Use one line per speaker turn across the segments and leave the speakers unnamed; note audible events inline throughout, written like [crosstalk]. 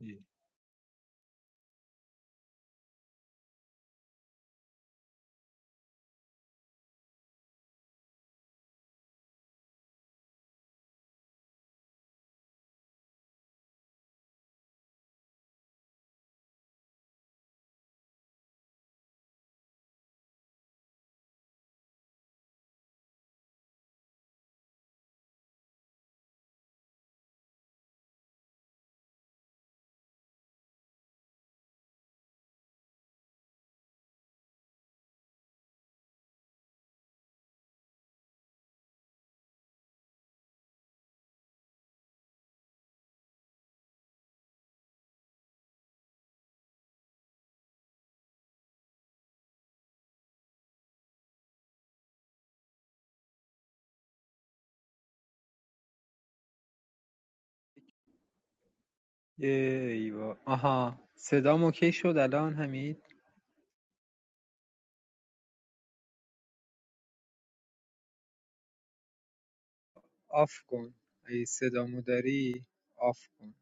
یه ایوا آها صدام اوکی شد الان حمید آف کن اگه صدامو داری آف کن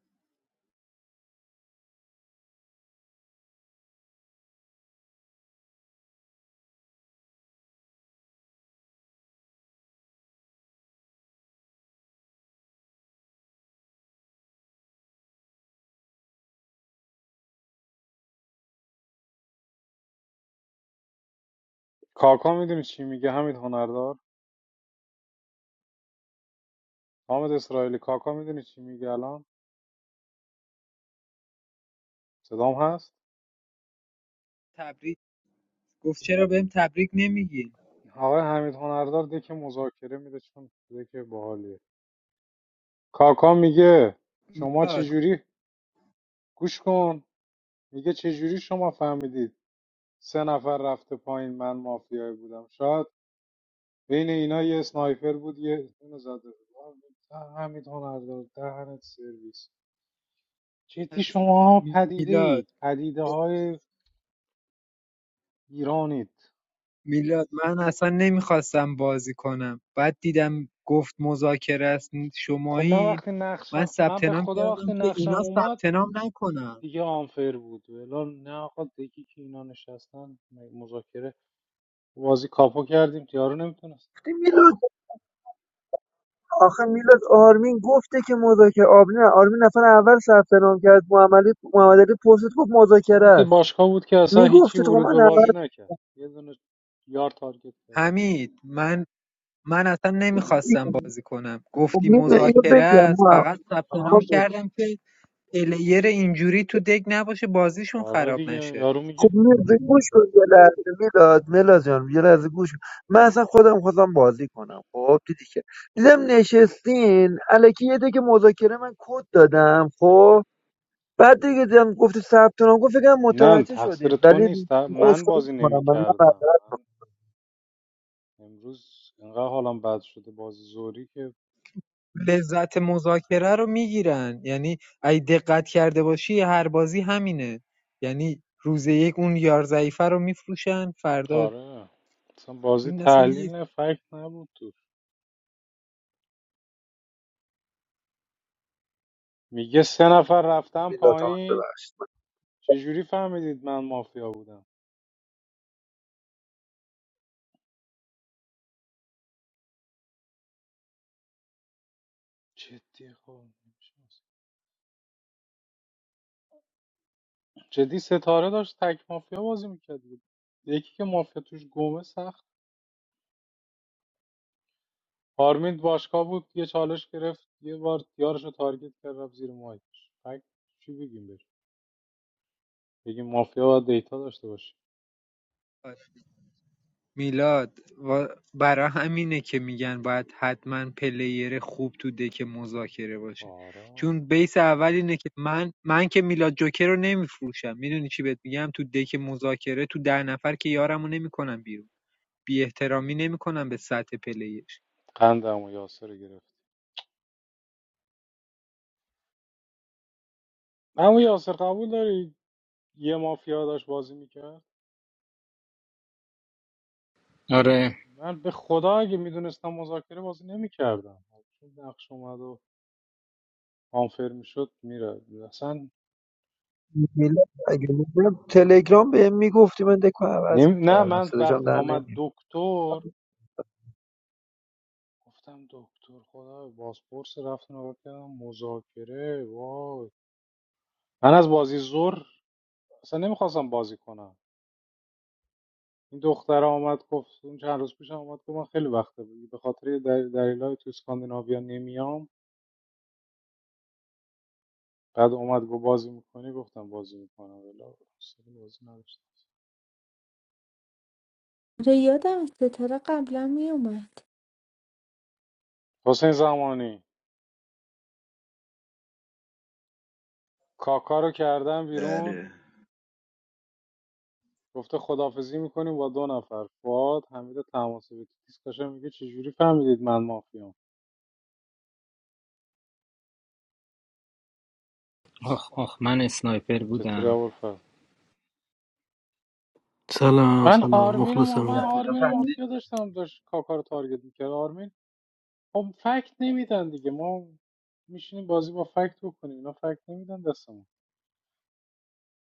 کاکا میدونی چی میگه حمید هنردار حامد اسرائیلی کاکا میدونی چی میگه الان صدام هست
تبریک گفت چرا بهم تبریک نمیگین
آقای حمید هنردار دک مذاکره میده چون دک باحالیه کاکا میگه شما
میلاد
چجوری گوش کن میگه چجوری شما فهمیدید سه نفر رفته پایین من مافیایی بودم شاید بین اینا یه اسنایپر بود یه اونو زده بود آه، حمید هنردار دهنت سرویس جدی شما پدیده
میلاد
اید پدیده های ایرانید
میلاد من اصلا نمیخواستم بازی کنم بعد دیدم گفت مذاکره است
خب من
شمایین
وقتی
من
نقشم من
ثبت
به
نام
خدا وقتی
کردم که
نقشم
اینا
اومد
ثبت نام نکنم
دیگه آنفر بود ولی نه آقا دیگه که اینا نشستن م- مذاکره بازی کاپو کردیم یارو نمیتونست
دی میلاد آخه میلاد آرمین گفته که مذاکره آرمین آرمین نفر اول ثبت نام کرد محمد علی محمد علی پرسید گفت
خب
مذاکره
اون که
است
باشگاه بود که اصلا هیچی
میگفتی خب
ورود به
من اول
بازی
حمید
نکرد یه دونه یار تارگت کرد رفت زیر.
حمید من من اصلا نمیخواستم بازی کنم
خب
گفتی
می‌دونی، اینو
مذاکره
بگم
است
ما
فقط ثبت نام
حامد.
کردم که پلیر اینجوری تو دک نباشه بازیشون
آره
خراب
دیگه
نشه
یارو
خب
میگه
میلاد گوش کن یه لحظه میلاد میلاد جان یه لحظه گوش کن من اصلا خودم خواستم بازی کنم خب دیدی که دیدم نشستین الکی یه دیگه مذاکره من کد دادم خب بعد دیگه دیدم گفتی ثبت نام گفت فکر کنم
نه
متوجه شدید
تقصیر تو
ولی
نیست من
اسکوئی
بازی
کنم من
نمیکردم من امروز انقدر حالم بد شده بازی زوری که
لذت مذاکره رو میگیرن یعنی اگه دقت کرده باشی هر بازی همینه یعنی روز یک اون یار ضعیفه رو میفروشن فردا
آره اصلا بازی
این اصلا
تحلیل
یه
نه فکت نبود تو. میگه سه نفر
آره
رفتن
ملاتمت
پایین
ببخشید من
چجوری فهمیدید من مافیا بودم جدی خب جدی ستاره داشت تک مافیا بازی میکرد یکی که مافیا توش گمه سخت پارمید باشگاه بود یه چالش گرفت یه بار یارش رو تارگت کرد رفت زیر مایکش فکر چی بگیم بهش بگیم مافیا باید دیتا داشته باشه
میلاد و برا همینه که میگن باید حتما پلیر خوب تو دک مذاکره باشه
آرام
چون بیس اول اینه که من من که میلاد جوکر رو نمیفروشم میدونی چی بهت میگم تو دک مذاکره تو ده نفر که یارمو نمیکنم بیرون بی احترامی نمیکنم به سطح پلیش
قند عمو یاسر رو گرفت عمو یاسر قبول داری یه مافیا داشت بازی میکرد
آره
من به خدا اگه میدونستم مذاکره بازی نمیکردم چون نقش اومد و آنفر میشد میره اصلا
ایمیل اگه بودم تلگرام بهم میگفتی من دکو عوض
نمی... نه
میکردم
من
صداشم
وقتی
در
آمد
نمیاد
دکتر گفتم دکتر خدا بازپرس رفتن رو کردم مذاکره وای من از بازی زور اصلا نمیخواستم بازی کنم این دختر آمد گفت اون چند روز پیش آمد گفت من خیلی وقته به خاطر یه دل... دلایل تو اسکاندیناویا نمیام بعد اومد گفت بازی میکنی گفتم بازی میکنم ولی حوصله بازی نداشتم
آره یادم از ستاره قبلا میومد
حسین زمانی کاکا رو کردن بیرون
بله
گفته خدافزی میکنیم با دو نفر فواد حمید تماسبی تو دیسکاشن میگه چجوری فهمیدید من مافیام
آخ آخ من اسنایپر
چطوری
بودم
ابوالفضل
Salam,
من
کجا
salam,
آرمین و ما...
mukhlisam.
من آرمین و
فهمیدی
مافیا داشتم داشت کاکا رو تارگت میکرد آرمین خب فکت نمیدن دیگه ما میشینیم بازی با فکت بکنیم اینا فکت نمیدن دستمون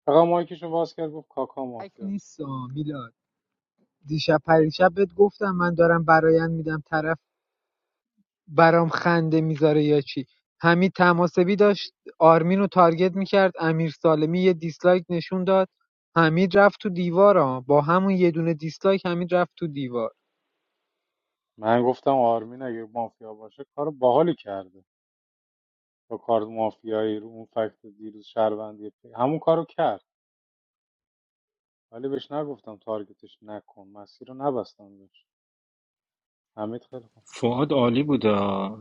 فقط مایکشون باز کرد گفت کاکا
فکر
مافیاست
نیست آه، میلاد دیشب پریشب بهت گفتم من دارم برایند میدم طرف برام خنده میذاره یا چی حمید تماسبی داشت آرمین رو تارگت میکرد امیر سالمی یه دیسلایک نشون داد حمید رفت تو دیوار ها با همون یه دونه دیسلایک حمید رفت تو دیوار
من گفتم آرمین اگه مافیا باشه کار باحالی کرده با کار مافیایی رو اون فکت دیروز شهروندی همون کارو کرد ولی بهش نگفتم تارگتش نکن مسیر رو نبستم بهش حمید خیلی خوب
فعاد عالی بودا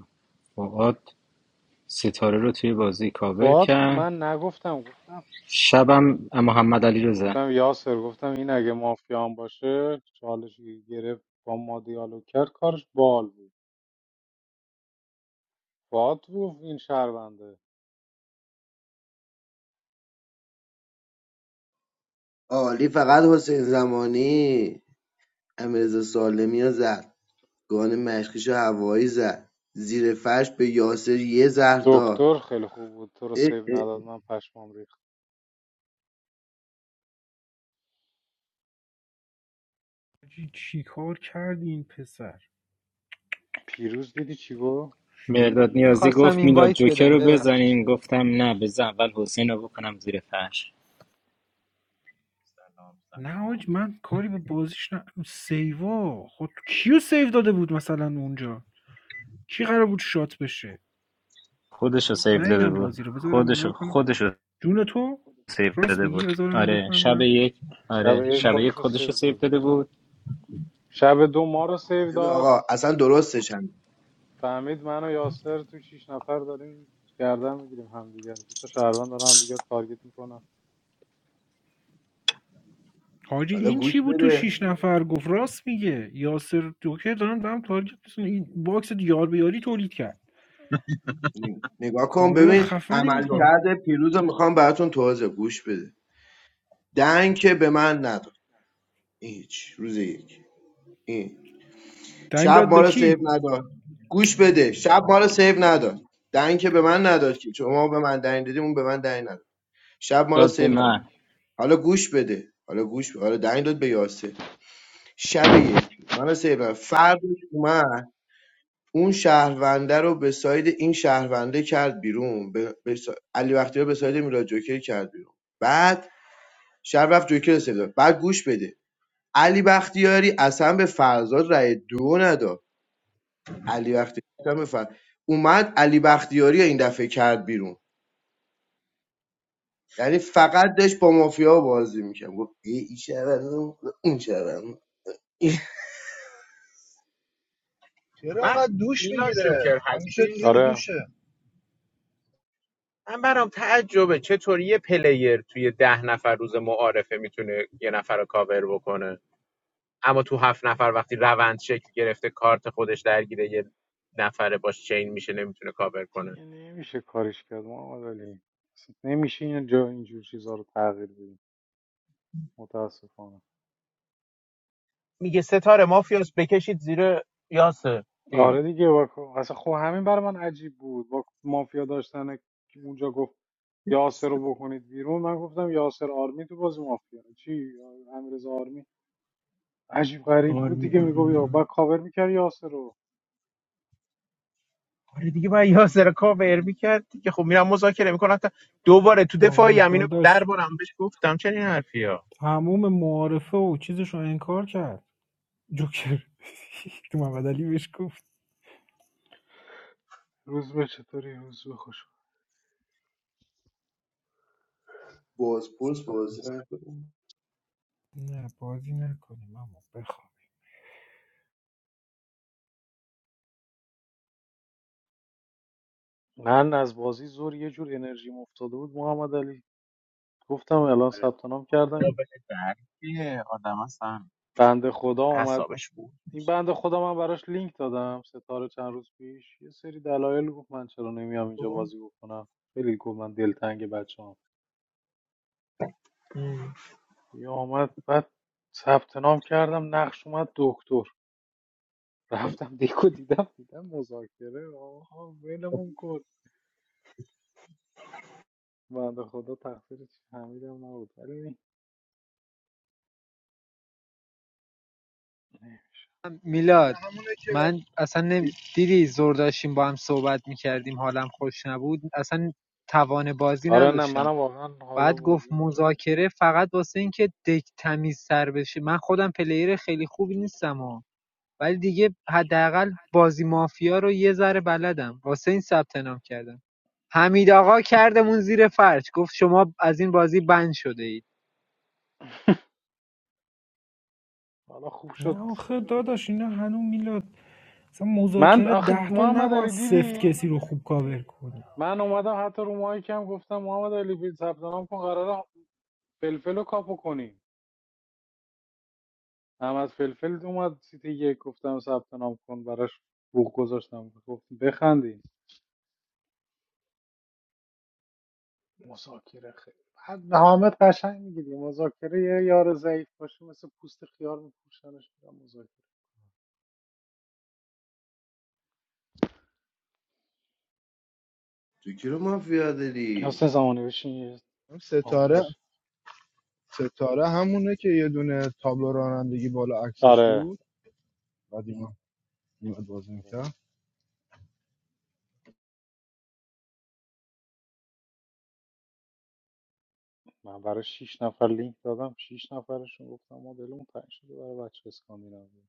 فعاد ستاره رو توی بازی کاور
فواد کو-
کرد
من نگفتم گفتم
شبم محمد علی رو زد
گفتم یاسر گفتم این اگه مافیان باشه چالش که گرفت با ما دیالوگ کرد کارش بال بود فواد گفت این شهرونده
عالی فقط حسین زمانی امیرزا سالمی رو زد گان مشکیش هوایی زد زیر فرش به یاسر یه زهر داد
دکتر خیلی خوب بود تو رو
اه
سیو
اه.
نداد من پشمام ریخت
حاجی چی کار کردی این پسر
پیروز دیدی چی گفت
مرداد نیازی
میخواستم
گفت میلاد
اینوایت
جوکر
بدم
رو
ببخش
بزنیم گفتم نه بزن اول حسین رو بکنم زیر فرش
سلام
نه
سلام
حاج من کاری به بازیش نه سیوا خود کیو سیو داده بود مثلا اونجا کی قرار بود شات بشه
خودش رو سیف
نه
داده
نیدم
بود
بازی رو بذارم
خودش
نگاه
رو
کنم
خودش رو
جون تو
سیف
راست
داده بود
میگی بذارم نگاه
آره
کنم
شب
ببینم
یک آره
شب یک
شب یک
خودش رو
خودش رو
سیو
سیف
داده
داده
بود
بود
شب دو ما رو سیو
ببین
داد
آقا اصلا درستش هم
فهمید من و یاسر تو شیش نفر داریم گردن میگیریم همدیگر دو تا شهروند دارن همدیگر تارگت میکنن
حاجی
حالا
این
گوش
چی بود تو شیش
بده
نفر گفت راست میگه یاسر دوکه دارن به هم تارگت می‌زنن. این باکس یار به یاری تولید کرد
نگاه کن
کارهای
ببین
خفنی
عمل
میگو.
میکنن
کرده پیروز رو میخوام براتون توضیح گوش بده دنگ که به من نداد این هیچ روز یک این
دنگ
شب
داد
ما
به
رو سیو
کی
نداد گوش بده شب ما رو سیو نداد دنگ که به من نداد که شما به من دنگ دادی اون به من دنگ نداد شب ما رو
داد به
سیو نداد
من
حالا گوش بده حالا گوش بده. حالا دنگ داد به یاسه شب یک من رو سیو نداد فردش اومد اون شهرونده رو به ساید این شهرونده کرد بیرون به, به سا... علی بختیار به ساید میلاد جوکر کرد بیرون بعد شب رفت جوکر رو سیو داد. بعد گوش بده علی بختیاری اصلا به فرزاد رای دو نداد علی بختیاری هم بفر اومد علی بختیاری رو این دفعه کرد بیرون یعنی فقط داشت با مافیا بازی میکرد گفت ای این شهروند اون شهروند [laughs]
چرا
من
انقدر دوش
میلاد
میگیره
جوکر
همیشه
هستی
زیر
آره
دوشه
من برام تعجبه چطوری یه پلیر توی ده نفر روز معارفه میتونه یه نفر رو کاور بکنه اما تو هفت نفر وقتی روند شکل گرفته کارت خودش درگیره یه نفره باش چین میشه نمیتونه کاور کنه
یه نمیشه کاریش کرد محمد علی اصلا نمیشه این جا اینجور چیزها رو تغییر بدیم متاسفانه
میگه ستاره مافیاس بکشید زیر یاسر ای.
آره دیگه واکو اصلا خب همین برای من عجیب بود با مافیا داشتن که اونجا گفت یاسر رو بکنید بیرون من گفتم یاسر آرمی تو بازی مافیا چی امیرزا آرمی عجیب غریب
آره
بود دیگه میگم یا با کاور میکرد یاسر رو
آره دیگه باید یاسر رو کاور میکرد که خب میرم مذاکره میکنم تا دوباره تو
آقا
دفاعی هم اینو
داداش
دربارم بهش گفتم چنین حرفی ها
تموم معارفه و چیزش رو انکار کرد جوکر [laughs] تو محمد علی بهش گفت
روز به چطوری روز به خوش
So.
بازپرس بازی نمی‌کنه.
نه بازی نکنیم اما بخواب
من از بازی زور یه جور انرژی افتاده بود محمد علی گفتم الان ثبت نام کردم
خدا
این
بده درک آدم اصلا
بنده خدا اومد
اعصابش بود
این بنده خدا من براش لینک دادم ستاره چند روز پیش یه سری دلایل گفت من چرا نمیام اینجا
خب؟
بازی بکنم خیلی گفت من دلتنگ بچه‌ام یا اومد بعد ثبت نام کردم نقش اومد دکتر رفتم دیکو دیدم دیدم مذاکره آها ولمون کن بنده خدا تقصیر حمیدم نبود ولی
داره
میلاد
همونه که
من اصلا نمی... دیدی زور داشتیم با هم صحبت میکردیم حالم خوش نبود اصلا توان بازی
آره نه
نداشتم
منم واقعا حال
بعد گفت
بازی گرفت
مذاکره فقط واسه این که دک تمیز سر بشه من خودم پلیر خیلی خوبی نیستم ها ولی دیگه حداقل بازی مافیا رو یه ذره بلدم واسه این ثبت نام کردم حمید آقا کردمون زیر فرش گفت شما از این بازی بند شده اید
حالا خوب
نه
شد
آخه داداش اینا هنوز میلاد مثلا
من
مذاکره
آخه
ده تا
محمد
نباید
علی
سفت
دیدی
کسی رو خوب کاور کنی
من اومدم حتی رو مایکم گفتم محمد علی بیل ثبت نام کن قراره فلفل رو کاپو کنیم احمد فلفل اومد سیتی یک گفتم ثبت نام کن براش بوق گذاشتم گفت بخندیم مذاکره خیلی بعد حامد قشنگ میگه دیگه مذاکره یه یار ضعیف باشه مثل پوست خیار میپوشنش میگم مذاکره
تو کی رو مافیا داری
حسین زمانی بشین یه
اون
آنفر
ستاره ستاره همونه که یه دونه تابلو رانندگی بالا عکسش
آره
بود بعد اینا میاد بازی
آره.
میکرد
من برای شیش نفر لینک دادم شیش نفرشون گفتم مدلمون تنگ شده برای بچه اسکاندیناوی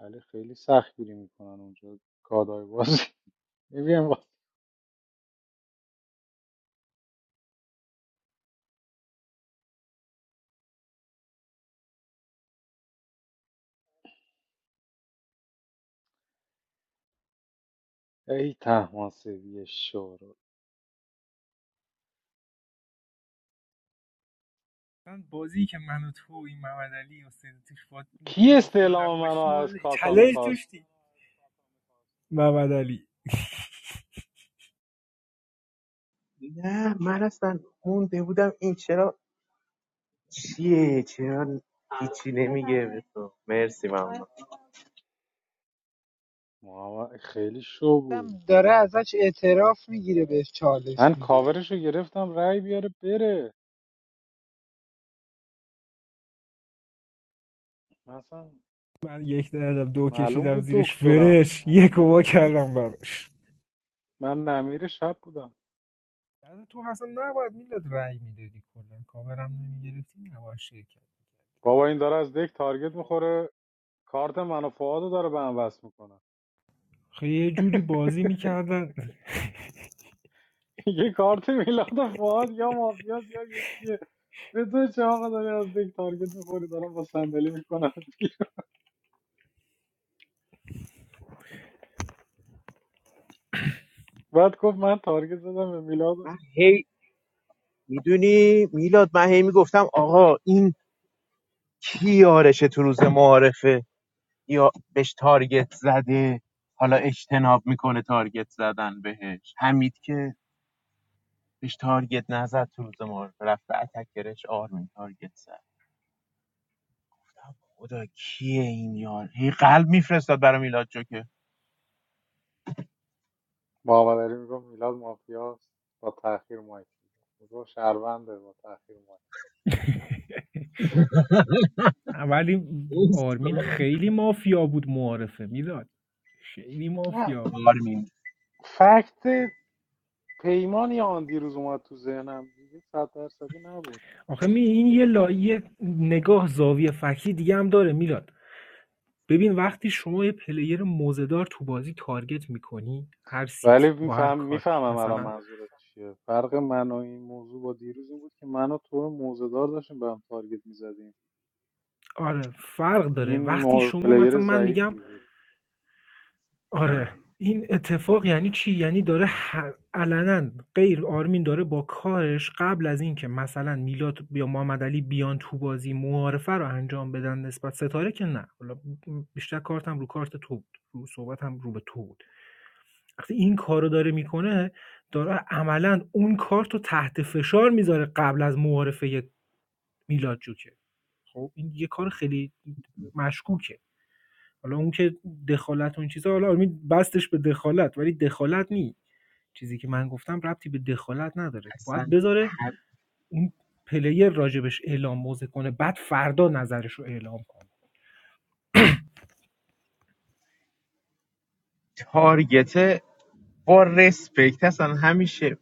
ولی خیلی سختگیری میکنن اونجا کادای بازی [laughs] میبینیم ای تحماسبی شورو
مثلا بازی که من و تو و این محمد علی و سید توش با
کی
مافیا
استعلام منو
نباشتی
از
والا
کاکا
چلنج
میخواست
داشتی محمد علی
نه من اصلا مونده بودم این چرا چیه چرا هیچی نمیگه به تو مرسی ممنون
محمد خیلی شو بود
داره ازش اعتراف میگیره بهش چالش
من
میده
کاورشو گرفتم رای بیاره بره مثلا
من یک دردم دو
معلوم
کشیدم
بود
زیرش
دکترم
فرش یک و وا کردم براش
من نمیر شب بودم
البته تو اصلا نباید میلاد رأی میدادی کلا کاورم نمیگرفتی نباید شرکت
بابا این داره از دک تارگت میخوره کارت منو فعادو داره به هم وصل میکنه
خیلی یه جوری بازی میکردن
یه کارت میلاد فواد یا مافیاس یا یکیه به تو چه آقا داری از دیگه تارگت میخوری دارم با صندلی میکنم بعد گفت من تارگت زدم به میلاد
من هی میدونی میلاد من هی میگفتم آقا این کی یارشه تو روز معارفه یا بهش تارگت زده حالا اجتناب میکنه تارگت زدن بهش حمید که بهش تارگت نزد تو روز معارفه رفته اتکرش آرمین تارگت زد خدا کیه این یار این قلب میفرستاد برای میلاد جوکر
محمد علی میگفت میلاد مافیاس با تاخیر مایک میگفت شهرونده با تاخیر مایک
ولی آرمین
اسکلم.
خیلی مافیا بود معارفه میلاد خیلی
نه
مافیا بود
کار
فکت پیمان یا آن دیروز اومد تو ذهنم دیگه صد درصدی نبود
آخه می این یه لایه نگاه زاویه فکری دیگه هم داره میلاد ببین وقتی شما یه پلیر موزدار تو بازی تارگت میکنی هر
ولی
سیتی با هر
میفهم
کارتی
میفهمم الان
مثلا
منظورت چیه فرق من و این موضوع با دیروز این بود که من و تو موزه دار داشتیم به هم تارگت میزدیم
آره فرق داره
این
وقتی
مو-
شما
پلیر
مثلا من میگم
ضعیفی بود
میکردم
آره این اتفاق یعنی چی یعنی داره ح- علنا غیر آرمین داره با کارش قبل از اینکه مثلا میلاد یا محمد علی بیان تو بازی معارفه رو انجام بدن نسبت ستاره که نه حالا بیشتر کارتم رو کارت تو بود رو صحبتم رو به تو بود وقتی این کارو داره میکنه داره عملا اون کارت رو تحت فشار میذاره قبل از معارفه میلاد جوکر خب این یه کار خیلی مشکوکه حالا اون که دخالت و این چیزا حالا آرمین بستش به دخالت ولی دخالت نی چیزی که من گفتم ربطی به دخالت نداره
اصلا
باید بذاره
هم-
اون پلیر راجبش اعلام موضع کنه بعد فردا نظرش رو اعلام کنه
تارگته با رسپکت اصلا همیشه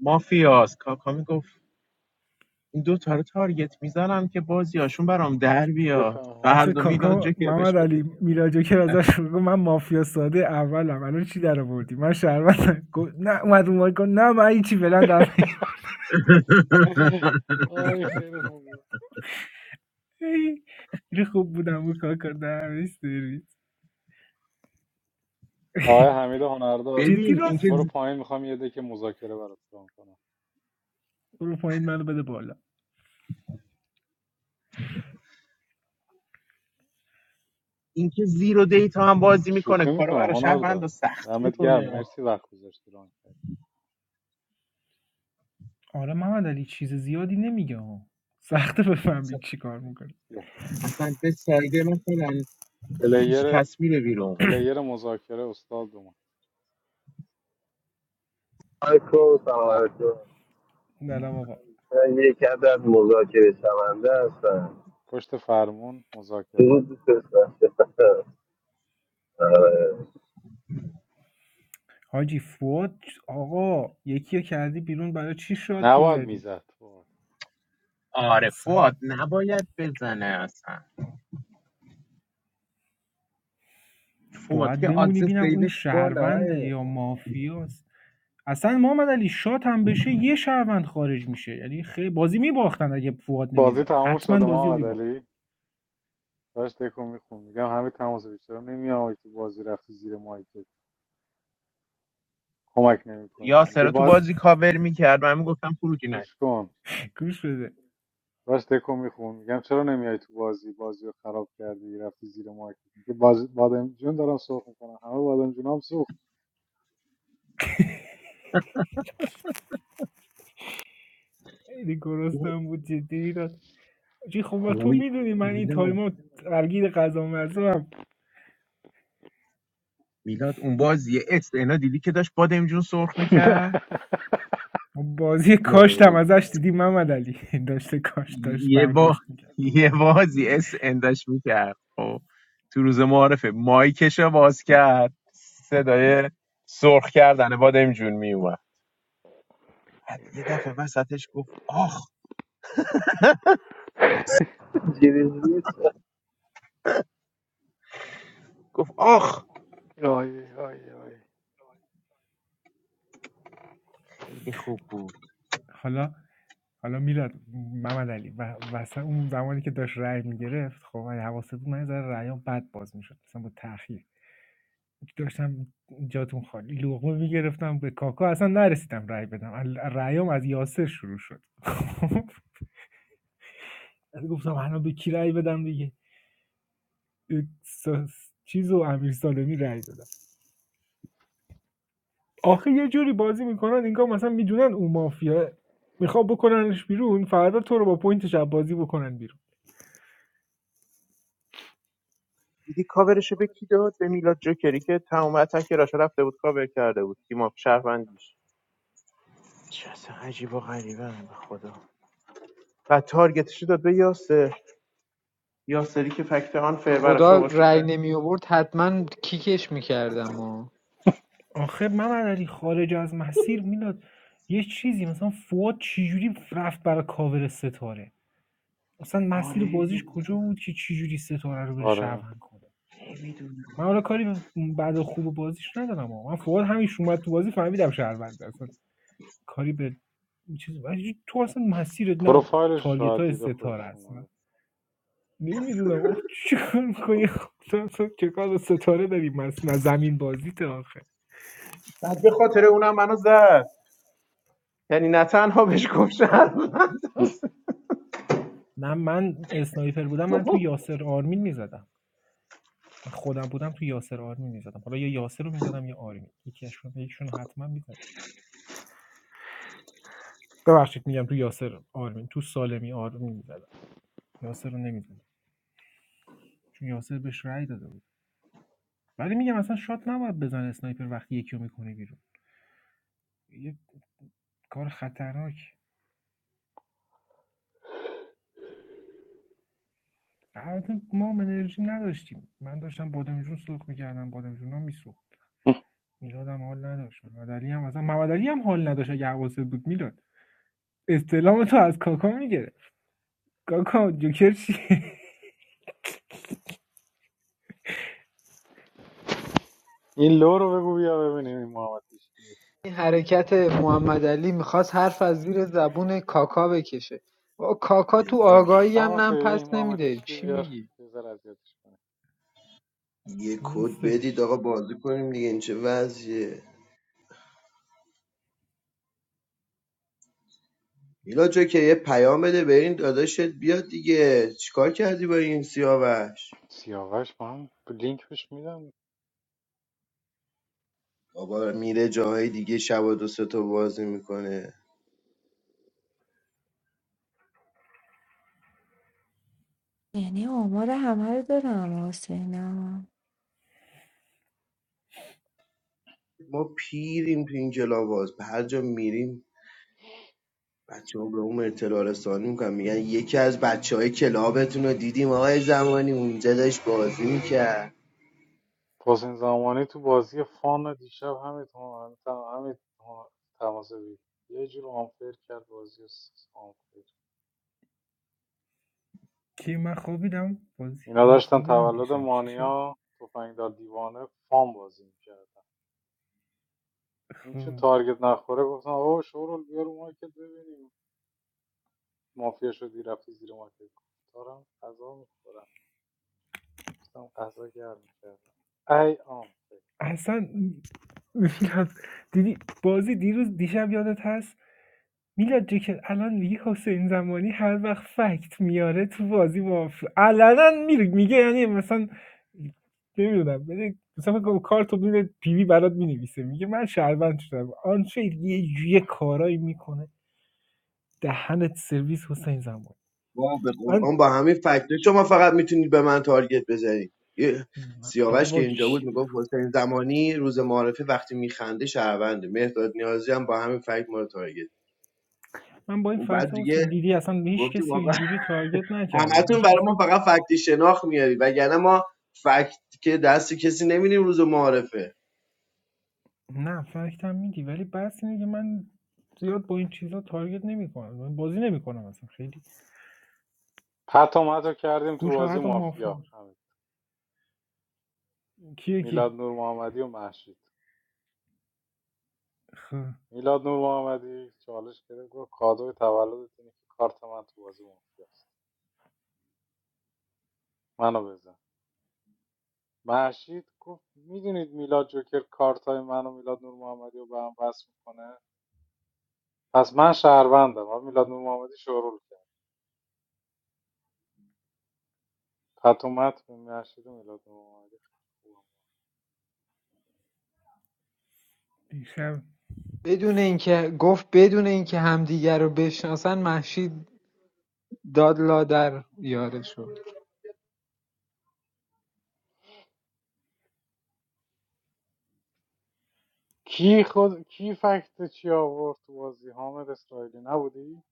مافیاس کاکا میگفت این دو تا رو تارگت میزنم که بازیاشون برام در بیاد
بفهم
آخه
فردا میلاد
کاکا
جوکر بهش
محمد
گفت
علی میراجو که ازش گفت من مافیا ساده اولم الان چی در آوردی من شربت گفت نه اومد اون گفت نه من هیچی فعلا در
آی خیلی خوب بود.
خیلی خوب بودم اون کاکا دمش سرویس
آقای
[laughs]
حمید هنردار
جدی
ببین اینکه
برو
راست
پایین میخوام یه دک مذاکره برات ران کنم
برو پایین منو بده بالا
اینکه زیرو دیتا هم بازی میکنه
شوخی
کارو
میکنم
برای شهروند
هنردار
سخت
دمت گرم
میکنه
مرسی وقت گذاشتی ران کردی
آره محمدعلی چیز زیادی نمیگه ها سخته
اصلا
بفهمید چی کار میکنه
بیا.
اصلا به سایده مثلا هیچ
پلیر
کس میره بیرون
پلیر مذاکره استاد دوم
علیکم سلام
به به.
علیکم
نلم آقا
من یک عدد مذاکره شونده هستم
پشت فرمون مذاکره
چون دوست داشتم آره.
حاجی فوت آقا یکی رو کردی بیرون برای چی شات
نباید
میزدی
میزد
آره
اصلا
فواد نباید بزنه اصلا فواد
باید
که
بمونی
آدز
بینم اون
سیوش بالاه
شهرونده یا مافیاست اصلا محمد علی شات هم بشه یه شهروند خارج میشه یعنی خیلی بازی میباختن اگه فواد
بازی
نمیزد
تموم
حتما
شده
بازی رو
محمد
میباختن
علی داشت دکو میخون میگم همه تماس بیشتر نمیام که بازی رفتی زیر مایکت کمک نمیکنی
یا سرا تو
میگه
بازی کاور میکرد من میگفتم خروجی نه
گوش کن
گوش بده
داشت دکو میخون میگم چرا نمیای تو بازی بازی رو خراب کردی رفتی زیر مایک که باز بادم جون دارم سرخ میکنم همه بادم جون هم سوخت
خیلی گرسنم بود جدی میداد جی خب تو
اوی
میدونی من این
میلاد
تایما درگیر غذا مزه
میلاد اون بازی اس
هم
اینا دیدی که داشت بادم جون سرخ
[laughs]
میکرد
ما بازی کاشت هم
وای.
ازش دیدیم محمد علی [laughs] داشته کاشت داشت
یه با
برداشت میکرد
یه بازی اس انداش میکرد خب تو روز معارفه مایکشو باز کرد صدای سرخ کردن بادم جون میومد بعد یه دفعه وسطش گفت آخ
چیزی نیست
گفت آخ
آی آی آی
خیلی خوب بود
حالا حالا میلاد محمد علی و واسه اون زمانی که داشت رأی میگرفت خب من حواست بود من یه ذره رأیام بد باز میشد مثلا با تاخیر داشتم جاتون خالی لقمه میگرفتم به کاکا اصلا نرسیدم رأی بدم ال- رأیام از یاسر شروع شد [laughs] گفتم الان به کی رأی بدم دیگه س- چیز و امیر سالمی رأی داد. آخه یه جوری بازی میکنن انگار مثلا میدونن او مافیا میخواد بکننش بیرون فردا تو رو با پوینتش از بازی بکنن بیرون
دیدی کاورشو به کی داد به میلاد جوکری که تمام اتک راشو رفته بود کاور کرده بود تیم اپ شهروندیش چه اصلا عجیب و غریبه به خدا و تارگتش داد به یاسر یاسری که فکت آن فر براش
خدا
آورد که
رأی
شاید-
نمی آورد حتما کیکش میکردم و
آخه محمد علی خارج از مسیر میلاد یه چیزی مثلا فواد چجوری رفت برای کاور ستاره اصلا مسیر بازیش کجا بود که چجوری ستاره رو بره
آره
شهروند کنه من حالا کاری به بعد خوب بازیش ندارم آقا من فواد همیشه اومد تو بازی فهمیدم شهروند اصلا کاری به چیز ولی تو اصلا مسیرت نه
پروفایلش
تارگت
شاید
های
دیده
ستاره
خوشش
است
اومده
نمیدونم آخ چیکار میکنی تو، چه کار ستاره داری مس زمین بازیت آخه
بعد به خاطر اونم منو زد یعنی نه تنها بهش گفت شهروند
من من اسنایپر بودم من تو یاسر آرمین میزدم من خودم بودم تو یاسر آرمین میزدم حالا یا یاسر رو میزدم یا آرمین یکیشون یکیشون رو حتما میزدم ببخشید میگم تو یاسر آرمین تو سالمی آرمین میزدم یاسر رو نمیزدم چون یاسر بهش رأی داده بود ولی میگم اصلا شات نباید بزن اسنایپر وقتی یکی رو میکنه بیرون یه کار خطرناک البته ما هم انرژی نداشتیم من داشتم بادمجون سرخ میکردم بادمجون هم میسوخت میلادم حال نداشت محمد علی هم اصلا محمد علی هم حال نداشت اگه حواست بود میلاد استعلام تو از کاکا میگرفت کاکا جوکر چیه
این لو رو بگو بیا ببینیم این محمد هیشکی
این حرکت محمد علی میخواست حرف از زیر زبون کاکا بکشه با کاکا تو
بذار
آگاهی هم
تماس
نم
بگیر، این
پس
محمد
نمیده
هیشکی
چی
بیار
میگی
یه اذیتش کنه
یه کد بدید
نیستش
آقا بازی کنیم دیگه این چه وضعیه میلا جا که یه پیام بده به این داداشت بیاد دیگه چیکار کردی با این سیاوش
سیاوش با هم لینک بهش میدم
بابا میره جاهای دیگه شب و دو سه تا بازی میکنه
یعنی آمار همه رو دارم حسینا
ما پیریم تو این کلاواز به هر جا میریم بچه ها به اون اطلاع رسانی میکنن میگن یکی از بچه های کلابتون رو دیدیم آقای زمانی اونجا داشت بازی میکرد
حسین زمانی تو بازی فان دیشب همین تمام همین تماس دید یه جور آنفر کرد بازی رو آنفر
کی من خوابیدم بازی
اینا
من
داشتن
خوابیدم
تولد
دیشب چی شد
مانیا تفنگدار دیوانه فان بازی میکردن این چون
خب
تارگت نخوره گفتن آقا شورول بیا رو مارکت ببینیم مافیا شدی رفتی زیر مارکت دارم غذا میخورم گفتم غذا گرم میکردم ای آنفر
اصلا میلاد دیدی بازی دیروز دیشب یادت هست میلاد جو که الان میگه حسین زمانی هر وقت فکت میاره تو بازی مافیا علنا میره میگه یعنی مثلا نمیدونم بده مثلا فکر کنم کارتو میده پیوی برات مینویسه میگه من شهروند شدم آنچه یه یه کارایی میکنه دهنت سرویس حسین زمان
ما به
من
قرآن با همین فکته شما فقط میتونید به من تارگت بزنید یه سیاوش که
بابا
اینجا بود
چی
میگفت حسین زمانی روز معارفه وقتی میخنده شهرونده مهداد نیازی هم با همین فکت ما رو تارگت
من با این
اون
فکت
بعد
ها حسین
دیگه
دیدی اصلا هیچ
گفتی
کسی رو
واقعا
اینجوری تارگت نکردم
همتون
هیچ کس...
برای ما فقط فکتی شناخت میاری وگرنه ما فکت که دست کسی نمیدیم روز معارفه
نه فکت هم میدی ولی بس اینه که من زیاد با این چیزا تارگت نمیکنم من بازی نمیکنم اصلا خیلی
پت و مت کردیم تو بازی
گوشاغت و
مافیا
مافیا
همین
کیه کی
میلاد نور محمدی و محشید
خب
میلاد نور محمدی چالش گرفت گفت کادوی تولدت اینه که کارت من تو بازی مافیاست منو بزن محشید گفت میدونید میلاد جوکر کارت های من میلاد نور محمدی رو به هم وصل میکنه پس من شهروندم و میلاد نور محمدی شروع کرد پتومت به محشید و میلاد نور محمدی
دیشب
بدون اینکه گفت بدون اینکه همدیگر رو بشناسن مهشید داد لادر یاره شد
کی خود کی فکت چی آورد تو بازی حامد اسرائیلی نبودی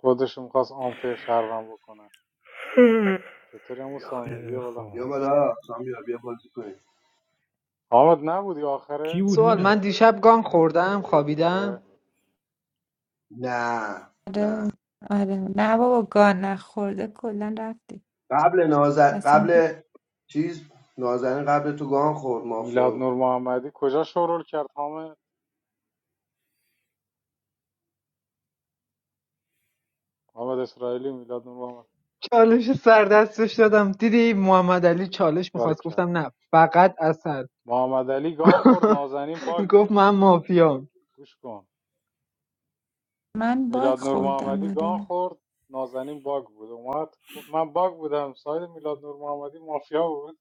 خودشون میخواست آنفر شهروند بکنه چطوری همون سامی
خیلی
بیا بالا
خب
بیا بالا سامیا بیا بازی کنیم
حامد نبودی
کی
آخرش
بود
سوال من
میلاد
دیشب گان خوردم
آره
خوابیدم
نه
آره
نه
آره نه بابا گان نخورده کلا رفتی
قبل نازن
اصلا
قبل چیز نازنین قبل تو گان خورد مافیا
میلاد
بود
نور محمدی کجا شورول کرد حامد حامد اسرائیلی میلاد نور محمد
چالش سر دستش دادم دیدی محمد علی چالش
بارک
میخواست
کرد
گفتم نه فقط اصل
محمد علی گان خورد
[laughs]
نازنین باگ
گفت
بود
من مافیام
گوش کن
من باگ
میلاد نور
خوردم
محمدی گان
آره
خورد نازنین باگ بود اومد گفت من باگ بودم ساید میلاد نور محمدی مافیا بود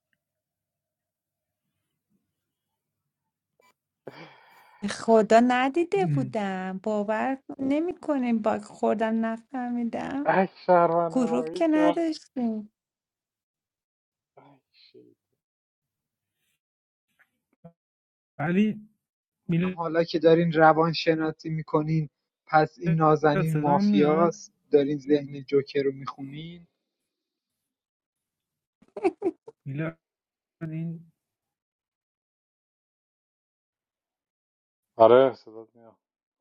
به خدا ندیده
ام.
بودم باور نمیکنیم باگ خوردم نفهمیدم
ای شهروند
گروه
نمایی
که
کرد
نداشتیم
ای شیط.
ولی میلاد
حالا که دارین روان شناسی میکنین پس این نازنین
صدام میاد
مافیاست دارین ذهن جوکر رو میخونین
میلاد این
آره صدات میاد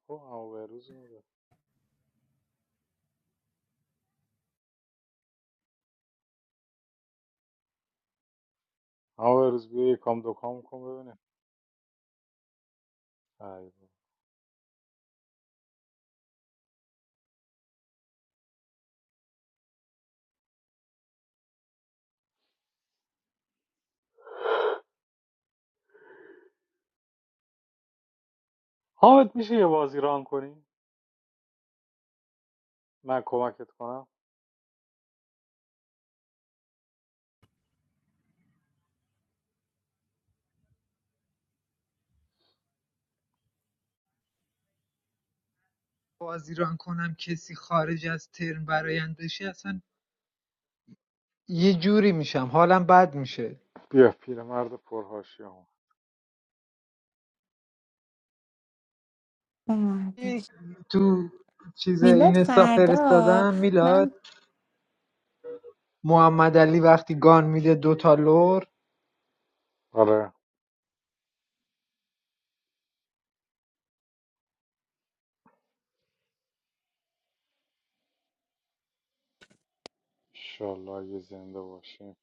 خب همه به روز میده همه به روز بیا یکام دوکام کن ببینیم ای بابا. حامد میشه یه بازی ران کنی من کمکت کنم
بازی ران کنم کسی خارج از ترم برایندشی اصلا یه جوری میشم حالم بد میشه
بیا پیرمرد پرهاشی
یه-
اومدش
تو چیز
میلاد
این استا
فردا
فرستادم میلاد
من
محمد علی وقتی گان میده دوتا لور
آره انشالله یه زنده باشیم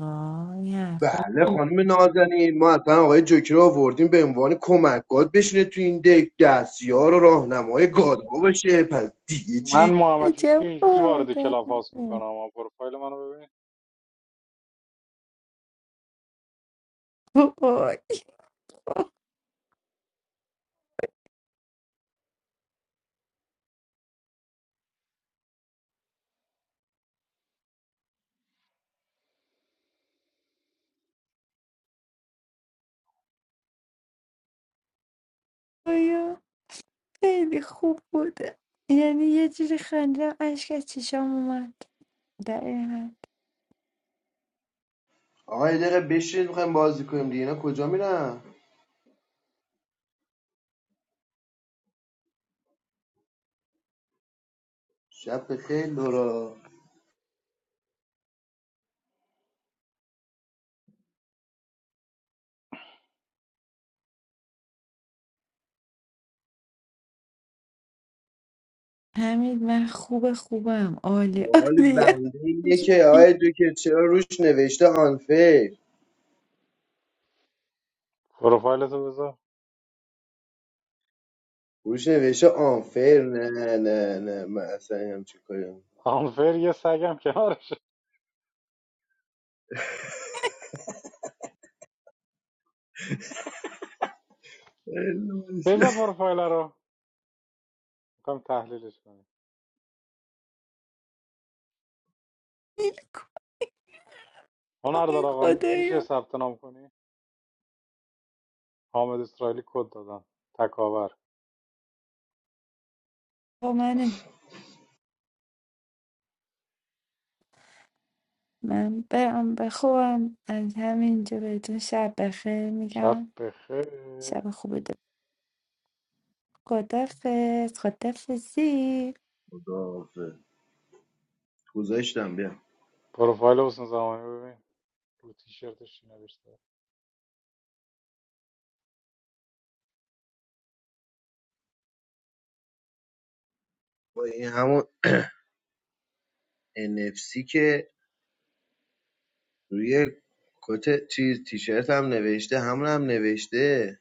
آه این حرفا
بله خانم نازنین ما اصلا آقای جوکی رو آوردیم به عنوان کمک گاد بشینه تو این دک دستیار و راهنمای گادها باشه پس دیگه
من
چی
محمد
چه
هیچکی اینجوری وارد
خوردم
کلاب هاوس میکنم اما پروفایل منو ببین
وای خیلی خوب بود. یعنی یه جوری خندیدم اشک از چشام اومد دقیقا
آقا یه دقیقه بشین میخوایم بازی کنیم دیگه اینا کجا میرن شب بخیر لورا
حمید من خوب خوبم عالی
سوال
عالیه
بنده اینه که آیا دکتر چرا روش نوشته آنفیر
پروفایل تو بذار
روش نوشته آنفیر نه نه نه من اصلا همچین کاری
آنفر یه سگم کنارش
نمی‌کنم.
بذار پروفایل رو میخوام تحلیلش کنیم
گیل کن
هنردار آقا میشه
خدایا
ثبت نام کنی حامد اسرائیلی کد دادم تکاور
با من من برم به خوبم از همینجا بهتون شب بخیر
شب
میگم
بخیر
شب خوبی دارم خدافز خدافزی
خداحافظ گذاشتم بیا
پروفایل حسین زمانی ببین رو تیشرتش چی نوشته
با این همون NFC که روی کت چیز تیشرت هم نوشته همون هم نوشته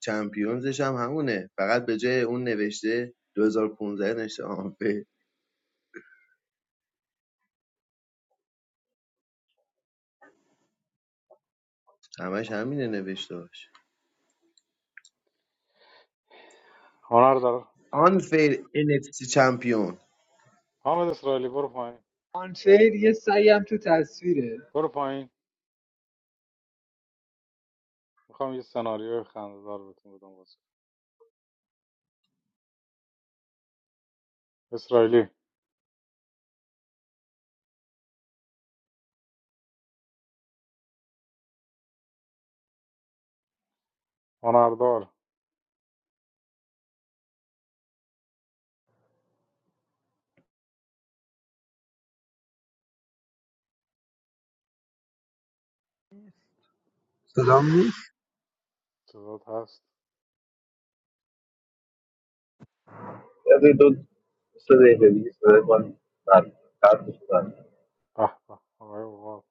چمپیونزش هم همونه فقط به جای اون نوشته 2015 نوشته آنفیر همش همینه نوشته باشه
هنردار
آنفیر NFC چمپیون
حامد اسرائیلی برو پایین
آنفیر یه سعیم تو تصویره
برو پایین میخوام یه سناریو خنده‌دار بهتون بدم واسه اسرائیلی هنردار
صدام نیست
صدات هست
یعنی دو سه دقیقه دیگه صدای من برمیاد. قطع
به به آقای اوقات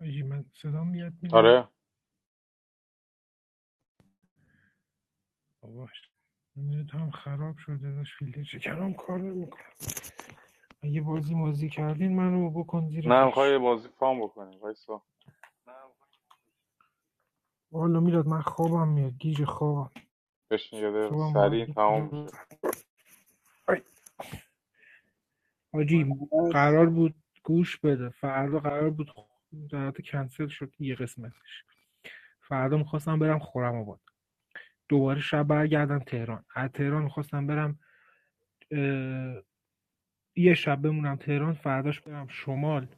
آجی من صدام میاد میلاد
آره
باباش اینت هم خراب شده داشت فیلتر شکرم کار نمیکنه اگه بازی مازی کردین منو بکن زیر
نه میخوای
فرش
بازی فام بکنیم وایسا
والا میلاد من خوابم میاد گیج خوابم
بشین یه دقیقه
صبحم باید
سریع تمام میشه
بیدار
من
حاجی
هست.
قرار بود گوش بده فردا قرار بود در حالت کنسل شد یه قسمتش فردا میخواستم برم خورم آباد دوباره شب برگردم تهران از تهران میخواستم برم یه شب بمونم تهران فرداش برم شمال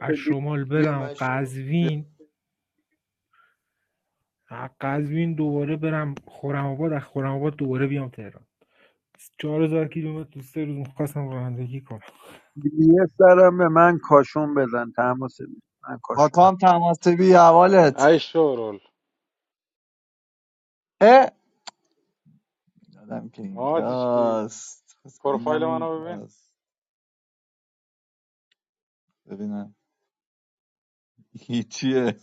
از شمال
بیا
برم
مشروب.
قزوین از قزوین دوباره برم خورم آباد از خورم آباد دوباره بیام تهران 4000 کیلومتر تو سه روز میخواستم رانندگی کنم
یه سرم به من کاشون بزن تماس بگیر. من کاشون
کاکام تماسبی اولت
ای شورول
اه یادم که
محمد هیچکی
اینجاست حسینم
پروفایل منو ببین
اینجاست ببینم هیچیه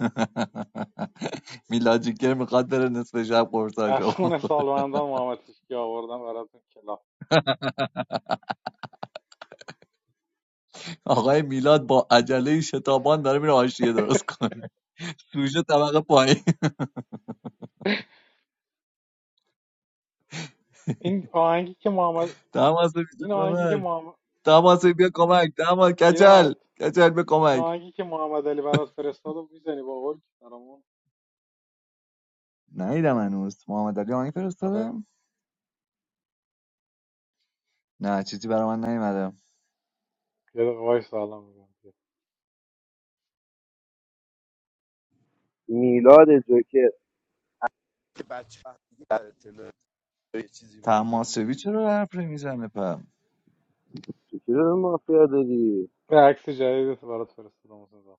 [laughs] میلاد جیگر میخواد بره نصف شب قرصاشو
از خون سالمندان محمد هیچکی آوردم براتون کلا.
آقای میلاد با عجله شتابان داره میره آشیه درست کنه سوژه طبقه پایین
این آهنگی که محمد
تماسبی چه
این آهنگی که
خبر
محمد
تماسبی بیا کمک تماس کچل
پیرمرد
کچل بیا
این
کمک
آهنگی که محمد علی برات فرستاد و میزنی با قول برامون
نیدم هنوز محمد علی آهنگ فرستاده
آره
نه چیزی برای من نیومده
یه دقیقه وایس سلام میگم
میلاد جوکر که بچه دیگه در اطلاع یه چیزی بفرسته
تماسبی چرا حرف میزنه
جوکر رو مافیا داری
به عکس جدیدت برات فرستادم اون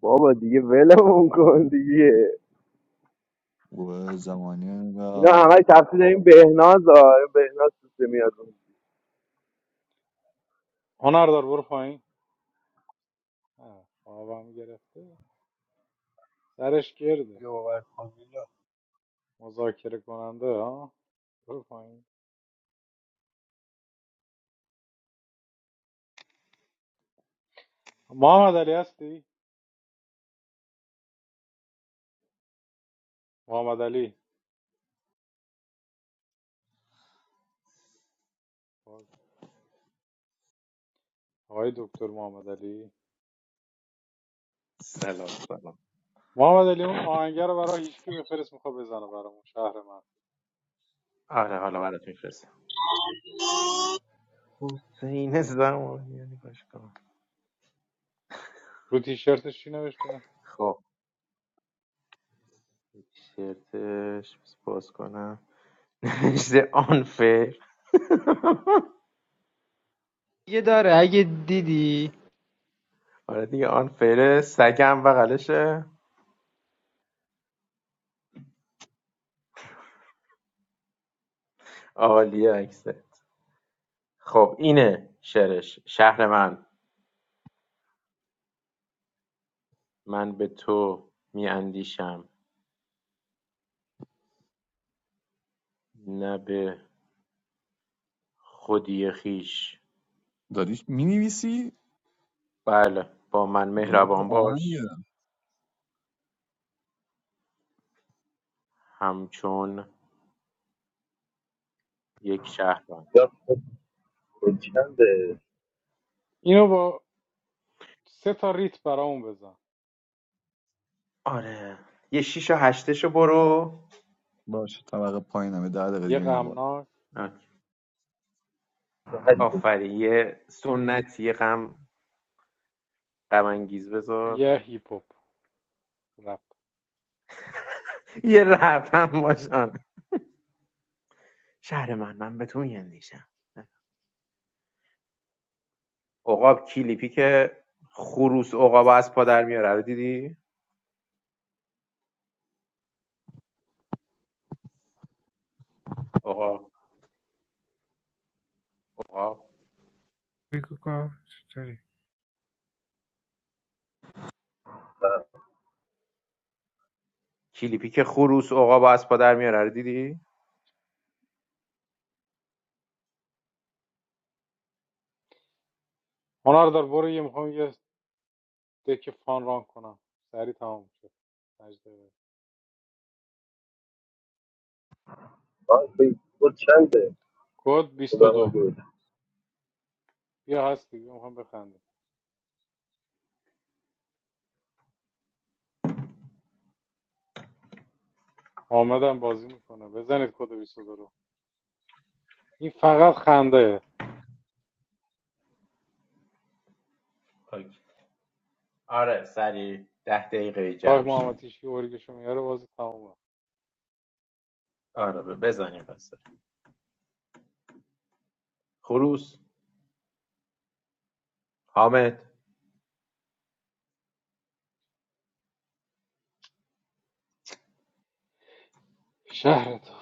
بابا دیگه ولمون کن دیگه
گروه زمانی و
اینا همه تفسیر این بهناز ها این بهناز سوسه میاد
هنردار برو پایین آه، خوابم گرفته سرش گرده
دیگه باور کن میلاد.
مذاکره کننده ها برو پایین محمد علی هستی محمد علی خب. آقای دکتر محمد علی
سلام سلام
محمد علی اون آهنگر رو برای هیچکی بفرست میخواد بزنه برامون شهر من
آره حالا برات میفرستم حسین زمانی یعنی باش کن.
رو تیشرتش چی نوشته
خب شرتش باز کنم [laughs] نوشته آن فیر [laughs]
یه داره اگه دیدی
آره دیگه آن فره سگم بغلشه عالیه عکسه خب اینه شعرش شهر من من به تو می اندیشم نه به خودی خیش
داری مینویسی
بله با من
میلاد تو
مهربان
آهنگه
باش همچون یک شهروند
یا خب، خب چنده
اینو با سه تا ریت برامون بزن
آره یه شیش و هشتشو برو
باش طبقه پایینم یه ده دقیقه
یه
دیگه میرم بالا
غمناک
هشت
آفری یه سنتی یه غم غم انگیز بذار
یه هیپ هاپ رپ
یه رفتم باشن شهر من من به تو می اندیشم عقاب کلیپی که خروس عقاب از پا در میاره رو دیدی عقاب عقاب
بگو کار چطوری؟
گفتم.
کلیپی که خروس عقاب از پا در میاره رو دیدی
هنر دار برو یه میخوام یه دک فان ران کنم سری تمام میشه. مجده.
آه، خب، خب چنده
کد
خدا من
22
گفت.
بیا هستی بیا میخوام بخندیم. حامد هم بازی میکنه بزنید کد 22 رو این فقط خنده
اوکی. آره سریع ده دقیقه
تا
جمع
محمد
شیم.
تیشکی اورگشو میاره بازی تمومه
آره ب- بزنیم پس خروس حامد
شهر تو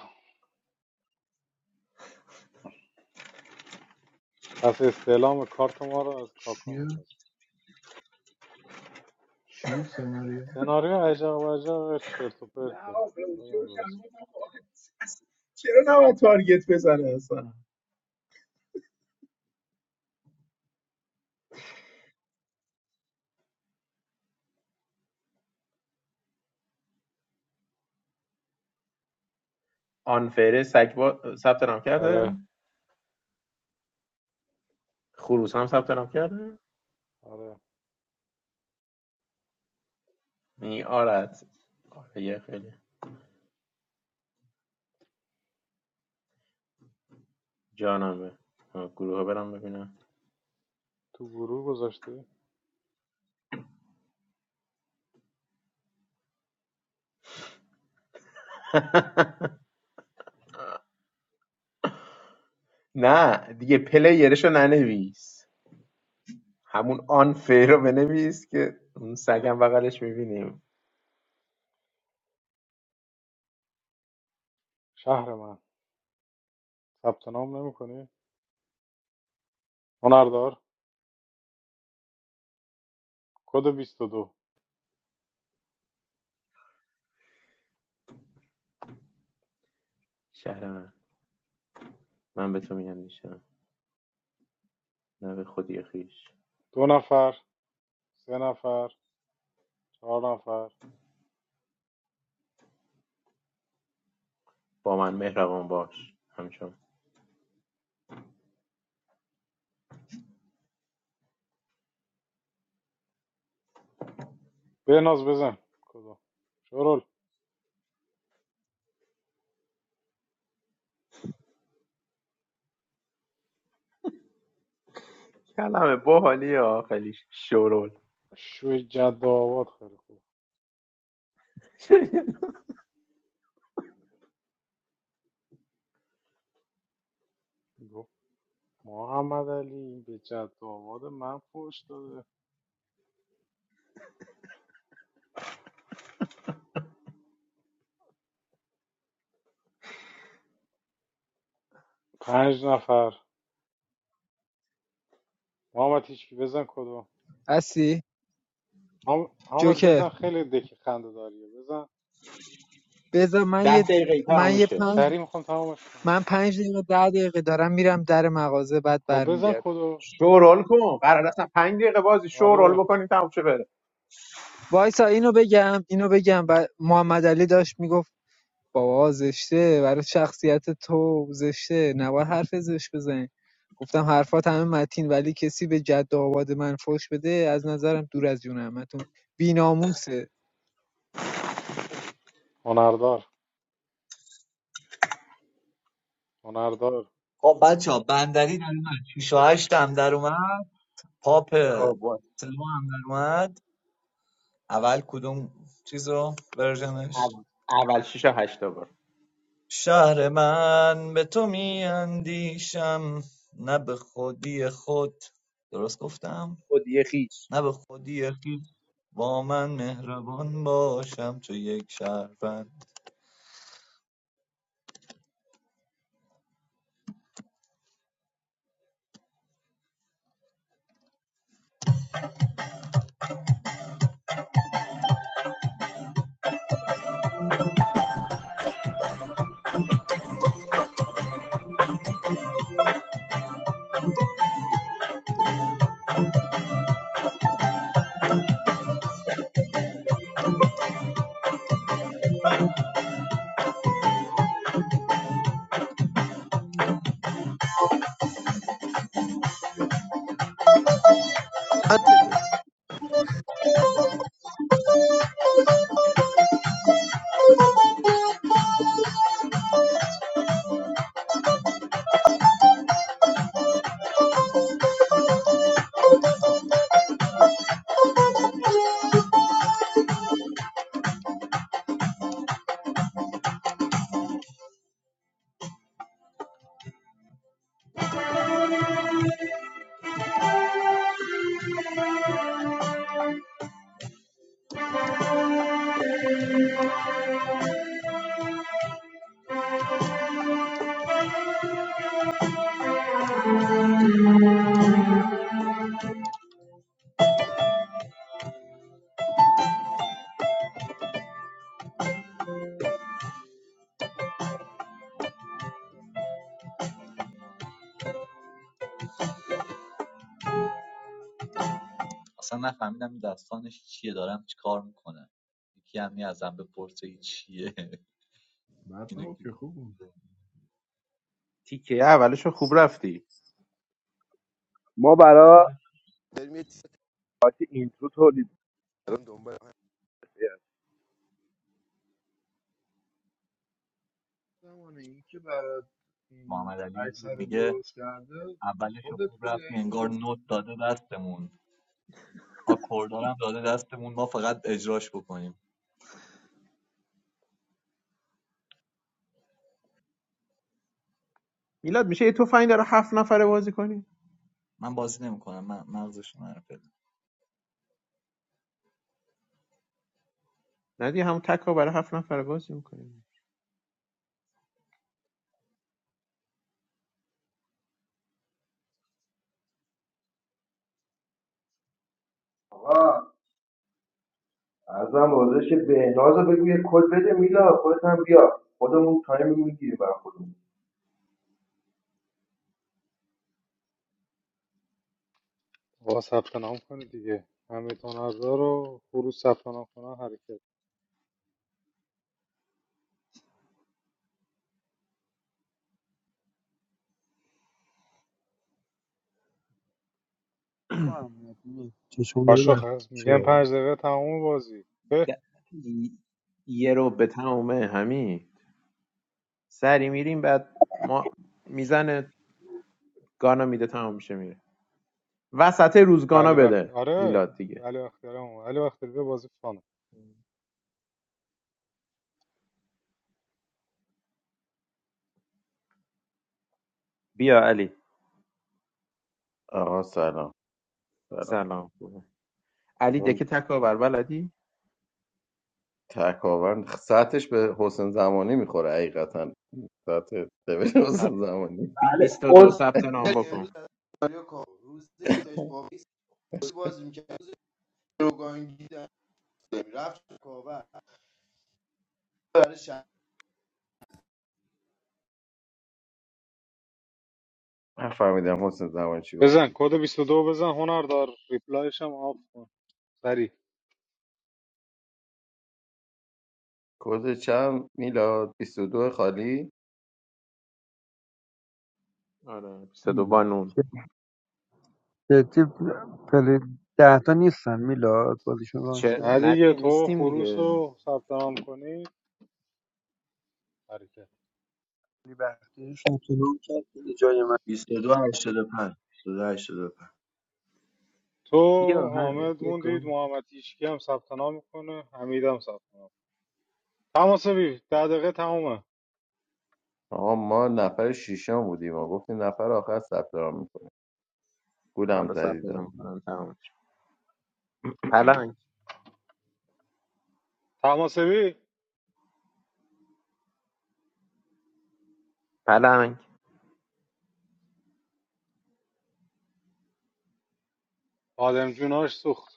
پس استعلام کارت ما رو از کاکا
چیه؟
میخواست
چیه سناریو؟
سناریو عجب و عجب چرت و
نه
پرته
آقا
خودم
جوش هم
درست
بود، آقا. اصلا چرا نباید تارگت بزنه اصلا آنفره سگبا ثبت نام
کردم.
کرده
آره
خروس هم ثبت نام کرده
آره
نی آرد آره یه خیلی جانمه آه، گروه ها برم ببینم
تو گروه گذاشتی
[laughs] نه دیگه پلیرشو ننویس همون آن فیر رو بنویس که اون سگم بغلش میبینیم
شهر من ثبت نام نمیکنی هنردار کد 22 دو
شهر من من به تو میگم دیشب نه به خودی خیش
دو نفر سه نفر چهار نفر
با من مهربان باش همچون
بناز بزن کدو شرول
کلمه باحالی ها خیلی شورول
شوی جد و آباد خیلی خوب محمد علی به جد و آباد من فوش داده پنج نفر محمد هیچکی بزن کدوم
هستی
حام- حامد
جوکر
بزن خیلی دکی خنده داریه بزن
بذار من
ده
یه
دقیقه
من
تموم
یه
شه
پنج
سریع میخوام تمامش کنم
من پنج دقیقه ده دقیقه دارم میرم در مغازه بعد
خب بزن
برمیگردم
کدو
شورول کن قرار اصلا پنج دقیقه بازی شورول
آره
بکنیم تموم شه بره
وایسا اینو بگم اینو بگم بعد محمد علی داشت میگفت بابا زشته برای شخصیت تو زشته نباید حرف زشت بزنی گفتم حرفات همه متین ولی کسی به جد و آباد من فوش بده از نظرم دور از جون همتون بیناموسه
هنردار هنردار
خب بچه ها بندری در اومد 6 و 8 هم در اومد پاپ
خب باش.
سلو هم در اومد اول کدوم چیز رو ورژنش
اول شیش تا هشت تا بار
شهر من به تو می اندیشم نه به خودی خود درست گفتم
خودی خیش
نه به خودی خود با من مهربان باشم چو یک شهروند
من به تو
اصلا نفهمیدم این داستانش چیه دارم چی کار میکنم یکی هم یه ازم بپرسه این چیه [laughs]
بد
اینو
نبود
که
که خوب بود
گفت؟
تیکه اولشو خوب رفتی
ما برا
آره.
داریم یه چیز پارتی اینترو تولید دارم دنبال هم. می‌کنیم.
زمان این که برات این
محمد علی یه جور
اکثر
میگه
درست کرده
اولش رو
خودت
خوب
بوده
رفتی
یکی
انگار
دیگه
نوت داده دستمون آکوردارم داده دستمون ما فقط اجراش بکنیم
میلاد میشه یه تفنگ داره هفت نفره بازی کنی
من بازی نمیکنم من مغزش رو نرم فعلا.
نه دیگه همون تکا برای هفت نفر بازی میکنیم
آقا ازم بازش بهناز رو بگو یه کد بده میلا خودت هم بیا خودمون تایم میگیریم برای خودمون
با ثبت نام کنید دیگه همه هنردار رو خروج ثبت نام کنن حرکت
تو هم می‌بینی. چشم داره
پاشو
بر
خز
چه
میگن
واقعا.
پنج دقیقه تمام بازی به
یه رو به تمومه همین سری میریم بعد ما میزنه گانا میده تمام میشه میره وسط روز گانا
علی بخت
بده
آره
میلاد دیگه
علی بختیاری هم اومد. علی بختیاری به بازی فانه
بیا علی
آقا سلام سلام
سلام خوبه علی
اون
دکه تکا بر بلدی
تکاون سطحش به حسین زمانی میخوره حقیقتا سطح لول
سب...
حسین زمانی
بی...
بله
22
اس
ثبت نام
امروز
بکن
از سناریو کام روز یکش با میس بازی میکرد چراگاهی دسته رفت کاوه برای شهر
من فهمیدم حسین زمانی چی گفت
بزن کد بیست و دو بزن هنر دار ریپلایش هم آف کن سریع
کد چند میلاد بیست و دو خالی
آره 22
مم.
بانون
چه- جدی پلی ده تا نیستن میلاد بازیشون
چه
نه
رانشه
نه
دیگه
دیگه
تو
نیستیم
خروس
دیگه
رو ثبت نام کنید حرکت
ولی وقتی ثبت نام کرد دیگه جای من
2285 2285
تو
بیا همین
حامد
یه
موندید
گان
محمد هیشکی هم ثبت نام میکنه حمید هم ثبت نام تماسبی ده دقیقه تمومه
آقا ما نفر شیشم بودیم و گفتیم نفر آخر ثبت نام میکنه گولم
حالا ثبت نام
زدید
کنم تمام شد. پلنگ
تماسبی
پلنگ
آدم جوناش سوخت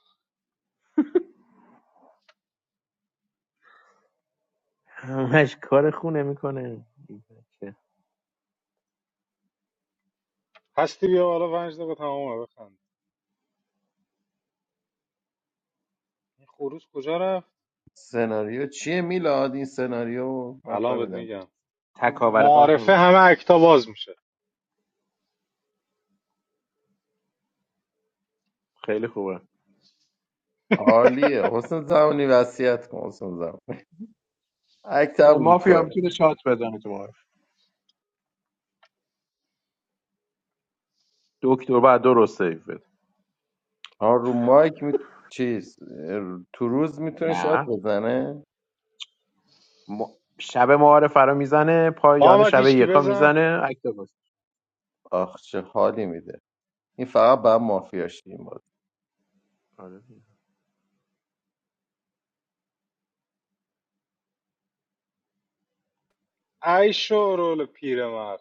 همش کار خونه میکنه
هستی بیا بالا پنج دقیقه تمومه بخند این خروس کجا رفت
سناریو چیه میلاد این سناریو
الان بهت
نفهمیدم
میگم این
تکاور
معارفه
قهرمان
همه اکتا باز میشه
خیلی خوبه
عالیه حسین زمانی وصیت کن حسین زمانی اکتم
مافیا میتونه شات بزنه تو معارف دکتر بعد درست سیو بده
ها رو مایک می... چیز اه، تو روز میتونه شات
نه
بزنه
م... شب معارف رو میزنه پایان
محمد
شب
هیشکی
یکا
بزن
میزنه اکتباس
آخ چه حالی میده این فقط بعد مافیاش این بود
آره.
ای شورول پیرمرد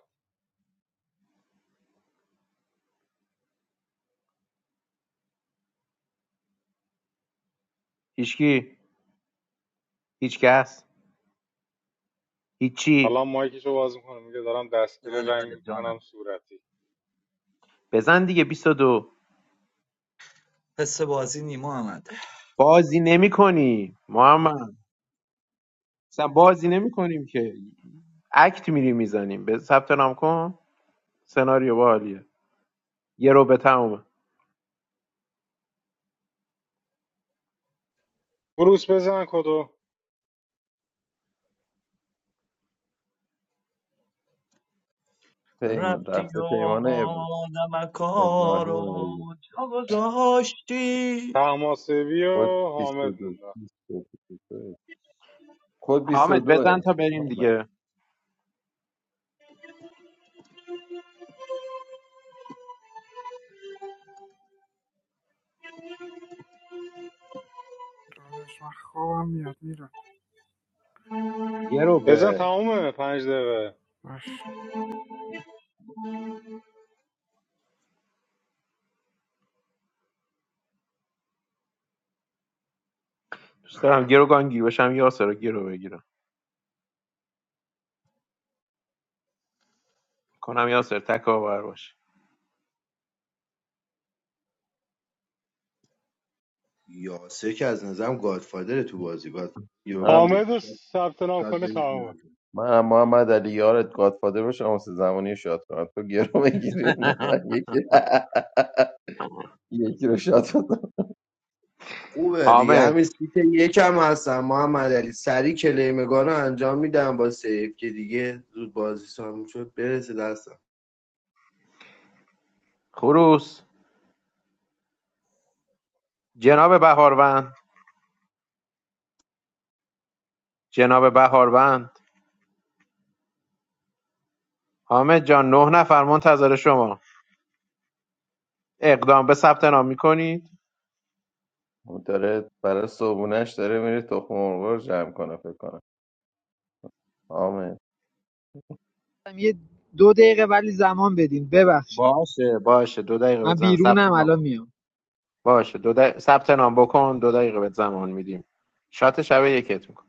هیچکی هیچکس هیچی
الان مایکشو باز میکنه میگه دارم
بله
دستگیر
بله
رنگ
بله
میکنم
جانم
صورتی
بزن دیگه 22
حس بازی نیما احمد
بازی نمی کنی محمد اصلا بازی نمی که اکت میری میزنیم به ثبت نام کن سناریو با حالیه یه رو به تمومه
بروس بزن کدو
پیمان
رفتی و
رفته پیمان ابر-
آدم کارو
ابراهیم علی.
جا گذاشتی
تماسبی
کد
و
بیست و
حامد
دو
موندن
بیست و دو کد
حامد
22
بزن تا بریم
محمد.
دیگه
داداش، من خوابم میاد میرم
یه رو
بزن
به
تمومه پنج دقیقه
باش
دوست دارم گروگانگیر بشم یاسر رو گرو بگیرم کنم یاسر تکاور باشه
یاسر که از نظرم گادفادر تو بازی گاد یوگان
من
حامد
بگی
رو
شاید
ثبت نام
شاید
کنه
نمیتونه
تمومه
من هم محمد علی یارت گادفادر باشم واسه زمانی شات کنم تو گرو بگیری اونو من یکی [laughs] یکی رو شات بدم
خوبه دیگه
حامد
همین سیت یکم هستم محمد علی سری کلیمگان رو انجام میدم با سیف که دیگه زود بازی سامون شد برسه دستم
خروس جناب بهاروند جناب بهاروند حامد جان نه نفر منتظر شما اقدام به ثبت نام میکنید
اون داره برای صبونش داره میره تخم مرغ رو جمع کنه فکر کنم آمین.
یه دو دقیقه ولی زمان بدین ببخشید
باشه باشه دو دقیقه
من
بهت زمان ثبت
بیرونم
نام
الان
بکن.
میام
باشه دو دق... ثبت نام بکن دو دقیقه بهت زمان میدیم شات شب یکت میکن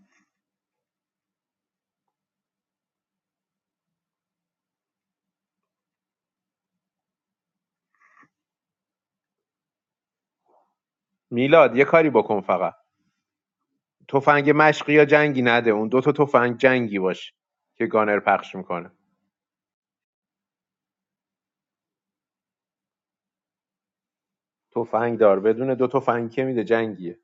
میلاد یه کاری بکن فقط تفنگ مشقی یا جنگی نده اون دو تا تفنگ جنگی باشه که گانر پخش میکنه تفنگ دار بدون دو تفنگ که میده جنگیه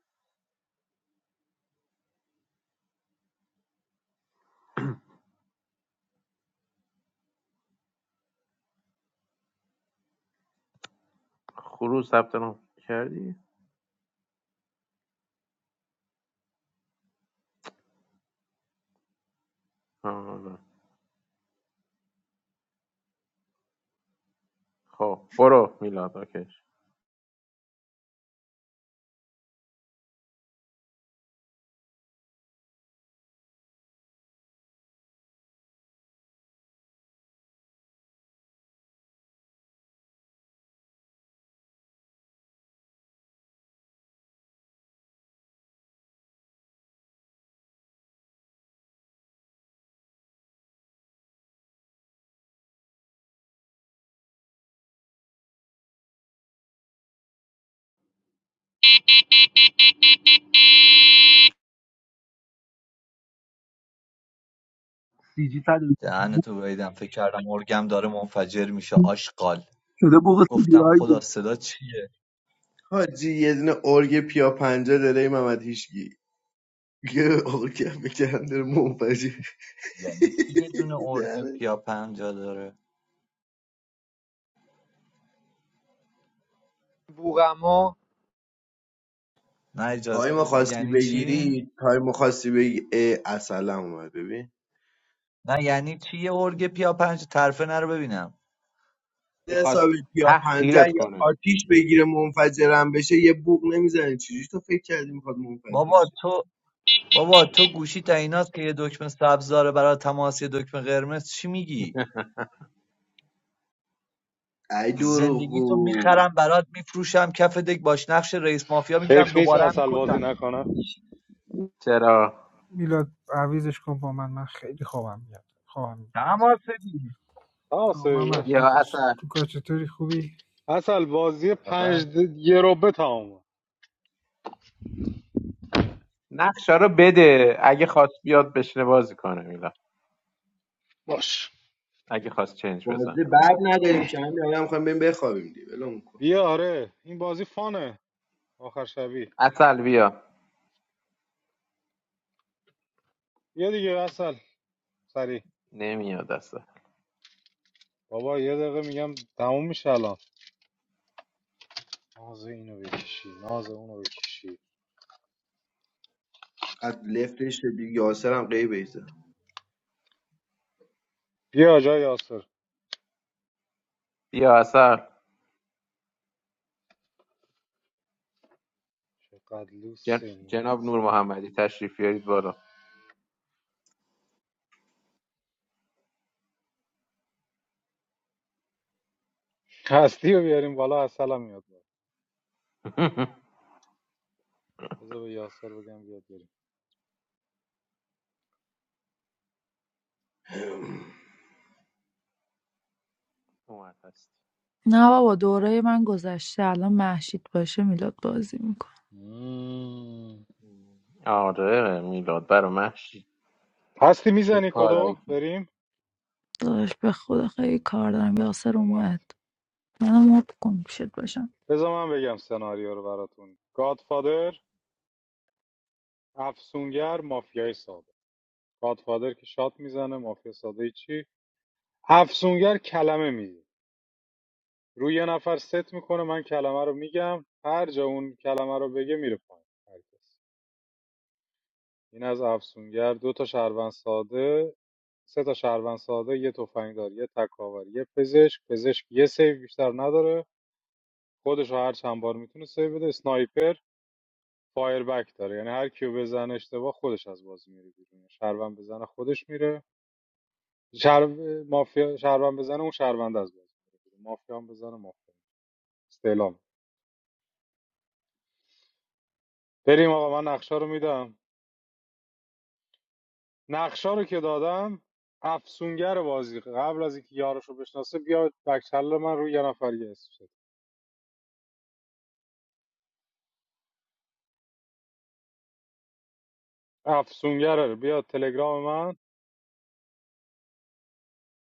خروس ثبت نام کردی آره. خب برو میلاد اوکیش
سی جی صد
دهنتو گاییدم فکر کردم ارگم داره منفجر میشه آشغال
شده بوق سی دی
گفتم
آی
خدا
بود
صدا چیه
حاجی یه دونه ارگ پیا پنجه داره این محمد هیشگی یه ارگ بکنده منفجر
یعنی کی یه دونه ارگ
داره [laughs]
پیا پنجا داره
بوغما
نه اجازه
تایم
بده-
خواستی
یعنی چی
بگیری تایم خواستی بگی اه، اصلا اومد ببین
نه یعنی چی یه ارگ پیا پنجا طرفه نرو ببینم
میخواست
حسابی پیا پنجه
تحقیرت
یا
کنه
آتیش بگیره منفجرم بشه یه بوق نمیزنی چجوری تو فکر کردی میخواد
بابا
منفجر شه
تو بابا تو گوشی تا ایناست که یه دکمه سبز داره برای تماس یه دکمه قرمز چی میگی
ای
زندگی تو
دروغگو
میخرم برات میفروشم کف دک باش نقش رئیس مافیا میگیرم
حیف نیست
دوباره هم
اصل بازی
میکشم
نکنه
چرا
میلاد عویزش کن با من من خیلی خوابم میاد خوابم میبره
تماس بگیر
آه
تماسبی
محمد
باشه
یا
داداش
اصلا
تو کار چطوری خوبی
اصل بازی
چه خبر
پنج د... یه روبه تمومه
نقشا رو بده اگه خواست بیاد بشنه بازی کنه میلاد
باش
اگه خواست چنج
بازه
بزنه
بعد
اومد بالا
نداریم که همین الان میخوایم بریم بخوابیم دی ولم کن
بیا آره این بازی فانه آخر شبی
اصل بیا
بیا دیگه اصل سری
نمیاد اصلا
بابا یه دقیقه میگم تموم میشه الان ناز اینو بکشی ناز اونو بکشی
قد لفتش شدی یاسر هم قیب ایزه
بیا جای یاسر
بیا اصل
چقدر
جن...
لوس این
جناب نور
اصل
محمدی تشریف بیارید بالا
هستی رو بیاریم بالا اصلا میاد بالا
[laughs]
بذار به یاسر بگم بیاد بریم
اومد هست
نه بابا دوره من گذشته الان محشید باشه میلاد بازی میکنه
مم.
آره میلاد برا محشی
هستی
چه
میزنی
کارایی
کدو
که
بریم
داداش به خدا خیلی کار دارم
آه،
یاسر
اومد
اومد منو مد کن شد باشم
بذار من بگم سناریو رو براتون گادفادر افسونگر مافیای ساده گادفادر که شات میزنه مافیا ساده چی افسونگر کلمه میگه روی یه نفر ست میکنه من کلمه رو میگم هر جا اون کلمه رو بگه میره پایین این از افسونگر دو تا شهروند ساده سه تا شهروند ساده یه تفنگدار یه تکاور یه پزشک پزشک یه سیو بیشتر نداره خودش رو هر چند بار میتونه سیو بده اسنایپر فایر بک داره یعنی هر کیو بزنه اشتباه خودش از بازی میره بیرون یعنی شهروند بزنه خودش میره شهر مافیا شهروند بزنه اون شهروند از بازی میره بیرون مافیا هم بزنه مافیا استعلام بریم آقا من نقشه رو میدم نقشا رو که دادم افسونگر بازی قبل از اینکه یارش رو بشناسه بیاد بکچل من رو یه نفر یه اسم شد افسونگره بیا تلگرام من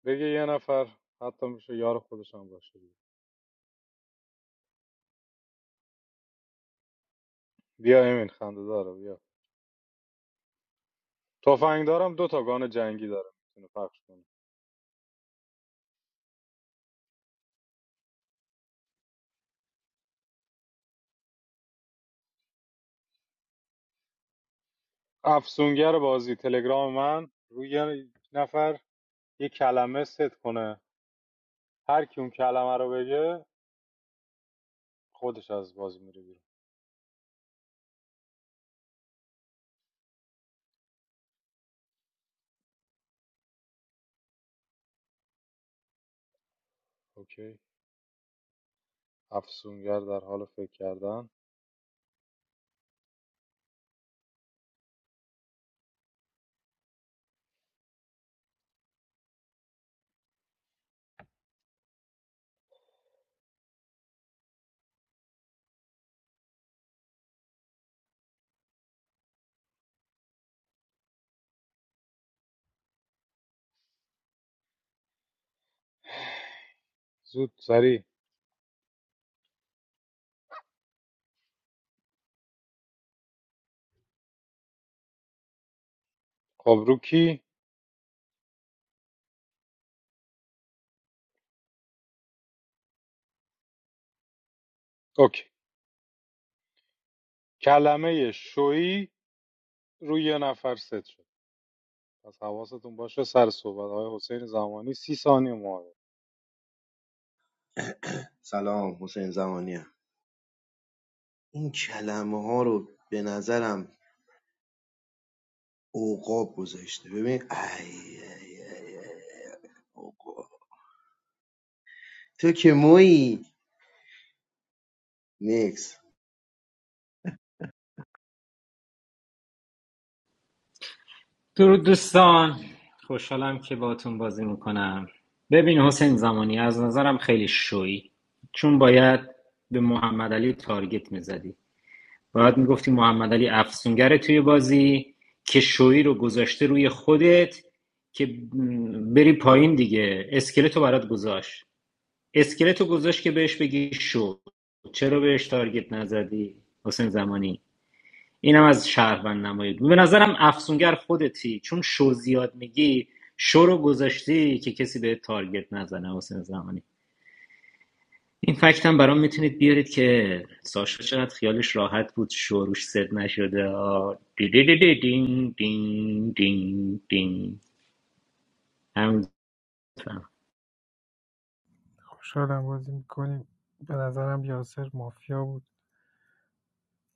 بگه یه نفر حتی میشه یار خودش هم باشه بیا امین خنده داره بیا تفنگ دارم دو تا گان جنگی داره میتونه پخش کنه افسونگر بازی تلگرام من روی یه نفر یه کلمه ست کنه هر کی اون کلمه رو بگه خودش از بازی میره بیرون اوکی افسونگر در حال فکر کردن زود سریع خب رو کی اوکی کلمه شوی روی یه نفر ست شد پس حواستون باشه سر صحبت های حسین زمانی سی ثانیه معارف
سلام حسین زمانی هم. این کلمه ها رو به نظرم اوقاب گذاشته ببین ای ای ای ای. تو که مویی نیکس
درود دوستان خوشحالم که باهاتون بازی میکنم ببین حسین زمانی از نظرم خیلی شوی چون باید به محمد علی تارگت میزدی باید میگفتی محمد علی افسونگره توی بازی که شوی رو گذاشته روی خودت که بری پایین دیگه اسکلتو برات گذاشت اسکلتو گذاشت که بهش بگی شو چرا بهش تارگت نزدی حسین زمانی اینم از شهروند نمایی به نظرم افسونگر خودتی چون شو زیاد میگی شو رو گذاشتی که کسی به تارگت نزنه حسین زمانی این فکت هم برام میتونید بیارید که ساشا چقدر خیالش راحت بود شوروش سد نشده آه. دی دی دی دی دین دین دین دین همین فهم.
خوشحالم بازی میکنیم به نظرم یاسر مافیا بود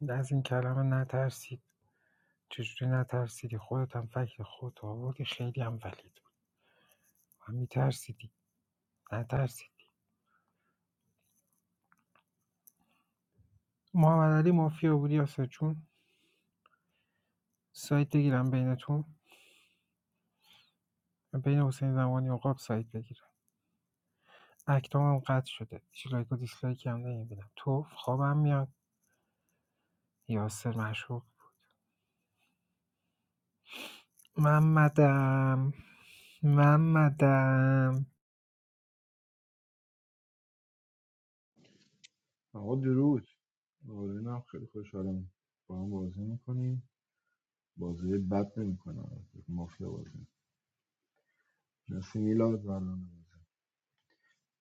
از این کلمه نترسید چجوری نترسیدی خودت هم فکر خودت آوردی خیلی هم ولید بود من میترسیدی نترسید محمد علی مافیا بود یاسر جون سایت بگیرم بینتون بین حسین زمانی و قاب سایت بگیرم اکتام هم قطع شده هیچ لایک و دیسلایکی هم نمیبینم تو خوابم میاد یاسر مشروب محمدم محمدم
آقا درود هم خیلی خوشحالم با هم بازی میکنیم بازی بد نمیکنم مافیا بازی مثل میلاد زنانه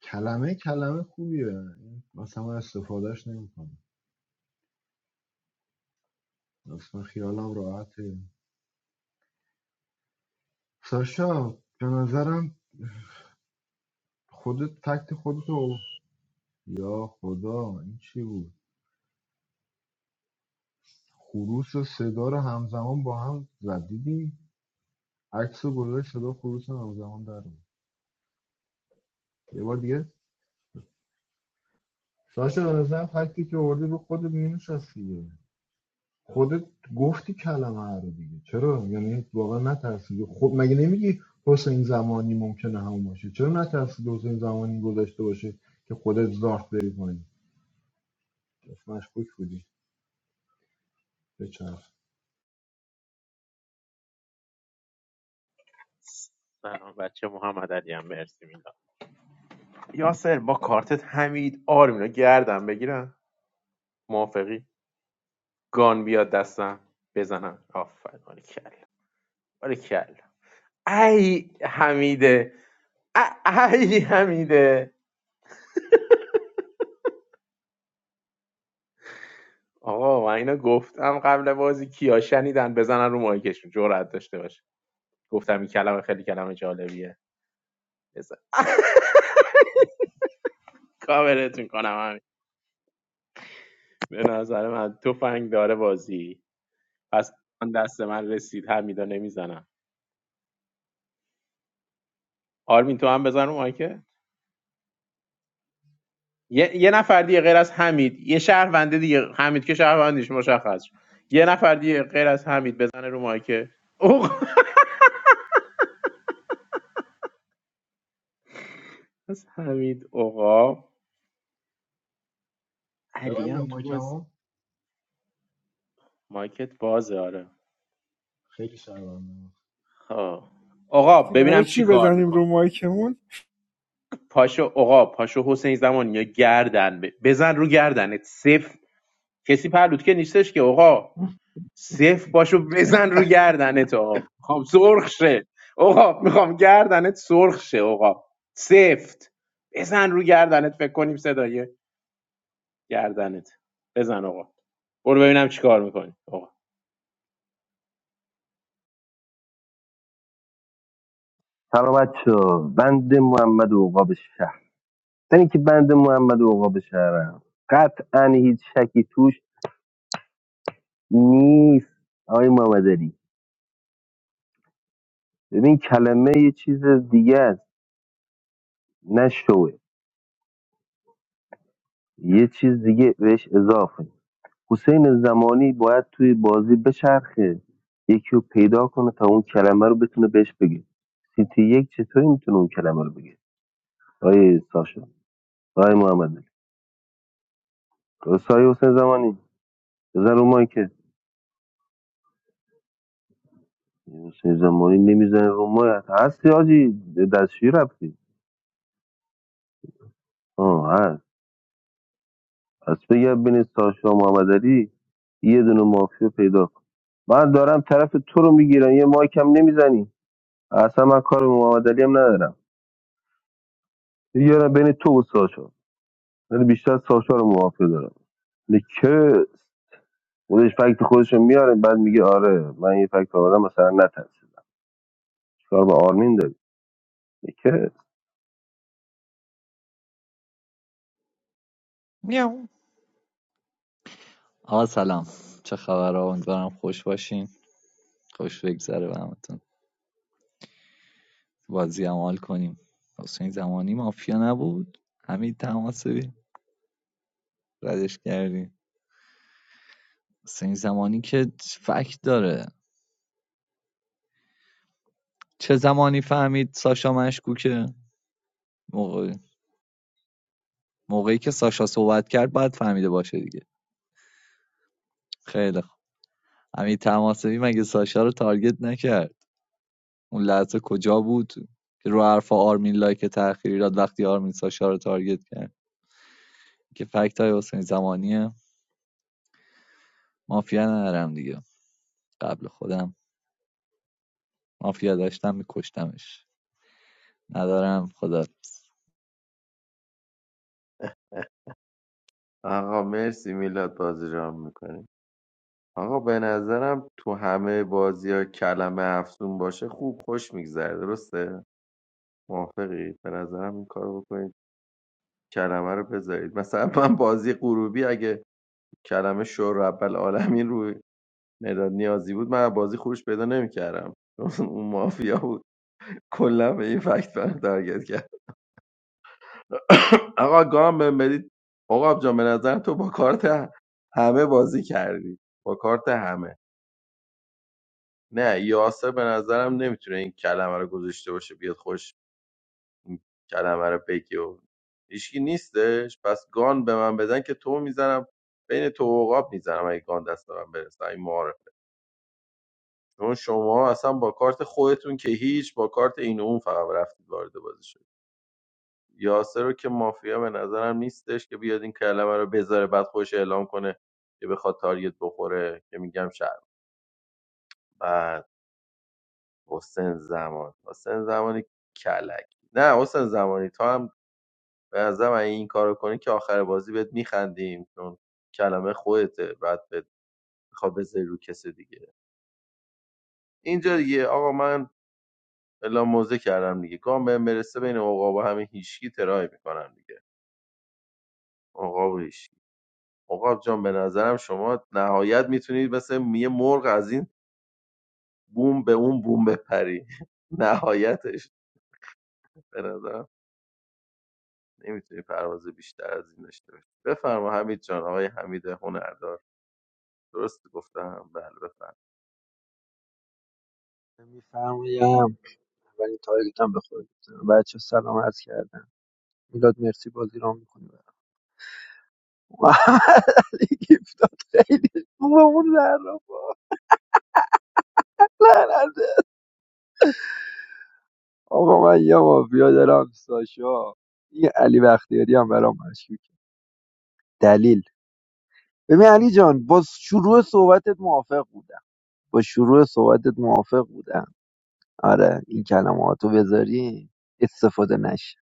کلمه کلمه خوبیه مثلا استفادهش نمیکنم اصلا خیالم راحته ساشا به نظرم خودت فکت خودتو یا خدا این چی بود خروس و صدا رو همزمان با هم زدیدی عکس و گذاشت صدا خروس همزمان در اومد. یه بار دیگه ساشا به نظرم فکتی که آوردی رو خودت مینشست دیگه. خودت گفتی کلمه رو دیگه چرا یعنی واقعا نترسیدی خب مگه نمیگی حسین زمانی ممکنه همون باشه چرا نترسیدی حسین زمانی گذاشته باشه که خودت زارت بری کنی مشکوک بودی به چرخ
سلام بچه محمد علی هم مرسی میلاد یاسر با کارتت حمید آرمین رو گردم بگیرم موافقی گان بیاد دستم بزنم آفرین باریکلا باریکلا ای حمیده ای حمیده آقا من اینو گفتم قبل بازی کیا شنیدن بزنن رو مایکشون جرأت داشته باشه گفتم این کلمه خیلی کلمه جالبیه بزن [laughs] کاورتون کنم همین به نظر من تفنگ داره بازی پس آن دست من رسید همیدا نمیزنم آرمین تو هم بزن رو مایکه یه،, یه نفر دیگه غیر از حمید یه شهرونده دیگه حمید که شهروندیش مشخص شد. یه نفر دیگه غیر از حمید بزنه رو مایکه اوق از حمید اوقا علی هم
ببندم
تو بازی
مایکمو
مایکت بازه آره
خیلی شرمندم
آه. اوقا
گفتی برای
ببینم چی
چی
کار
بزنیم
میکنه
رو مایکمون
پاشو اوقا پاشو حسین زمان یا گردن ب- بزن رو گردنت صفر کسی پرلود که نیستش که اوقا صفر پاشو بزن رو گردنت آقا میخوام سرخ شه آقا میخوام گردنت سرخ شه آقا سفت بزن رو گردنت فکر کنیم صدای گردنت بزن آقا برو ببینم چیکار میکنی آقا
سلام بچه‌ها. بند محمد اوقاب شهر من اینکه بند محمد اوقاب شهرم قطعا هیچ شکی توش نیست آقای محمد علی ببین کلمه یه چیز دیگه است نه شوه یه چیز دیگه بهش اضافه حسین زمانی باید توی بازی بچرخه یکی رو پیدا کنه تا اون کلمه رو بتونه بهش بگه سیتی یک چطوری میتونه اون کلمه رو بگه آیه ساشا آیه محمد علی. سایه حسین زمانی بزن رو مایی که حسین زمانی نمیزنه رو مایی هستی آجی دستشویی رفتی آه هست پس بگم بین ساشا و محمد علی یه دونه مافیا پیدا کن من دارم طرف تو رو میگیرم یه مایکم نمیزنی اصلا من کار به محمد هم ندارم یارم بین تو و ساشا ولی بیشتر ساشا رو موافق دارم یعنی که خودش فکت خودش رو میاره بعد میگه آره من یه فکت آوردم مثلا نترسیدم چیکار به آرمین داری یعنی که
میام. آقا سلام چه خبر ها؟ امیدوارم خوش باشین خوش بگذره به همتون بازی هم حال کنیم حسین زمانی مافیا نبود همین تماسبی ردش کردیم حسین زمانی که فکت داره چه زمانی فهمید ساشا مشکوکه موقع... موقعی که ساشا صحبت کرد باید فهمیده باشه دیگه خیلی خوب همین تماسبی مگه ساشا رو تارگت نکرد اون لحظه کجا بود که رو حرف آرمین لایک تأخیری داد وقتی آرمین ساشا رو تارگت کرد که فکت های حسین زمانی مافیا ندارم دیگه قبل خودم مافیا داشتم میکشتمش ندارم خدا
آقا مرسی میلاد بازی رام میکنیم آقا به نظرم تو همه بازی ها کلمه افزون باشه خوب خوش میگذره درسته؟ موافقی؟ به نظرم این کار بکنید کلمه رو بذارید مثلا من بازی غروبی اگه کلمه شور رب العالمین روی مداد نیازی بود من بازی خروش پیدا نمیکردم چون [laughs] اون مافیا بود کلا به این فکت من تارگت کرد [coughs] آقا گام بهم بدید آقا جان به نظرم تو با کارت همه بازی کردی با کارت همه نه یاسر به نظرم نمیتونه این کلمه رو گذاشته باشه بیاد خوش این کلمه رو بگی و هیچکی نیستش پس گان به من بدن که تو میزنم بین تو و عقاب میزنم اگه گان دست به من برسه این معارفه چون شما اصلا با کارت خودتون که هیچ با کارت این و اون فقط رفتید وارد بازی شد یاسر رو که مافیا به نظرم نیستش که بیاد این کلمه رو بذاره بعد خوش اعلام کنه که بخواد تاریت بخوره که میگم شهر حسین زمان حسین زمانی کلک نه حسین زمانی تو هم به نظرم اگه این کارو کنی که آخر بازی بهت میخندیم چون کلمه خودته بعد بهت میخواد بذاری رو کسی دیگه اینجا دیگه آقا من الا موزه کردم دیگه گام بهم برسه بین عقاب و همین هیشکی ترای میکنم دیگه عقاب و هیشکی عقاب جان به نظرم شما نهایت میتونید مثل یه مرغ از این بوم به اون بوم بپری [laughs] نهایتش به نظرم نمیتونی پرواز بیشتر از این داشته باشی بفرما حمید جان آقای حمید هنردار درست گفتم بله بفرما
میفرمایید ولی تارگتم به خود گفتم بچه سلام عرض کردم میلاد مرسی بازی رام میکنی برام [laughs] محمد علی گیفتاد خیلی خوبه اون زهرا لعنته آقا من یه مافیا دارم ساشا این علی بختیاری هم برام مشکوکه دلیل ببین علی جان با شروع صحبتت موافق بودم با شروع صحبتت موافق بودم آره این کلماتو بذاری استفاده نشه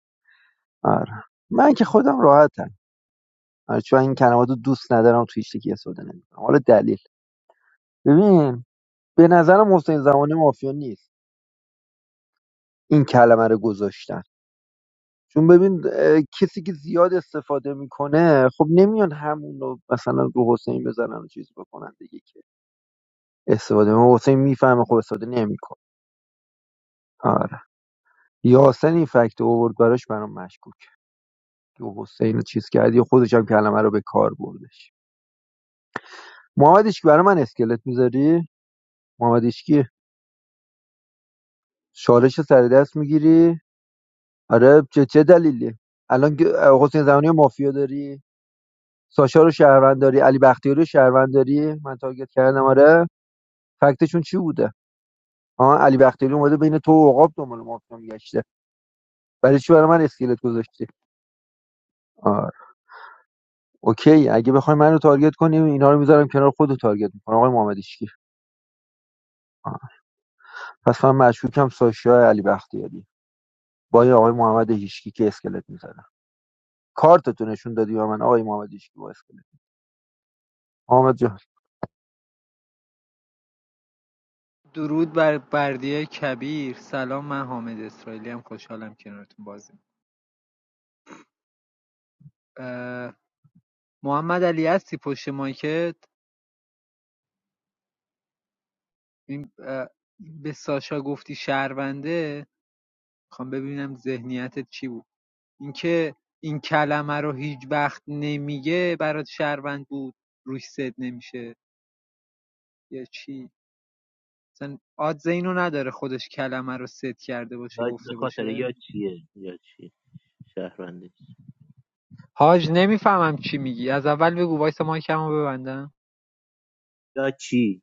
آره من که خودم راحتم آره، چون این کلمات رو دوست ندارم تو هیچ کی استفاده نمیکنم حالا دلیل ببین به نظرم حسین زمانی مافیا نیست این کلمه رو گذاشتن چون ببین کسی که زیاد استفاده میکنه خب نمیان همون رو مثلا رو حسین بزنن و چیز بکنن دیگه که استفاده من حسین میفهمه خب استفاده نمیکنه آره یاسر این فکت رو آورد براش برام مشکوک که حسین رو چیز کرد یا خودش هم کلمه رو به کار بردش محمد که برای من اسکلت میذاری محمد که چالش سر دست میگیری آره چه چه دلیلی الان که حسین زمانی رو مافیا داری ساشا رو شهروند داری علی بختیاری رو شهروند داری من تارگت کردم آره فکتشون چی بوده ها علی بختیاری اومده بین تو و عقاب دنبال مافیا میگشته برای چی برای من اسکلت گذاشتی آره اوکی اگه بخوای منو تارگت کنیم اینا رو میذارم کنار خود رو تارگت میکنم آقای محمد هیشکی آه. پس من مشکوکم ساشا علی بختیاری با این آقای محمد هیشکی که اسکلت میذاره کارتتو نشون دادی به من آقای محمد هیشکی با اسکلت محمد جان.
درود بر بردی کبیر سلام من حامد اسرائیلی هم خوشحالم کنارتون بازی اه، محمد علی هستی پشت مایکت این اه، به ساشا گفتی شهرونده میخوام ببینم ذهنیتت چی بود اینکه این کلمه رو هیچ وقت نمیگه برات شهروند بود روش ست نمیشه یا چی مثلا آدز اینو نداره خودش کلمه رو ست کرده باشه
داد به
گفته
خاطر
باشه
یا چیه یا چی شهرونده
حاج نمیفهمم چی میگی از اول بگو وایس مایکمو ببندم
یا چی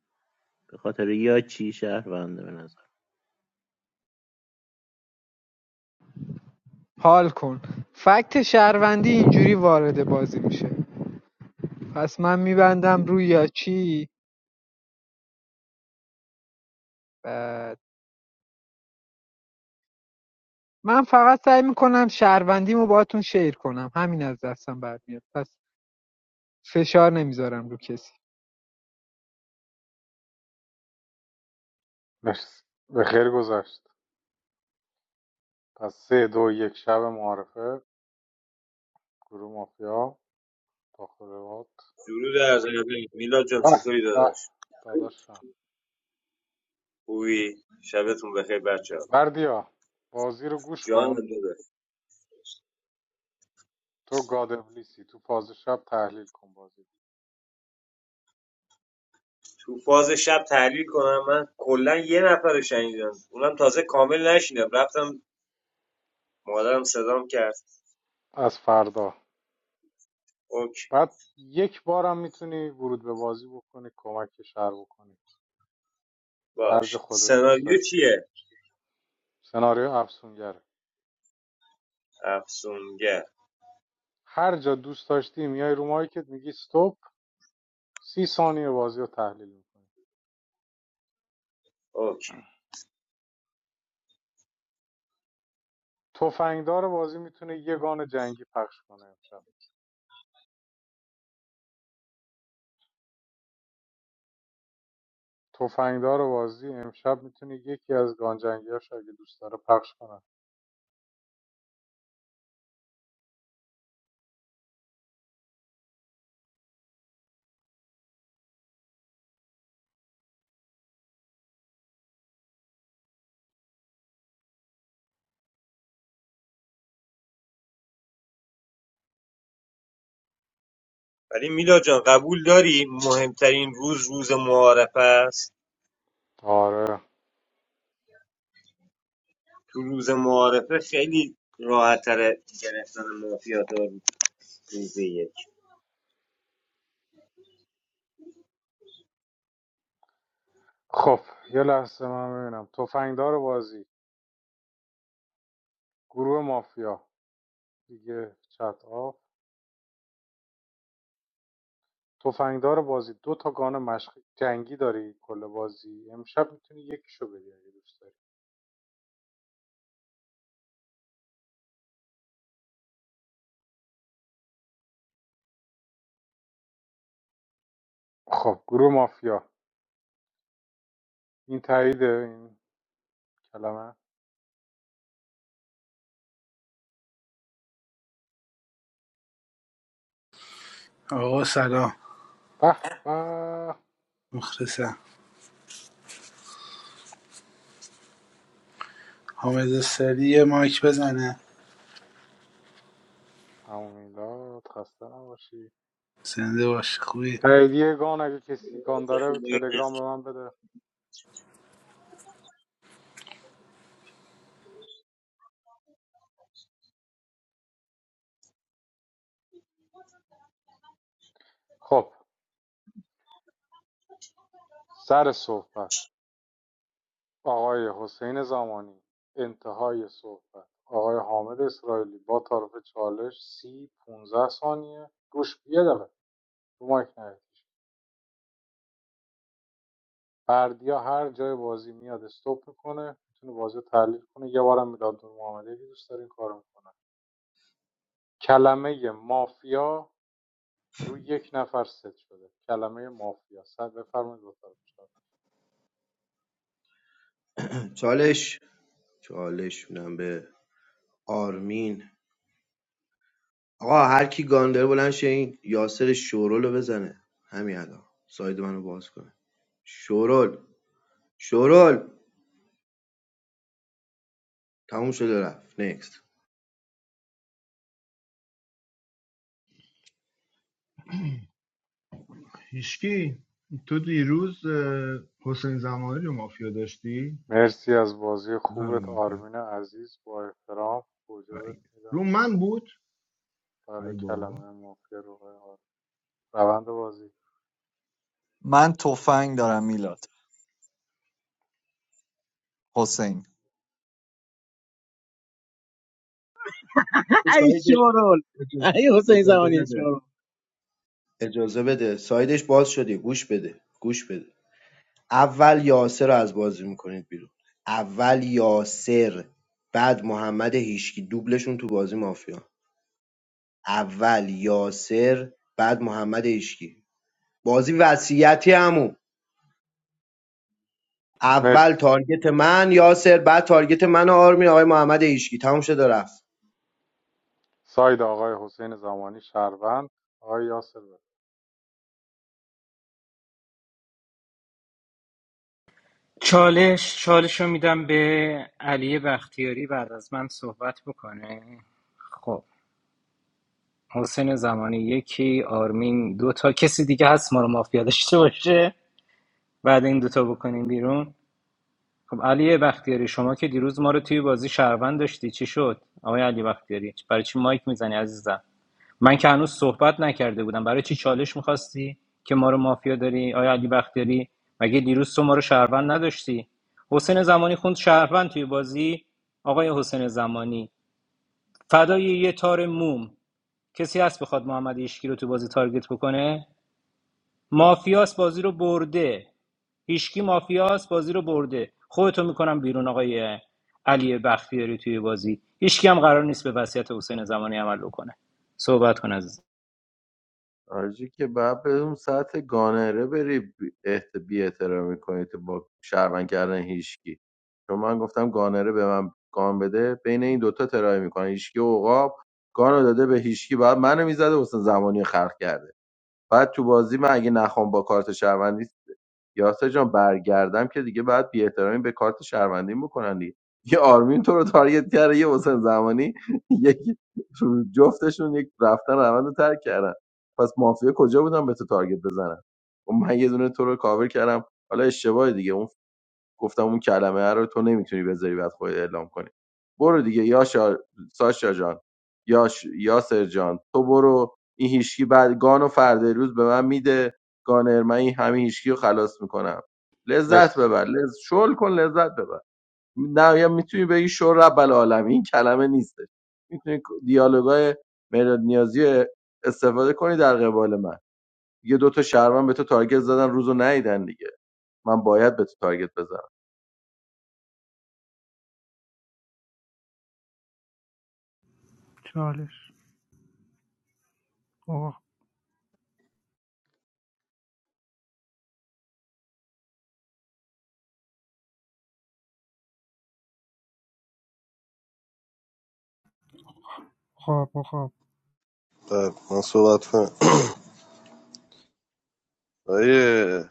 به خاطر یا چی شهرونده به نظر
حال کن فکت شهروندی اینجوری وارد بازی میشه پس من میبندم روی یا چی بعد من فقط سعی میکنم شهروندیمو باهاتون شیر کنم همین از دستم برمیاد پس فشار نمیذارم رو کسی
مرسی به خیر گذشت پس سه دو یک شب معارفه گروه مافیا تاخلوات
درود از ادب میلاد جان
به
چطوری
به
داداش
داداشم
خوبی شبتون بخیر بچه
بردیا بازی رو گوش
جان
کن
داداش
تو گاد ابلیسی تو فاز شب تحلیل کن بازی
تو فاز شب تحلیل کنم من کلا یه نفر رو شنیدم اونم تازه کامل نشینم رفتم مادرم صدام کرد
از فردا
اوکی
بعد یک بارم میتونی ورود به بازی بکنی کمک شهر بکنی هر جا
باش
خودت دوست
سناریو
داشت
چیه
سناریو افسونگره
افسونگر
هر جا دوست داشتی میای رو مایکت میگی استاپ سی ثانیه بازی رو تحلیل میکنی
اوکی
تفنگدار بازی میتونه یه گان جنگی پخش کنه امشب تفنگدار بازی امشب میتونه یکی از گان جنگیاش اگه دوست داره پخش کنه
ولی میلاد جان قبول داری مهمترین روز روز معارفه است
آره
تو روز معارفه خیلی راحت تره گرفتن مافیات روز یک
خب یه لحظه من ببینم تفنگدار بازی گروه مافیا دیگه چت آف تفنگدار بازی دو تا گان مشق جنگی داری کل بازی امشب میتونی یکیشو بدی اگه دوست داری. خب گروه مافیا این تاییده این کلمه
آقا سلام
به به
مخلصم حامد سری یه مایک بزنه
عمو خسته نباشی
زنده باش خوبی
تاییدیه گان اگه کسی گان داره به
کسی
تلگرام به من بده خب سر صحبت آقای حسین زمانی انتهای صحبت آقای حامد اسرائیلی با طرف چالش سی 15 ثانیه گوش یه دقیقه رو مایک نرید بردیا هر جای بازی میاد استوب میکنه میتونه بازی رو تحلیل کنه یه بارم میلاد محمدی اگه دوست داره این کارو میکنه کلمه مافیا روی یک نفر ست شده کلمه مافیا سر بفرمایید با طرف
چالش چالش میدم به آرمین آقا هر کی گان داره بلند شه این یاسر شورول بزنه همین الان ساید منو باز کنه شورول شورول تموم شده رفت نیکس
هیشکی تو دیروز اه، حسین زمانی رو مافیا داشتی
مرسی از بازی
بزن رو
خوبت
مایکت
آرمین عزیز با احترام گوجه
ای.
میدم
رو من بود ای
بله
بابا
کلمه مافیا رو آقای آرمین. روند بازی
من تفنگ دارم میلاد حسین
او
ای
سایدش
شورول
اجازه
ای حسین
اجازه
زمانی
بده
شورول
اجازه بده سایدش باز شده گوش بده گوش بده اول یاسر رو از بازی میکنید بیرون اول یاسر بعد محمد هیشکی دوبلشون تو بازی مافیا اول یاسر بعد محمد هیشکی بازی وصیتی عمو اول
مرسی
تارگت من یاسر بعد تارگت من و آرمین آقای محمد هیشکی تموم شد و رفت
ساید آقای حسین زمانی شهروند آقای یاسر بفرمایید.
چالش چالش رو میدم به علی بختیاری بعد از من صحبت بکنه خب محسن زمانی یکی آرمین دوتا کسی دیگه هست ما رو مافیا داشته باشه بعد این دوتا بکنیم بیرون خب علی بختیاری شما که دیروز ما رو توی بازی شهروند داشتی چی شد آقای علی بختیاری برای چی مایک میزنی عزیزم من که هنوز صحبت نکرده بودم برای چی چالش میخواستی که ما رو مافیا داری آقای علی بختیاری مگه دیروز تو ما رو شهروند نداشتی حسین زمانی خوند شهروند توی بازی آقای حسین زمانی فدای یه تار موم کسی هست بخواد محمد هیشکی رو تو بازی تارگت بکنه مافیاس بازی رو برده هیشکی مافیاس بازی رو برده خودتو میکنم بیرون آقای علی بختیاری توی بازی هیشکی هم قرار نیست به وصیت حسین زمانی عمل بکنه صحبت کن عزیز
آرژی که بعد به اون سطح گانره بری بی احت- بی احترامی کنی تو با شرمن کردن هیچکی چون من گفتم گانره به من گان بده بین این دوتا ترایی میکنن هیچکی و عقاب گانو داده به هیچکی بعد منو میزده واسه زمانی خلق کرده بعد تو بازی من اگه نخوام با کارت شهروندی یاسر جان برگردم که دیگه بعد بی احترامی به کارت شهروندی میکنن دیگه یه آرمین تو رو تارگت کرده یه حسین زمانی [laughs] یک جفتشون یک رفتن روند رو ترک کردن پس مافیا کجا بودن به تو تارگت بزنن و من یه دونه تو رو کاور کردم حالا اشتباه دیگه اون گفتم اون کلمه رو تو نمیتونی بذاری بعد خود اعلام کنی برو دیگه یا شا... ساشا جان یا ش... یاسر جان تو برو این هیشکی بعد گانو و فردا روز به من میده گانر من این همه هیشکی رو خلاص میکنم لذت
مرسی
ببر لذت شل کن لذت ببر نه یا میتونی بگی شور رب العالمین این کلمه نیست میتونی دیالوگای مداد نیازی استفاده کنی در قبال من یه دو تا شهروند به تو تارگت زدن روزو نیدن دیگه من باید به تو تارگت بزنم
چالش آه خواب آه، خواب
خب من صحبت کنم آیه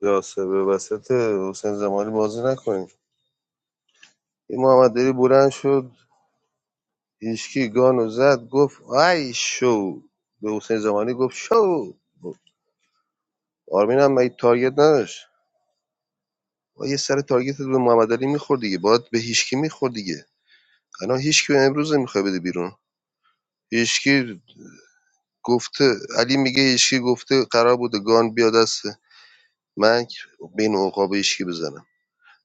یاسه به وسط حسین زمانی بازی نکنیم این محمد دلی بلند شد هیچکی گانو زد گفت ای شو به حسین زمانی گفت شو آرمین هم مگه تارگت نداشت با یه سر تارگت به محمد علی میخورد دیگه باید به هیچکی میخورد دیگه الان هیچکی امروز نمیخوای بده بیرون هیچکی گفته علی میگه هیچکی گفته قرار بوده گان بیا دست من بین عقاب هیچکی بزنم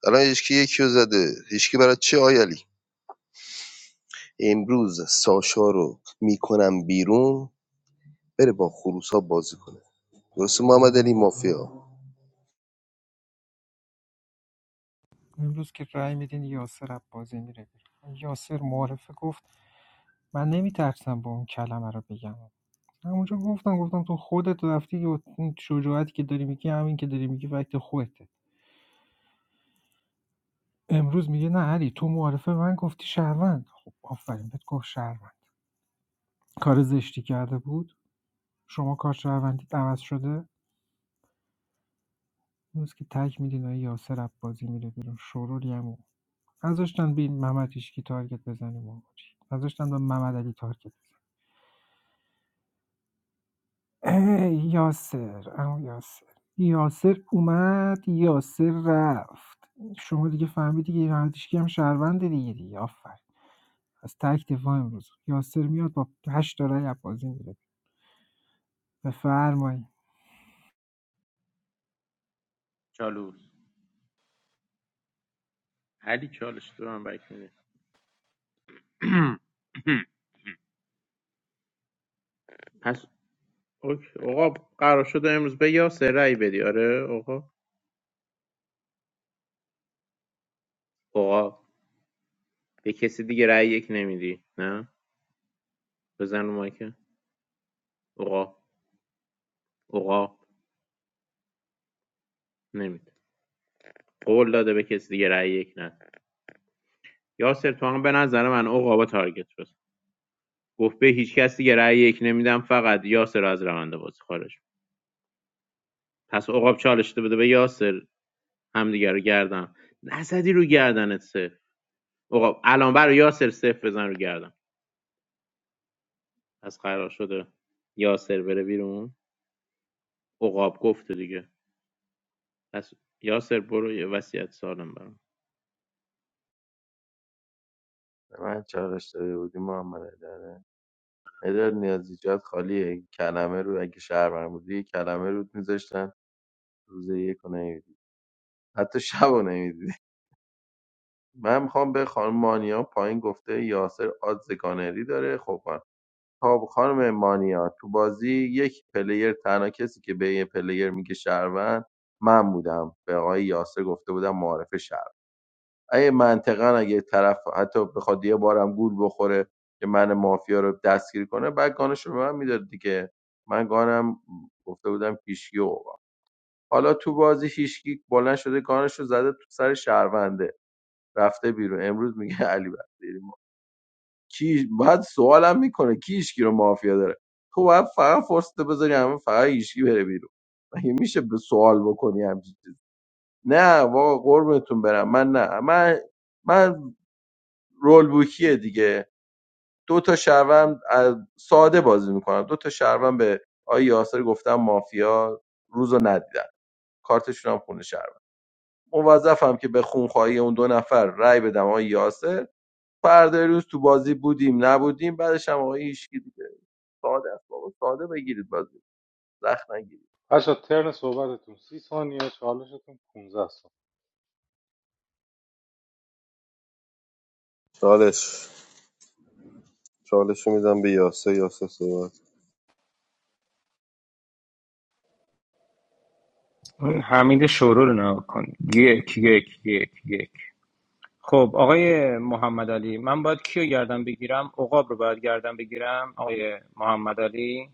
الان هیچکی یکی رو زده هیچکی برای چه آی علی امروز ساشا رو میکنم بیرون بره با خروس بازی کنه درسته محمد علی مافیا
امروز که رأی میدین یاسر عبازی میره بیرون یاسر معرفه گفت من نمیترسم با اون کلمه رو بگم همونجا گفتم گفتم تو خودت رفتی و اون شجاعتی که داری میگی همین که داری میگی وقت خودته امروز میگه نه علی تو معرفه من گفتی شهروند خب آفرین بهت گفت شهروند کار زشتی کرده بود شما کار شهروندی عوض شده اون روز که تک میدین آقای یاسر عباسی میره بیرون شروری هم او نذاشتن بین محمد هیشکی تارگت بزنه ما نذاشتن به محمد علی تارگت بزنه. ای یاسر اما یاسر یاسر اومد یاسر رفت شما دیگه فهمیدی که محمد هیشکی هم شهرونده دیگه دیگه آفر از تک دفاع امروز یاسر میاد با هشت تا رای عباسی میره بفرمایید
چالوس علی چالش تو هم بک میده اوکی. آقا قرار شده امروز به یاسر رأی بدی آره آقا آقا به کسی دیگه رأی یک نمیدی نه بزن رو مایکه آقا آقا نمیده قول داده به کسی دیگه رأی یک نه یاسر تو هم به نظر من آقا با تارگت شد گفت به هیچ کس دیگه رأی یک نمیدم فقط یاسر رو از روند بازی خارج کن. پس عقاب چالش بده به یاسر همدیگه رو گردن نزدی رو گردنت سه عقاب الان برای یاسر صفر بزن رو گردن پس قرار شده یاسر بره بیرون عقاب گفته دیگه پس یاسر برو یه وصیت سالم برام
من چالش داده بودی محمد داره مداد نیازی جات خالیه این کلمه رو اگه شهر من بودی یه کلمه رو میذاشتن روز یک رو نمیدی حتی شب رو نمیدی من میخوام به خانم مانیا پایین گفته یاسر آدز گانری داره خب من خب خانم مانیا تو بازی یک پلیر تنها کسی که به یه پلیر میگه شهروند من بودم به آقای یاسر گفته بودم معارف شهروند اگه منطقا اگه طرف حتی بخواد یه بارم گول بخوره که من مافیا رو دستگیر کنه بعد گانش رو به من میداد دیگه من گانم گفته بودم پیشکی اوقا حالا تو بازی هیشکی بلند شده گانش رو زده تو سر شهرونده رفته بیرون امروز میگه [laughs] علی بختیاری ما کی بعد سوالم میکنه کی هیشکی رو مافیا داره تو باید فقط فرصت بذاری همه فقط هیشکی بره بیرون مگه میشه به سوال بکنی همچین چیزی؟ نه واقعا قربونتون برم من نه من من رول بوکیه دیگه دو تا شهروند ساده بازی میکنن دو تا شهروند به آقای یاسر گفتن مافیا روز رو ندیدن کارتشون هم خونه شهروند موظفم که به خونخواهی اون دو نفر رأی بدم آقای یاسر فردا روز تو بازی بودیم نبودیم بعدش هم آقای هیشکی دیگه ساده است بابا ساده بگیرید بازی زخم نگیرید
بچه ترن صحبتتون سی ثانیه چالشتون 15 ثانیه
چالش چالش رو میدم به یاسا یاسا صحبت
اون حمید شورو رو نگاه کن یک یک یک یک خب آقای محمد علی من باید کیو گردن بگیرم عقاب رو باید گردن بگیرم آقای محمد علی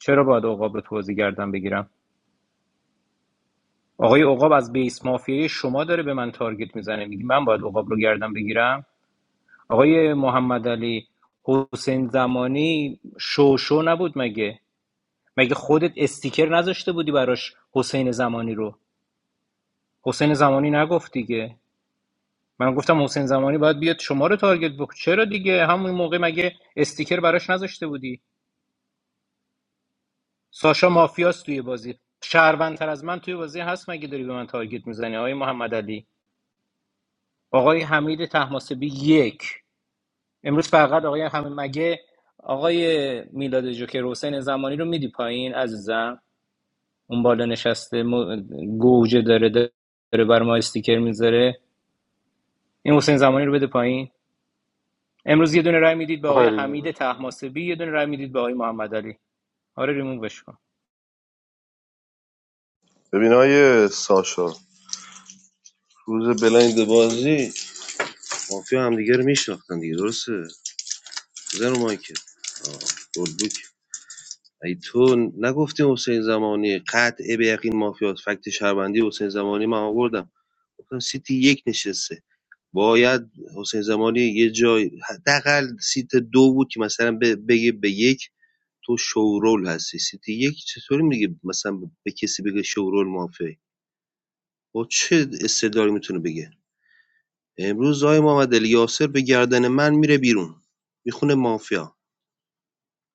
چرا باید عقاب رو تو بازی گردن بگیرم آقای عقاب از بیس مافیای شما داره به من تارگت میزنه میگه من باید عقاب رو گردن بگیرم آقای محمد علی حسین زمانی شو شو نبود مگه مگه خودت استیکر نذاشته بودی براش حسین زمانی رو حسین زمانی نگفت دیگه من گفتم حسین زمانی باید بیاد شما رو تارگت بکنه چرا دیگه همون موقع مگه استیکر براش نذاشته بودی ساشا مافیاست توی بازی شهروندتر از من توی بازی هست مگه داری به من تارگت میزنی آقای محمد علی آقای حمید تحماسبی یک امروز فقط آقای همه مگه آقای میلاد جوکر حسین زمانی رو میدی پایین عزیزم اون بالا نشسته م... گوجه داره داره بر ما استیکر میذاره این حسین زمانی رو بده پایین امروز یه دونه رای میدید به آقای
میخوای
حمید
ریمووش کنم
طهماسبی یه دونه رای میدید به آقای محمد علی آره ریمووش کن
ببین آیه ساشا روز بلایند بازی مافیا همدیگه رو میشناختن دیگه درسته زن رو مایکل آه، گلبوک ای تو نگفتیم حسین زمانی قطع به یقین مافیاس فکت شهروندی حسین زمانی من آوردم گفتم سیتی یک نشسته باید حسین زمانی یه جای حداقل سیت دو بود که مثلا ب- بگه به یک تو شورول هستی سیتی یک چطوری میگه مثلا به کسی بگه شورول مافی با چه استدلالی میتونه بگه امروز آقای محمد علی یاسر به گردن من میره بیرون میخونه مافیا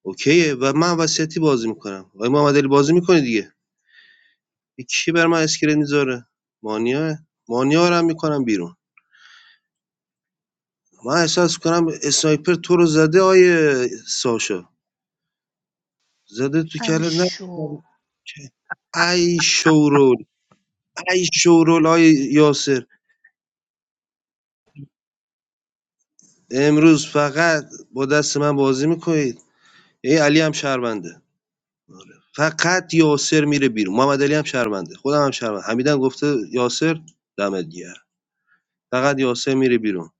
اوکیه و من وصیتی بازی میکنم آقای محمد علی بازی میکنه دیگه کی بر من اسکرین میذاره مانیا مانیا رو هم میکنم بیرون من احساس کنم اسنایپر تو رو زده آیه ساشا زده تو
I
کلت نه
sure.
ای شورول ای شورول آیه یاسر امروز فقط با دست من بازی میکنید ای علی هم شهرونده فقط یاسر میره بیرون محمد علی هم شهرونده خودم هم شهرونده حمیدم گفته یاسر دمت گیر فقط یاسر میره بیرون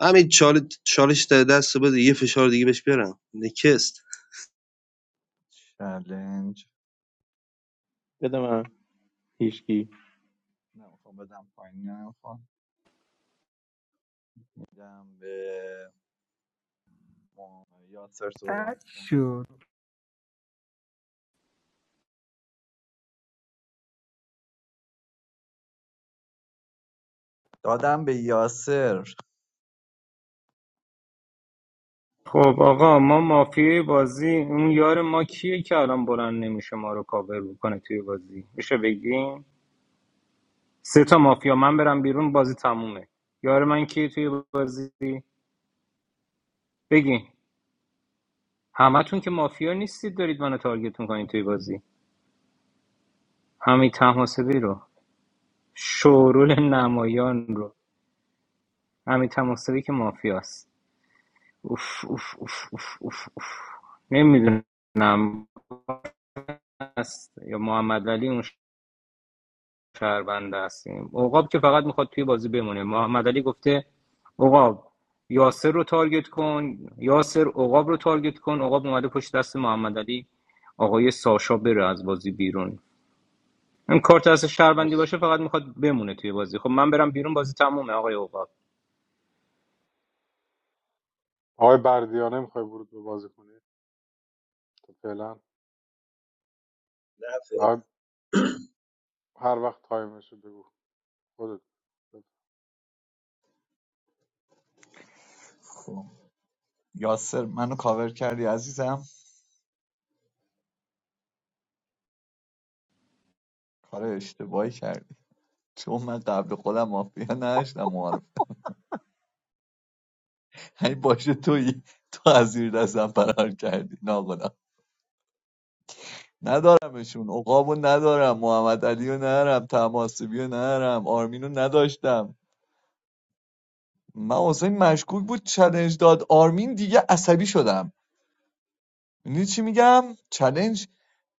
همین چالش چالش در دست بده یه فشار دیگه بهش بیارم نکست
چلنج
بده من هیچکی
نمیخوام بدم پایین نمیخوام میدم به یاسر صحبت
تک
کن
شد
دادم به یاسر
خب آقا ما مافیای بازی اون یار ما کیه که الان بلند نمیشه ما رو کاور کنه توی بازی میشه بگیم سه تا مافیا من برم بیرون بازی تمومه یار من کیه توی بازی بگین همتون که مافیا نیستید دارید منو تارگت میکنید توی بازی همین تماسبی رو شورول نمایان رو همین تماسبی که مافیاست اوف اوف اوف اوف اوف, اوف. نمیدونم است یا محمد علی اون شهربنده هستیم اوقاب که فقط میخواد توی بازی بمونه محمد علی گفته اوقاب یاسر رو تارگت کن یاسر اوقاب رو تارگت کن اوقاب اومده پشت دست محمد علی آقای ساشا بره از بازی بیرون این کارت از شهروندی
مرسی
باشه فقط میخواد بمونه توی بازی خب من برم بیرون بازی تمومه آقای اوقاب
آقای بردیانه میخوای ورود به بازی کنی خب، فعلا هر وقت تایمشه بگو خودت بگو.
خب. یاسر منو کاور کردی عزیزم کار اشتباهی کردی چون من قبل خودم مافیا نداشتم معارف. یعنی باشه تویی تو از زیر دستم فرار کردی ناخدا ندارمشون عقابو ندارم محمد علیو ندارم تماسبیو ندارم آرمینو نداشتم من حسین مشکوک بود چلنج داد آرمین دیگه عصبی شدم میدونی چی میگم چلنج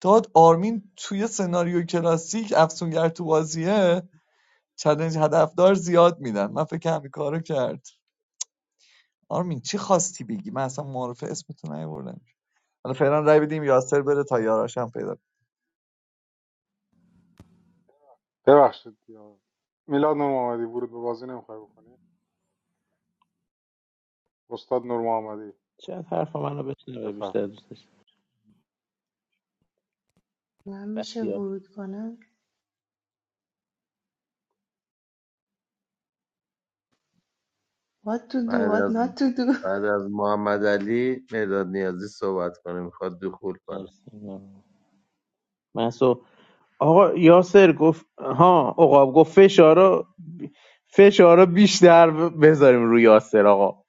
داد آرمین توی سناریو کلاسیک افسونگر تو بازیه چلنج هدفدار زیاد میدن من فکر همین کارو کرد آرمین چی خواستی بگی من اصلا معرفه اسمتو نیاوردم حالا فعلا رای بدیم یاسر بره تا یاراشم پیدا
ببخشید یا میلاد نور محمدی ورود به بازی نمیخوای بکنی استاد نور محمدی
شاید حرف منو بشنوه
بفرم
بیشتر دوست داشت
I'm just
بختیار
about to. What to do,
بعد
what
از
not to do.
بعد از محمد علی مداد نیازی صحبت کنه میخواد دخول کنه
مرسی ممنون. محسو آقا یاسر گفت ها عقاب گفت فشارا فشارا بیشتر بذاریم روی یاسر آقا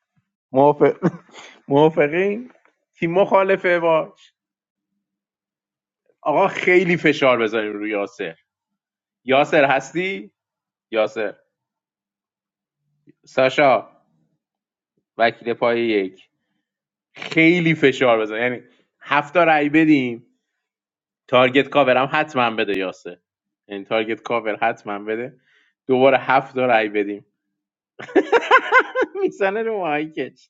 موافق [laughs] موافقین کی مخالفه باش آقا خیلی فشار بذاریم روی یاسر یاسر هستی یاسر ساشا وکیل پای یک خیلی فشار بزن یعنی هفت تا رای بدیم تارگت کاور هم حتما بده یاسه یعنی تارگت کاور حتما بده دوباره هفت تا رای بدیم [laughs] میزنه رو مایکش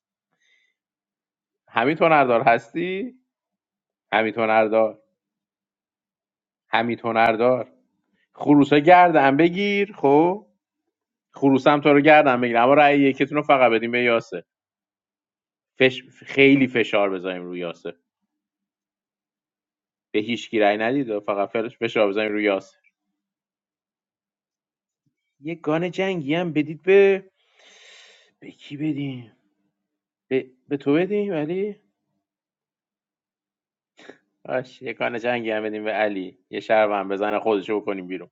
همین هردار هستی همین هردار همین هردار خروسا گردن بگیر خب خروسم تو رو گردن بگیر اما رأی یکتون رو فقط بدیم به یاسه فش... خیلی فشار بذاریم روی یاسه به هیچ کی رأی ندید فقط فرش فشار بذاریم روی یاسه یه گان جنگی هم بدید به به کی بدیم به, به تو بدیم علی آش یکان جنگی هم بدیم به علی یه شرم هم بزنه خودشو بکنیم بیرون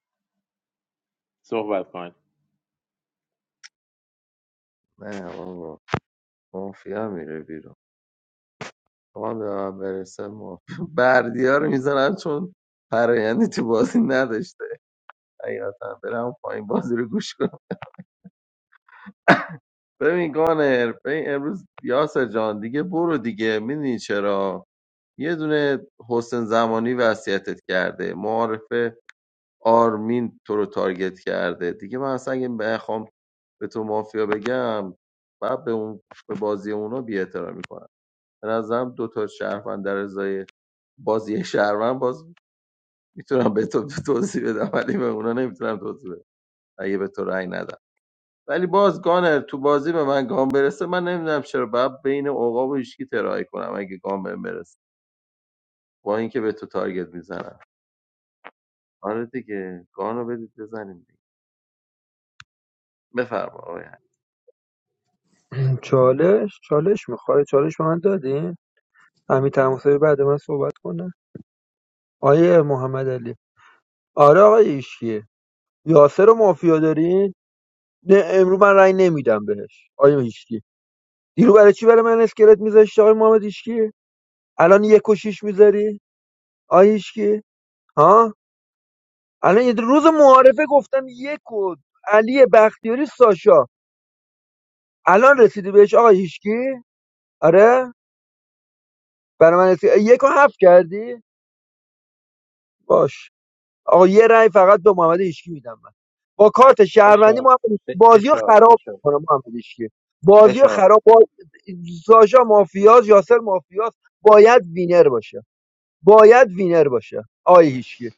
صحبت کن
نه بابا مافیا میره بیرون تو هم به من برسه ما [laughs] بردی ها رو میزنم چون فرایندی تو بازی نداشته حقیقتا برم پایین بازی رو گوش کنم ببین گانر ببین امروز یاسر جان دیگه برو دیگه میدونی چرا یه دونه حسین زمانی وصیتت کرده معارفه آرمین تو رو تارگت کرده دیگه من اصلا اگه بخوام به تو مافیا بگم بعد به اون به بازی اونا بی احترامی کنم به نظرم دو تا شهروند در ازای بازی شهروند باز میتونم به تو توضیح بدم ولی به اونا نمیتونم توضیح بدم اگه به تو رأی ندم ولی باز گانر تو بازی به من گام برسه من نمیدونم چرا باید بین عقاب و هیچکی ترایی کنم اگه گام بهم برسه با اینکه به تو تارگت میزنم آره دیگه گانو رو بدید بزنیم دیگه بفرما آقای حمید.
چالش چالش میخوای چالش به من دادی همین تماسبی بعد من صحبت کنه آیه محمد علی آره آقای ایشکی یاسر و مافیا دارین نه امرو من رأی نمیدم بهش آیه ایشکی دیرو برای چی برای من اسکلت میذاشتی آقای محمد ایشکی الان یک و شیش میذاری آیه ایشکی ها الان یه روز معارفه گفتم یک و علی بختیاری ساشا الان رسیدی بهش آقای هیشکی آره برای من رسید یک و هفت کردی باش آقا یه رأی فقط به محمد هیشکی میدم من با کارت شهروندی
فشار
محمد هیشکی
ف-
بازی رو
فشار
خراب
فشار
میکنه محمد هیشکی بازی رو
فشار
خراب با... ساشا مافیاز یاسر مافیاز باید وینر باشه باید وینر باشه آی هیشکی
مرسی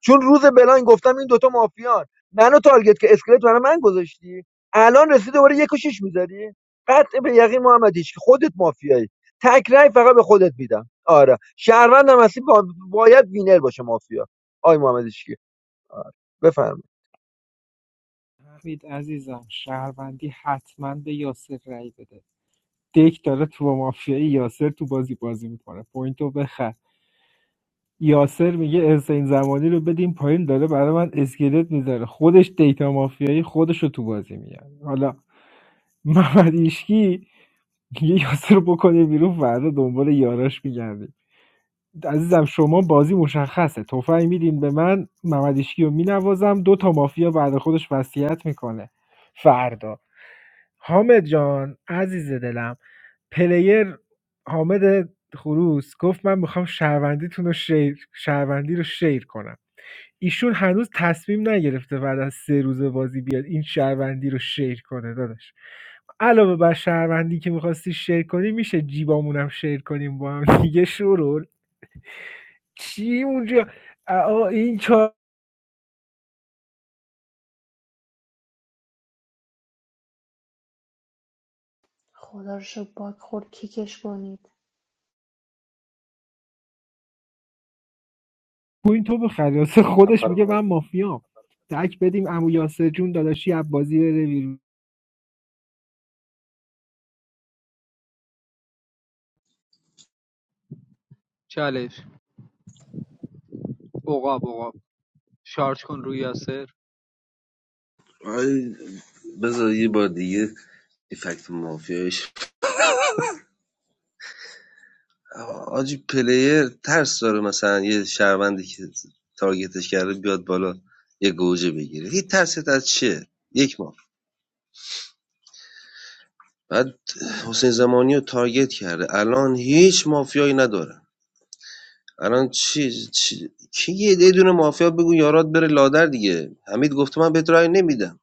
چون روز بلاین گفتم این دوتا مافیان منو تارگت که اسکلت برای من گذاشتی الان رسیده دوباره یک و شیش میذاری قطع به یقین محمد هیشکی خودت مافیایی تک رأی فقط به خودت میدم آره شهروندم هستی با... باید وینر باشه مافیا آی محمد هیشکی. بفرمایید
حمید عزیزم شهروندی حتما به یاسر رای بده دک داره تو با مافیای یاسر تو بازی بازی میکنه پوینتو بخر یاسر میگه این زمانی رو بدیم پایین داره برای من اسکلت میذاره خودش دیتا مافیایی خودش رو تو بازی میگن حالا محمد ایشکی یه یاسر رو بکنه بیرون فردا دنبال یاراش میگرده عزیزم شما بازی مشخصه تفنگ میدین به من محمد هیشکی رو مینوازم دو تا مافیا بعد خودش وصیت میکنه فردا حامد جان عزیز دلم پلیر حامد خروس گفت من میخوام شهروندیتون رو شیر شهروندی رو شیر کنم ایشون هنوز تصمیم نگرفته بعد از سه روز بازی بیاد این شهروندی رو شیر کنه داداش علاوه بر شهروندی که میخواستی شیر کنی میشه جیبامونم شیر کنیم با هم دیگه شورول چی اونجا آه، این چهار
God, you're so bad. God, who cares about it?
پوینتو بخره واسه
نفر
خودش میگه من
بعدی
مافیام تک بدیم عمو یاسر جون داداشی عبازی بره بیرون
چالش عقاب عقاب شارژ کن روی یاسر
آی، بذار یه بار دیگه یه فکت مافیایش آجی پلیر ترس داره مثلا یه شهروندی که تارگتش کرده بیاد بالا یه گوجه بگیره هیچ ترست از چیه؟ یک ما بعد حسین زمانی رو تارگت کرده الان هیچ مافیایی ندارن الان چی, چی... کی یه یه دونه مافیا بگو یارات بره لادر دیگه حمید گفته من بهت رأی نمیدم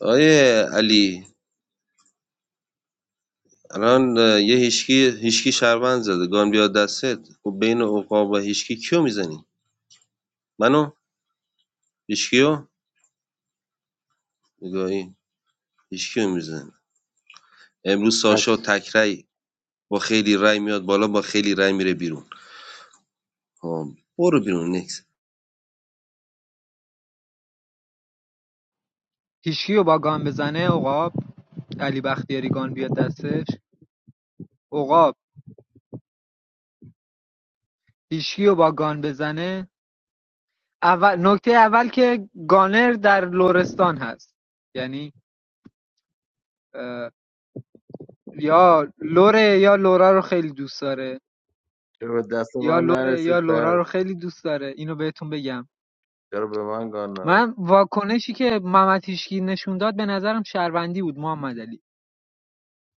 آیه علی الان اه، یه هیشکی هیشکی شهروند زده گان بیاد دستت خب بین عقاب و هیشکی کیو میزنی منو هیشکیو نگاهی هیشکیو میزنی امروز ساشا
مرسی
تک رأی با خیلی رای میاد بالا با خیلی رای میره بیرون خب برو بیرون نکس
هیچکی رو با گان بزنه عقاب علی بختیاری گان بیاد دستش عقاب هیچکی رو با گان بزنه اول نکته اول که گانر در لرستان هست یعنی یا لوره یا لورا رو خیلی دوست داره
چرا به دست
یا
من
لوره یا
نرسید
لورا
پس
رو خیلی دوست داره اینو بهتون بگم
چرا به من گان نداد
من واکنشی که محمد هیشکی نشون داد به نظرم شهروندی بود محمد علی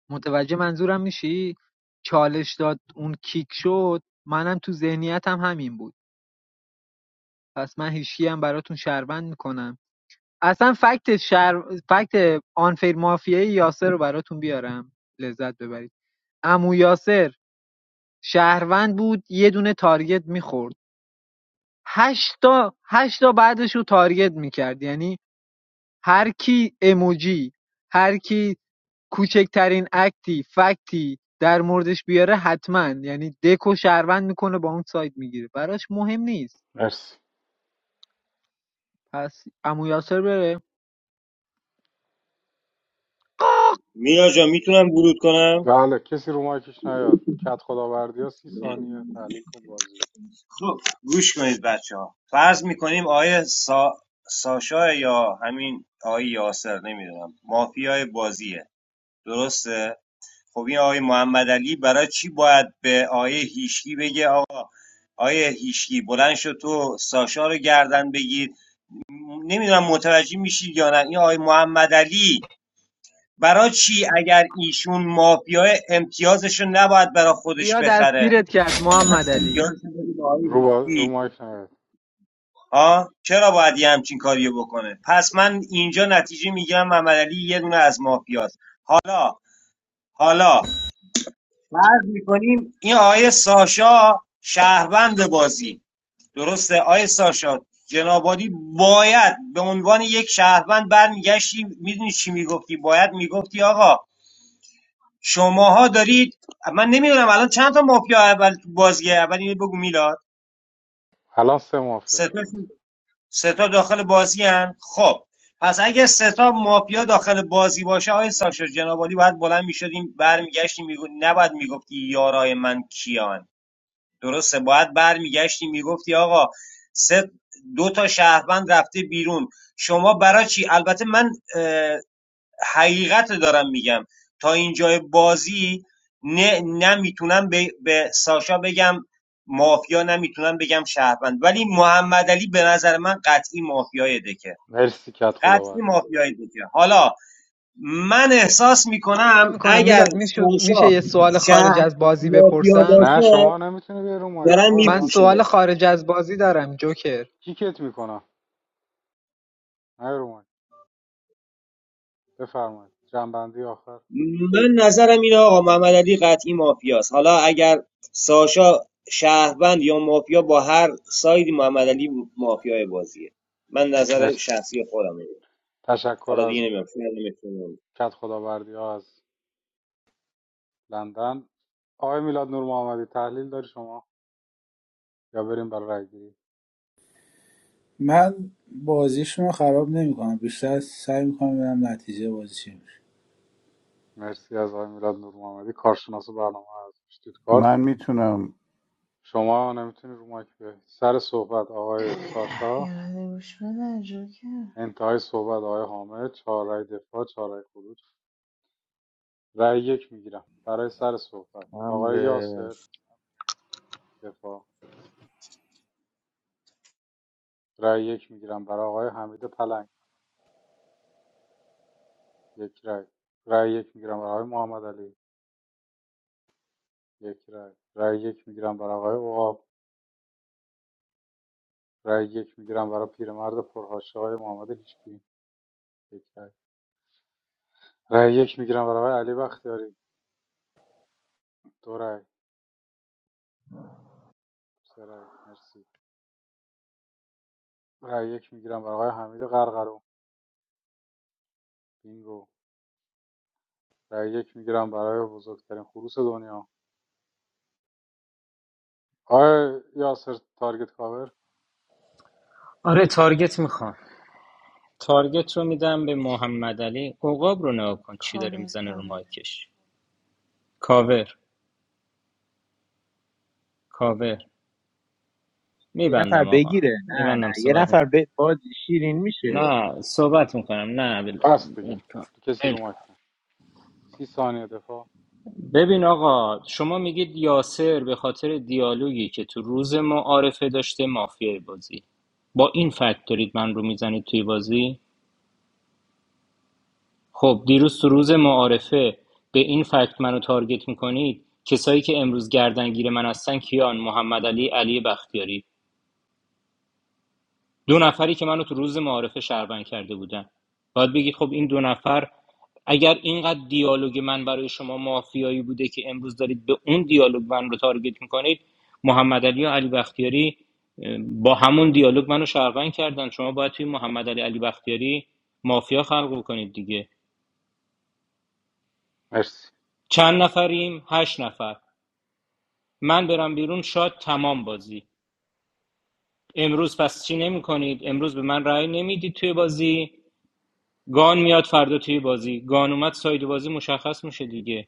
متوجه منظورم میشی؟ چالش داد اون کیک شد منم تو ذهنیتم همین بود پس من هیچکی هم براتون شهروند میکنم اصلا فکت شر... فکت آنفیر مافیای یاسر رو براتون بیارم لذت ببرید امو یاسر شهروند بود یه دونه تارگت میخورد هشتا هشتا بعدش رو تارگت میکرد یعنی هر کی اموجی هر کی کوچکترین اکتی فکتی در موردش بیاره حتما یعنی دکو شهروند میکنه با اون ساید میگیره براش مهم نیست
مرسی
پس عمو یاسر بره
مینا جان میتونم ورود کنم
بله کسی رو مایکش نیاد کت خداوردی ها سی ثانیه تحلیل کن بازی
خب گوش کنید بچه ها فرض میکنیم آیه سا... ساشا یا همین آیه یاسر نمیدونم مافیای بازیه درسته خب این آقای محمد علی برای چی باید به آیه هیشکی بگه آقا آیه هیشکی بلند شد تو ساشا رو گردن بگیر نمیدونم متوجه میشید یا نه این آیه محمد علی برای چی اگر ایشون مافیای امتیازش رو نباید برای خودش
ریا
بخره
دستگیرت کرد
باید
محمد علی
امتیاز رو بده به
رو
آقای
رو, با... رو
هیچی
مایک نیاد
ها چرا باید یه همچین کاریو بکنه پس من اینجا نتیجه میگم محمد علی یه دونه از مافیاست حالا حالا این آقای ساشا شهروند بازی درسته آقای ساشا جنابادی باید به عنوان یک شهروند برمیگشتی میدونی چی میگفتی باید میگفتی آقا شماها دارید من نمیدونم الان چند تا مافیا اول تو بازیه اول اینو بگو میلاد
الان سه مافیا
سه
تو
تا
بازی
ستا داخل بازی هن؟ خب پس اگه ستا مافیا داخل بازی باشه آقای ساشا جنابالی باید بلند میشدیم برمیگشتیم میگو... نباید میگفتی یارای من کیان درسته باید برمیگشتی میگفتی آقا سه دو تا شهروند رفته بیرون شما برای چی البته من حقیقت دارم میگم تا اینجای بازی نه نمیتونم به, به ساشا بگم مافیا نمیتونم بگم شهروند ولی محمد علی به نظر من قطعی مافیای دکه
مرسی کت
قطعی
خداوردی ها.
مافیای دکه حالا من احساس میکنم
میکنم
اگر
میلاد میشه
ساشا
یه سوال خارج
شهر
از بازی
مافیا
بپرسم
نه
باشه
شما نمیتونی بیای رو مایک
دارن
آقا
من
روند آخر.
سوال
میفروشنش
خارج از بازی دارم جوکر
کیکت میکنم نه رو مایک بفرمایید جنبندی آخر
من نظرم اینه آقا محمد علی قطعی مافیاست حالا اگر ساشا شهروند یا مافیا با هر سایدی محمد علی مافیای بازیه من نظر
مرسی
شخصی خودم
تشکر
حالا
از
دیگه نمی‌دونم، شاید نمی‌تونم.
کدخداوردی‌ها از لندن آقای میلاد نور محمدی تحلیل داری شما یا بریم برای رای گیری
من بازیشون رو خراب نمیکنم بیشتر سعی میکنم ببینم نتیجه بازی چی میشه
مرسی از آقای میلاد نور محمدی کارشناس برنامه از کارت
Man, meet your name.
شما نمیتونی رو مایک بیای سر صحبت آقای ساشا
You're not even listening. Okay.
انتهای صحبت آقای حامد چهار رای دفاع چهار رای خروج رای یک میگیرم برای سر صحبت آقای
حمله
یاسر دفاع رای یک میگیرم برای آقای حمید پلنگ یک رای رای یک میگیرم برای آقای محمد علی یک رای رای یک میگیرم برای آقای عقاب رای یک میگیرم برای پیرمرد پرهاشه های محمد هیچکی یک رای رأی یک میگیرم برای آقای علی بختیاری دو رأی سه رأی مرسی رای یک میگیرم برای آقای حمید قرقرو بینگو رأی یک میگیرم برای بزرگترین خروس دنیا آقای یاسر تارگت کاور
آره تارگت میخوام تارگت رو میدم به محمد علی اوقاب رو نگاه کن چی داره
Cover,
میزنه رو
cover.
مایکش کاور کاور
یه نفر
میبندم آقا
بگیره نه
میبندم
نه یه
صحبت
نفر
میکنم
ب... باز شیرین میشه
نه صحبت میکنم نه ول
بس
کن ول
دیگه
کن
تو کسی
ول
رو
کن.
مایک نه سی ثانیه دفاع
ببین آقا شما میگید یاسر به خاطر دیالوگی که تو روز معارفه داشته مافیای بازی با این فکت دارید من رو میزنید توی بازی خب دیروز تو روز معارفه به این فکت منو تارگت میکنید کسایی که امروز گردنگیر من هستن کیان محمد علی علی بختیاری دو نفری که منو تو روز معارفه شهروند کرده بودن باید بگید خب این دو نفر اگر اینقدر دیالوگ من برای شما مافیایی بوده که امروز دارید به اون دیالوگ من رو تارگت میکنید محمد علی و علی بختیاری اه، با همون دیالوگ منو شهروند کردن شما باید توی محمد علی علی بختیاری مافیا خلق کنید دیگه
مرسی
چند نفریم؟ هشت نفر من برم بیرون شاد تمام بازی امروز پس چی نمی کنید امروز به من رأی نمیدید توی بازی گان میاد فردا توی بازی گان اومد ساید بازی مشخص میشه دیگه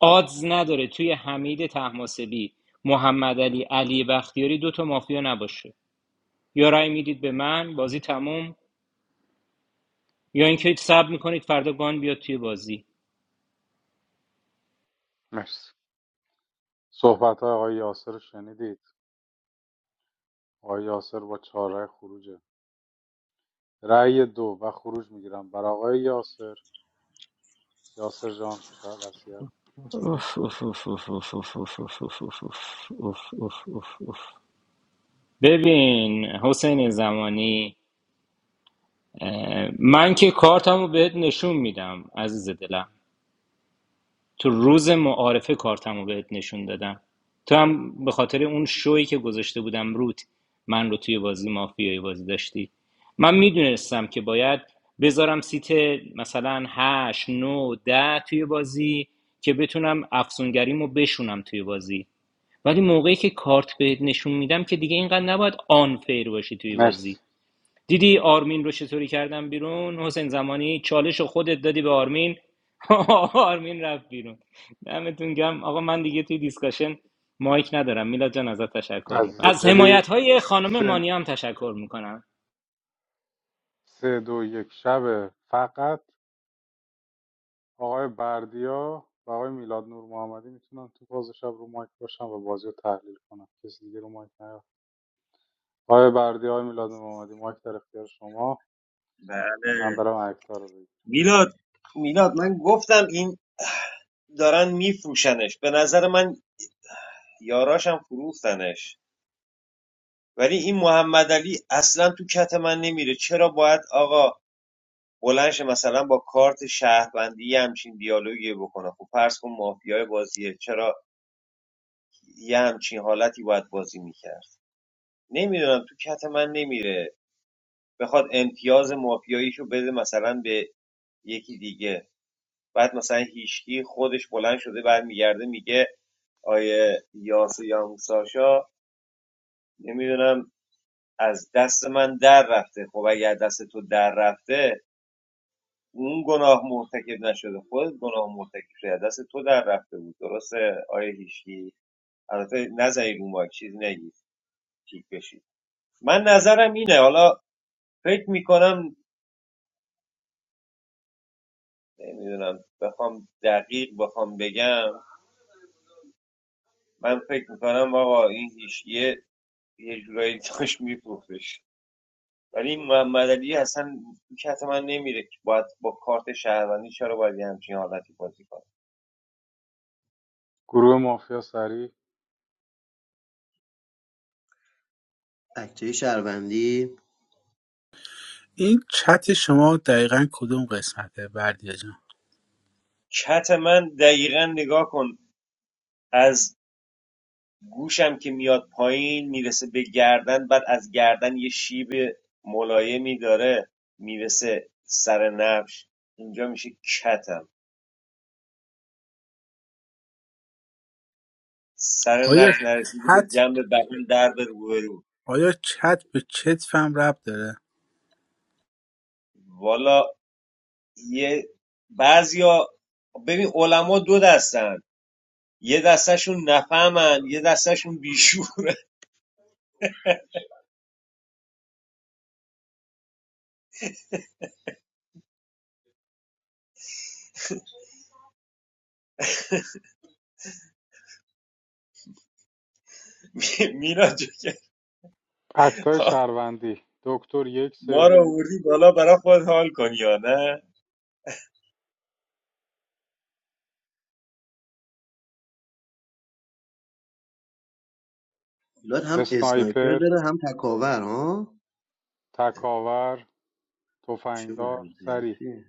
آدز نداره توی حمید تحماسبی محمد علی علی بختیاری دو تا مافیا نباشه یا رأی میدید به من بازی تمام یا اینکه صبر میکنید فردا گان بیاد توی بازی
مرسی صحبت های آقای یاسر رو شنیدید آقای یاسر با چهار رأی خروجه رای دو و خروج میگیرم برای آقای یاسر یاسر جان شاید وصیت.
ببین حسین زمانی من که کارتمو بهت نشون میدم عزیز دلم تو روز معارفه کارتمو بهت نشون دادم تو هم به خاطر اون شویی که گذاشته بودم روت من رو توی بازی مافیای بازی داشتی من میدونستم که باید بذارم سیت مثلا هشت نو ده توی بازی که بتونم افسونگریمو بشونم توی بازی ولی موقعی که کارت بهت نشون میدم که دیگه اینقدر نباید آن فیر باشی توی بازی
مرسی
دیدی آرمین رو چطوری کردن بیرون حسین زمانی چالش رو خودت دادی به آرمین [laughs] آرمین رفت بیرون دمتون گم آقا من دیگه توی دیسکاشن مایک ندارم میلاد جان ازت تشکر
عزیز
میکنم از حمایت
دلی
های خانم
سه,
مانی هم تشکر میکنم
سه دو یک شبه فقط آقای بردیا و آقای میلاد نور محمدی میتونن تو فاز شب رو مایک باشن و بازی رو تحلیل کنن کسی دیگه رو مایک نیاد آقای بردیا آقای میلاد نور محمدی مایک در اختیار شما من
بله
برم اکتا رو بگیر
میلاد میلاد من گفتم این دارن میفروشنش به نظر من یاراشم فروختنش ولی این محمد علی اصلا تو کت من نمیره چرا باید آقا بلند شه مثلا با کارت شهروندی یه همچین دیالوگی بکنه خب فرض کن مافیای بازیه چرا یه همچین حالتی باید بازی میکرد نمیدونم تو کت من نمیره بخواد امتیاز مافیاییشو بده مثلا به یکی دیگه بعد مثلا هیشکی خودش بلند شده برمیگرده میگه آیه یاسو یا موساشا نمیدونم از دست من در رفته خب اگر دست تو در رفته اون گناه مرتکب نشده خودت گناه مرتکب شده دست تو در رفته بود درسته آیه هیشکی البته نزنی رو مایک چیز نگید کیک بشید من نظرم اینه حالا فکر میکنم نمیدونم بخوام دقیق بخوام بگم من فکر میکنم آقا این هیشگیه یه جورایی داشت میفروختش ولی این محمد علی اصلا کت من نمیره که باید با کارت شهروندی چرا باید یه همچین حالتی بازی کنه
گروه مافیا سریع
بچه شهروندی
این چت شما دقیقا کدوم قسمته بردیا جان
کت من دقیقا نگاه کن از گوشم که میاد پایین میرسه به گردن بعد از گردن یه شیب ملایمی داره میرسه سر نبش اینجا میشه کتم سر
آیا
نبش نرسیدی به
چت
جنب بدن در به روبرو
آیا چت به چتف هم ربط داره
والا یه بعضیا ببین علما دو دستن یه دستشون نفهمن یه دستشون بیشوره [laughs] میلاد جو که
اکتای شهروندی دکتر یک
ما
سیف
رو آوردی بالا برای خود حال کنی یا نه
میلاد هم اسنایپر
اسنایپر
داره هم تکاور ها
تکاور
چه
تفنگدار سریع
وضعیتی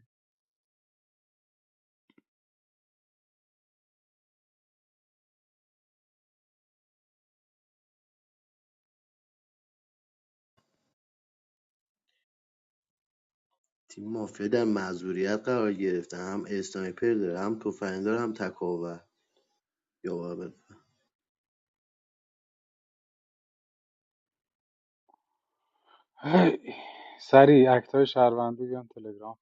تیم مافیا در معذوریت قرار گرفته هم اسنایپر داره هم تفنگ داره هم تکاور یا بابا
هی. سریع اکتای شهروندی بیان تلگرام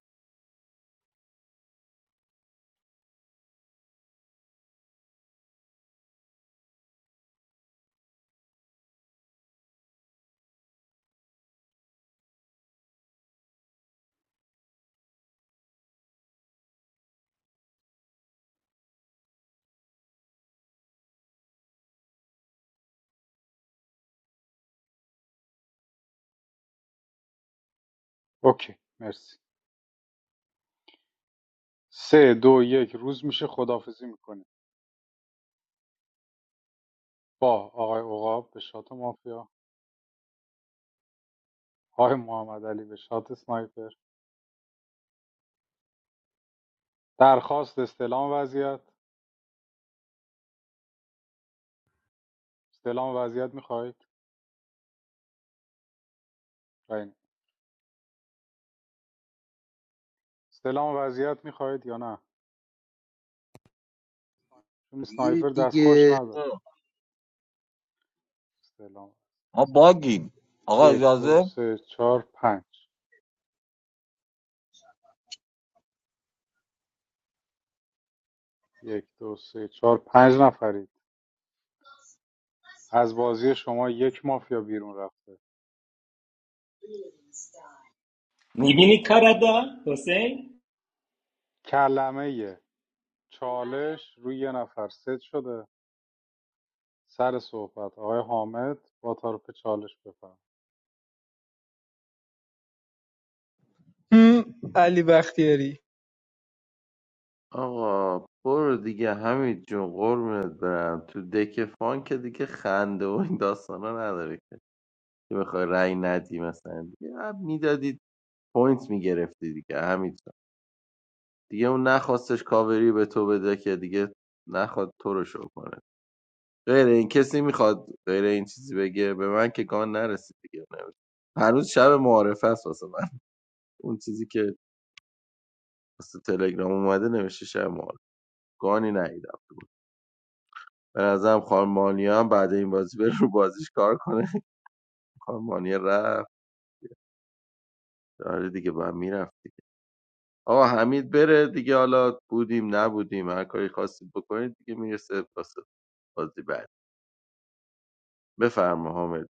اوکی مرسی سه دو یک روز میشه خداحافظی میکنیم با آقای عقاب به شات مافیا آقای محمد علی به شات سنایپر درخواست استلام وضعیت استلام وضعیت میخواهید راین استلام وضعیت میخواهید یا نه چون سنایپر
بگیرید
دست
دیگه
خوش نداره استلام
ما باگیم آقا
یک دو
اجازه
سه چهار پنج یک دو سه چهار پنج نفرید از بازی شما یک مافیا بیرون رفته
میبینی کار داد حسین
کلمه چالش روی یه نفر ست شده سر صحبت آقای حامد با تعارف چالش بفرم
هم، علی بختیاری
آقا برو دیگه همین جون قربونت برم تو دک فان که دیگه خنده و این داستانا نداره که بخوای رأی ندی مثلا دیگه میدادید پوینت میگرفتی دیگه همینطور دیگه اون نخواستش کاوری به تو بده که دیگه نخواد تو رو شو کنه غیر این کسی میخواد غیر این چیزی بگه به من که گان نرسید دیگه نمیشه. هنوز شب معارفه است واسه من اون چیزی که واسه تلگرام اومده نوشته شب معارفه گانی نیدم به نظرم خارمانیا هم بعد این بازی بره رو بازیش کار کنه خارمانیا رفت آره دیگه با میرفت آقا حمید بره دیگه حالا بودیم نبودیم هر کاری خواستید بکنید دیگه میرسه واسه بازی بعد بفرما حامد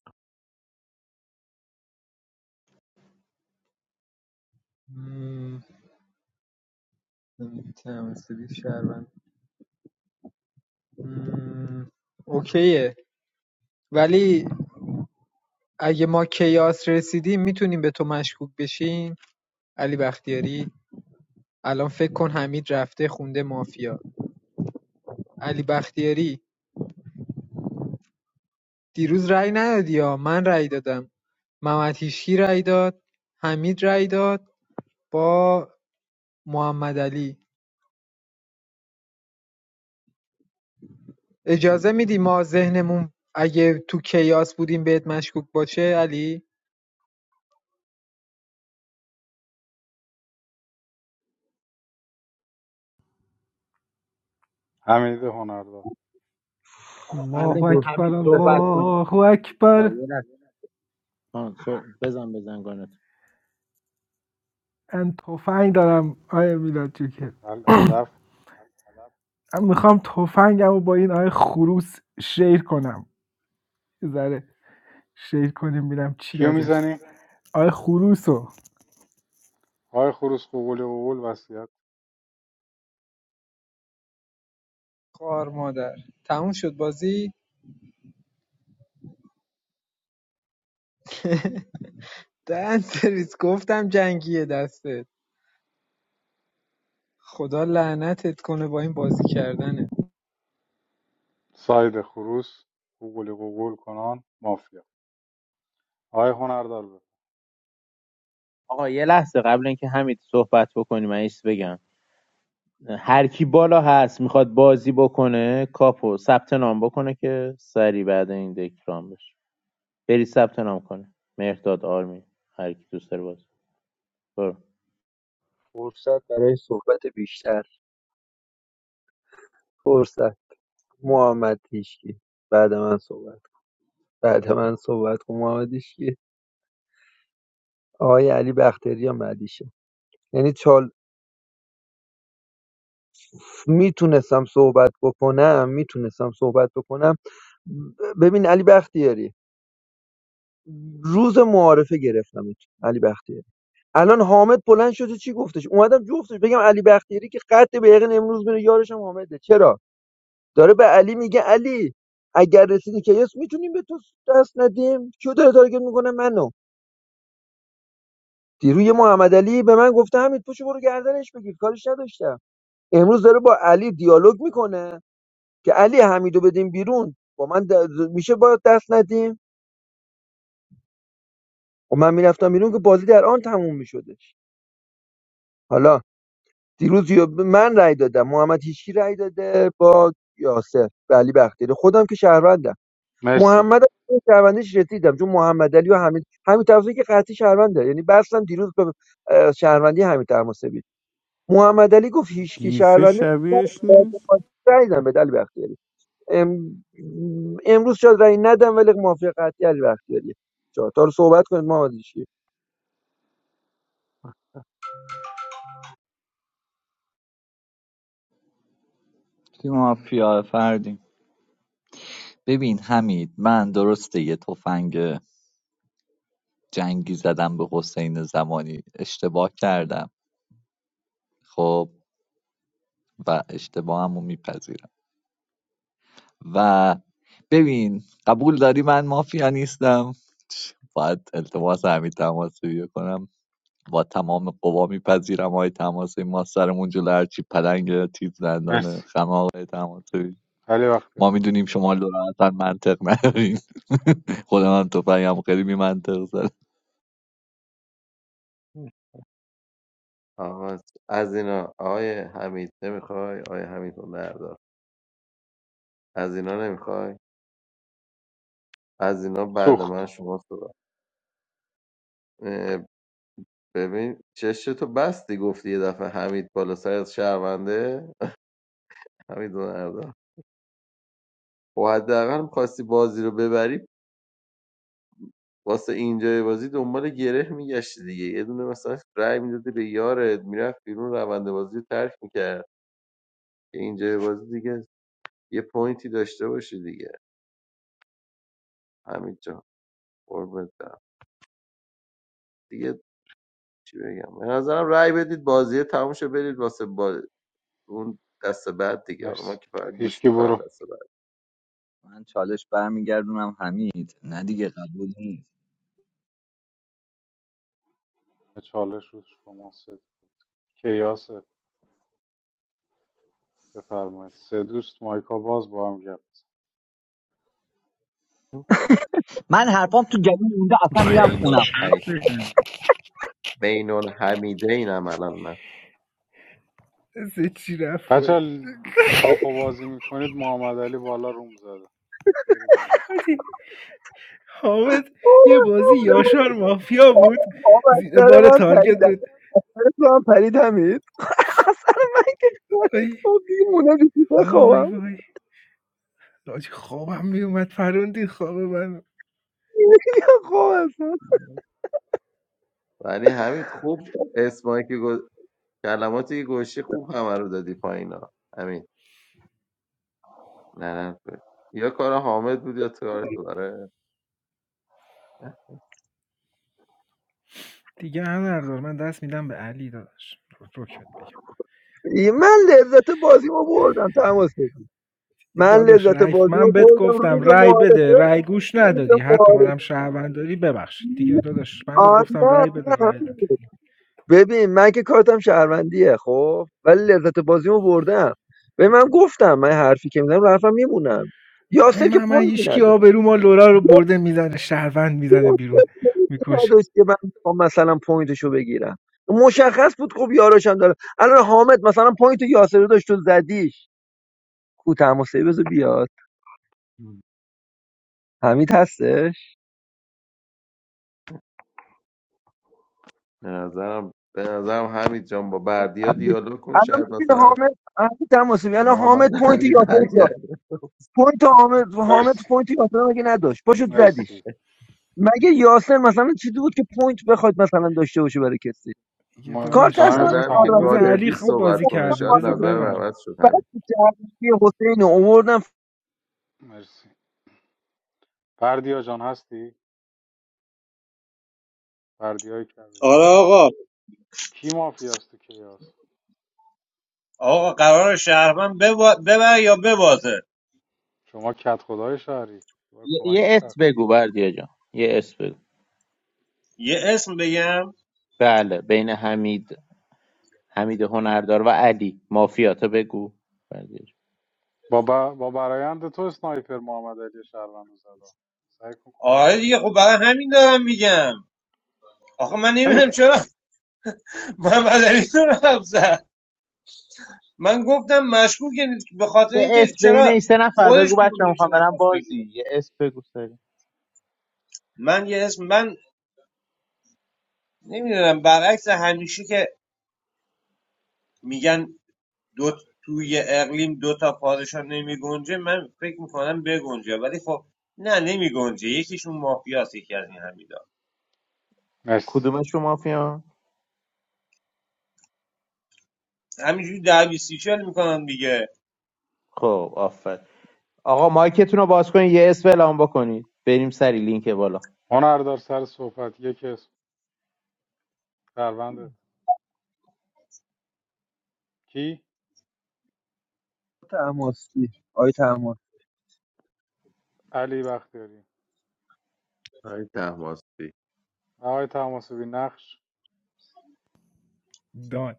هم، نمی‌تونم استدی شهروند هم، اوکیه ولی اگه ما کیاس رسیدیم میتونیم به تو مشکوک بشیم علی بختیاری الان فکر کن حمید رفته خونده مافیا علی بختیاری دیروز رأی ندادی یا من رأی دادم محمد هیشکی رأی داد حمید رأی داد با محمد علی اجازه میدی ما ذهنمون اگه تو کیاس بودیم بهت مشکوک باشه علی
حمید هنردار
قبل
الله
اینکه
فر-
اکبر
حمید صحبت کنیم
الله
آقا
اکبر
یه لحظه آه، صح- بزن بزن گانت
من تفنگ دارم آیه میلاد جوکر
بله، هدف
من میخوام تفنگمو با این آیه خروس شیر کنم یه ذره شیر کنیم ببینم چی
کیو
ازش
میزنیم
آیه خروسو
آقای خروس قوقل قوقل وصیت
خوار مادر تموم شد بازی [laughs] دهن سرویس گفتم جنگیه دسته خدا لعنتت کنه با این بازی کردنت
ساید خروس قوقل قوقل کنان مافیا آقای هنردار بفرم.
آقا یه لحظه قبل اینکه حمید صحبت بکنیم من یه بگم هر کی بالا هست میخواد بازی بکنه کاپو ثبت نام بکنه که سری بعد این دکرام بشه بری ثبت نام کنه مهرداد آرمین هر کی دوست داره باز برو
فرصت برای صحبت بیشتر فرصت محمد هیشکی بعد من صحبت کن. بعد من صحبت کن محمد هیشکی آقای علی بختیاری مدیشه یعنی چال میتونستم صحبت بکنم میتونستم صحبت بکنم ب- ببین علی بختیاری روز معارفه گرفتم علی بختیاری الان حامد بلند شده چی گفتش اومدم جفتش بگم علی بختیاری که قد به یقین امروز میره یارشم حامده چرا داره به علی میگه علی اگر رسیدی که یس میتونیم به تو دست ندیم کیو داره تارگت میکنه منو دیروز یه محمد علی به من گفته همین پشو برو گردنش بگیر کارش نداشتم امروز داره با علی دیالوگ میکنه که علی حمیدو بدیم بیرون با من د- میشه با دست ندیم و من میرفتم بیرون که بازی در آن تموم میشدش حالا دیروز یا- من رأی دادم محمد هیچکی رأی داده با یاسر به علی بختیاری خودم که شهروندم
مرسی
محمد علی شهروندیش رسیدم چون محمد علی و حمید حمید طرزی که قطعی شهرونده یعنی بستم دیروز به اه، شهروندی حمید طرزی محمد علی گفت هیچکی
Give fish
شهرونده
aviation.
رایدم به دل بختیاری ام... امروز شاید رای ندم ولی موافق قطعی علی بختیاری چا تا رو صحبت کنید محمد علی
تیم مافیا فردیم ببین حمید من درسته یه تفنگ جنگی زدم به حسین زمانی اشتباه کردم خب و اشتباهمو میپذیرم و ببین قبول داری من مافیا نیستم باید التماس همین تماسی کنم با تمام قوا میپذیرم های تماسی ما سرمون جلو هرچی پلنگ تیز دندانه
مرسی
خم آقای تماسی
خیلی وقت
ما
رو برم.
میدونیم شما لورا اصلا منطق ندارین [laughs] خودم هم تفنگم خیلی بی منطق زد
آقا از اینا آقای حمید نمیخوای آقای حمید رو بردار از اینا نمیخوای از اینا بعد من
سوخت
شما صحبت اه، ببین چشتو بستی گفتی یه دفعه حمید بالا سر از شهرونده حمید رو نردار و حداقل میخواستی بازی رو ببری واسه اینجای بازی دنبال گره میگشتی دیگه یه دونه مثلا رای میدادی به یارت میرفت بیرون روند بازی رو ترک میکرد که اینجای بازی دیگه یه پوینتی داشته باشی دیگه همین جا قربونت برم. دیگه چی بگم به نظرم رأی بدید بازی تموم شه برید واسه با... اون دست بعد دیگه حالا من
مرسی
که فقط گوش
هیچکی برو
میکنم دست بعد
من چالش برمیگردونم حمید نه دیگه قبول نیست
به چالش رو شما سه کیاس بفرمایید سه دوست مایکا باز با هم گپ بزن.
من حرفام تو گلو مونده اصلا میرم
باید
بینون
خونم
شب
حی
بشه
بینون حمیده اینم الان من
سه چی رفت
بچه‌ها،
پایین.
کاپو بازی میکنید محمد علی بالا روم زده برید اون ور.
حاجی، حامد یه بازی یاشار مافیا بود
آب از
زیر
سر
بار
من پرید
تارگت
از
بود
سر تو هم پرید حمید من که خواهید
آی
خواب دیگه موندم تو
وای
خوابم
وای حاجی خوابم میومد فروندی خواب من
ولی حمید خوب اسمایی که گل- کلماتی که گوشی خوب همه رو دادی پایینا همین لعنت به یا کار حامد بود یا تو کار تو آره
دیگه هنر من دست میدم به علی داداش روک بهت بگم
دیگه من لذت بازی ما بردم تماس بگیر
یه
من
داداش
لذت
رایف
بازی ما
من بهت
بردم
گفتم
روز
رای بده
معارفه
رای گوش
روز
ندادی حتی
معارفه
منم شهروند داری ببخشید دیگه داداش من بهت
آه،
گفتم
نه
رای بده
نه
رای ندادی
همین. ببین من که کارتم شهروندیه خب ولی لذت بازیمو بردم به من گفتم من حرفی که میزنم رو حرفم میمونم
ای
یاسر که
من من
پوینتی
هیچکی
نداشت
آبرو ما لورا رو برده میزنه شهروند میزنه بیرون
یاسر پوینتی
میکشه
نداشت که من بخوام مثلا پوینتشو بگیرم مشخص بود خب یاراشم داره الان حامد مثلا پوینت یاسر رو داشت تو زدیش کو تماسه بذار بیاد حمید هسته
به نظرم به نظرم حمید جان با بردیا دیالوگ کن
الان
شاید
میبینه
مثلا
حامد الان تماسی الان حامد
محمد
پوینت
علی
یاسر رو
برگرد
داره پوینت حامد حامد
مرسی
پوینت یاسر رو مگه نداشت پاشو زدیش
مرسی
مگه یاسر مثلا چیزی بود که پوینت بخواد مثلا داشته باشه برای کسی
دیگه
ما
کارت
داداش
من
تایم
اصلا
تو
چیکار
نظرم اینه که
کنم
تمامه
بذار
شهروندیه
علی
گادبی
خوب
صحبت
بازی
کنه
کرده
شاید
بذار
نظرم
ببره
عوض شد
بعد
همین
شهروندی حسین رو اووردن
مرسی بردیا جان هستی بردیا کبیر
آره آقا
کی مافیاست تو کیاس
آقا قرار شهروند ببا- ببر یا ببازه
شما کت خدای شهری با
یه
کمک
یه اسم
شهر
بگو بردیا جان یه اسم بگو
یه اسم بگم
بله بین حمید حمید هنردار و علی مافیاتا بگو بردیا جان.
با, با با برایند تو سنایپر محمد علی شهروند رو زد سعی کن کمک
آره
شهر
دیگه خب برای همین دارم میگم آخه من
[coughs]
نمیدونم چرا محمد علی رو رفت زد من گفتم مشکوکه به خاطر
یه
اینکه
اسم بین
چرا
این سه نفر
خودش
بگو بچه
پروژیکشن
میخوام برم
نخواست بگیره
بازی یه اسم بگو سری
من یه اسم من نمیدونم برعکس همیشه که میگن دو توی اقلیم دو تا پادشاه نمی گنجه، من فکر میکنم بگنجه ولی خب نه نمی گنجه. یکیشون مافیاست یکی از این همین
مرسی
کدومشون مافیا
همینجوری ده بیست میکنم دیگه
خب آفر آقا مایکتون رو باز کنید یه اسم اعلام بکنید بریم سری لینک بالا
هنردار سر صحبت یک اسم شهروندت کی
تماسی آی تماس
علی بختیاری
همین تحماسبی
آقای تماسبی نقش
دان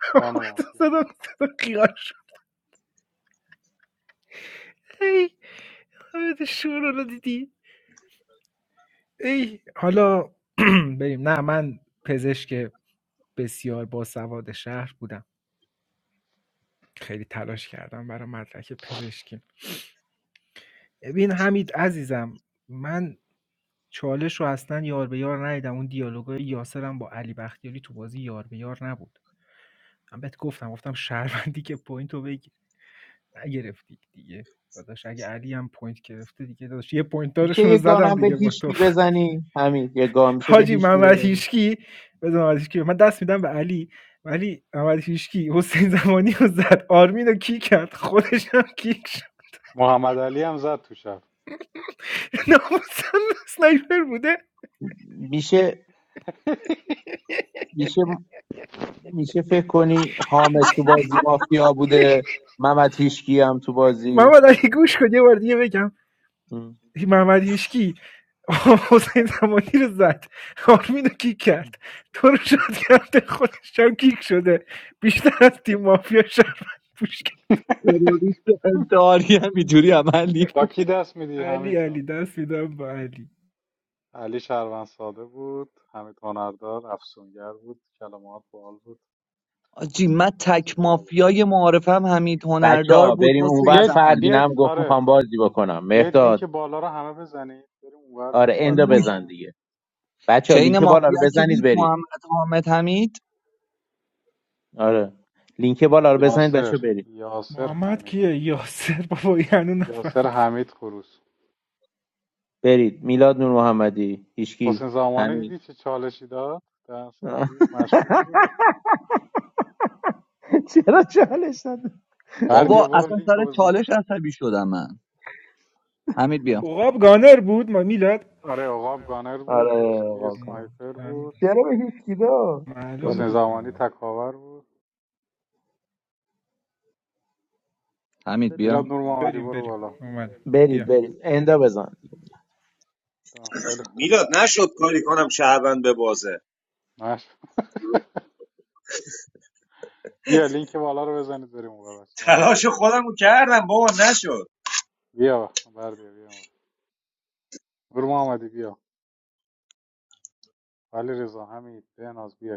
[laughs]
دان مافیا
صدا صدا خیال ای آره، شور رو دیدی ای حالا [clears throat] بریم نه من پزشک بسیار باسواد شهر بودم خیلی تلاش کردم برای مدرک پزشکیم ببین حمید عزیزم من چالش رو اصلا یار به یار ندیدم اون دیالوگای یاسرم با علی بختیاری تو بازی یار به یار نبود من بهت گفتم گفتم شهروندی که پوینت رو بگیر نگرفتی دیگه داداش اگه علی هم پوینت گرفته دیگه داداش یه پوینت
میشه
دارشون رو
یه
زدم
گانم به
دیگه با
هیچکی
تو
بزنی همین یه گام میشه به
حاجی
هیچکی
محمد
بزنی
هیشکی بذار محمد هیشکی من دست میدم به علی ولی محمد هیشکی حسین زمانی رو زد آرمین رو کی کرد خودش هم کیک شد
محمد علی هم زد تو شهر
[laughs] ناموسم سنایپر بوده
میشه میشه میشه فکر کنی حامد تو بازی مافیا بوده محمد هیشکی هم تو بازی
محمد علی گوش کن یه بار دیگه بگم محمد هیشکی [laughs] حسین زمانی رو زد آرمین رو کیک کرد تو رو شد کرده خودش هم کیک شده بیشتر از تیم مافیا شرمن پوش کرد
تروریست انتحاری هم اینجوری عمل
با کی دست میدی
علی
همه
علی دست میدم به علی
علی شهروند ساده بود حمید هنردار افسونگر بود کلمات باحال بود
آجی من
بازی
تک
باحاله
مافیای معارفم حمید
بچه
هنردار
ها
بود
بریم
حسین
اونور
بیاید
زمانی
فردین هم
بیاید
گفت
آره
میخوام بازی بکنم
بیاید لینک
مرداد
بالا رو همه بزنید بریم اونور
آره
اونور
اندو
وای
بزن
ادامه
دیگه بچه ها
چین
لینک بالا رو
مافیا کی
بزنید
بود
بریم
محمد حامد حمید
آره لینک بالا رو بزنید بچه
یاسر
ها برید
یاسر
محمد
حمید
کیه یاسر بابا یعنی
یاسر
نفهمید
حمید خروس
برید میلاد نور محمدی هیشکی
حسین زمانه
همین
دیدی چه چالشی داد در
[laughs]
سرویس مشکوک بود
چرا چالش داد
بردیا
بابا
برو
اصلا
لینک
سر
رو بزن
چالش
بزن.
عصبی شدم من حمید بیا
عقاب گانر بود ما میلاد
آره عقاب گانر بود
آره
اشکی
واقعا
سنایپر بود
فهمیدم
چرا به هیچ کار؟
معلوم
حسین
بود
گالش
زمانی
گانر
تکاور بود
حمید
میلاد
بیا
نور محمدی
بریم
برو
بریم
بالا
اومد بریم
برید
بیا
برید اندو بزن
آه، خیلی خوب بود
میلاد نشد کاری کنم شهروند به بازه
ماش بیا لینک بالا رو بزنید بریم اون بچه من اندو
تلاش
بزن
خودم رو کردم بابا نشد
بیا بر بیا بیا اون. برو محمدی بیا ولی رضا حمید بناز بیا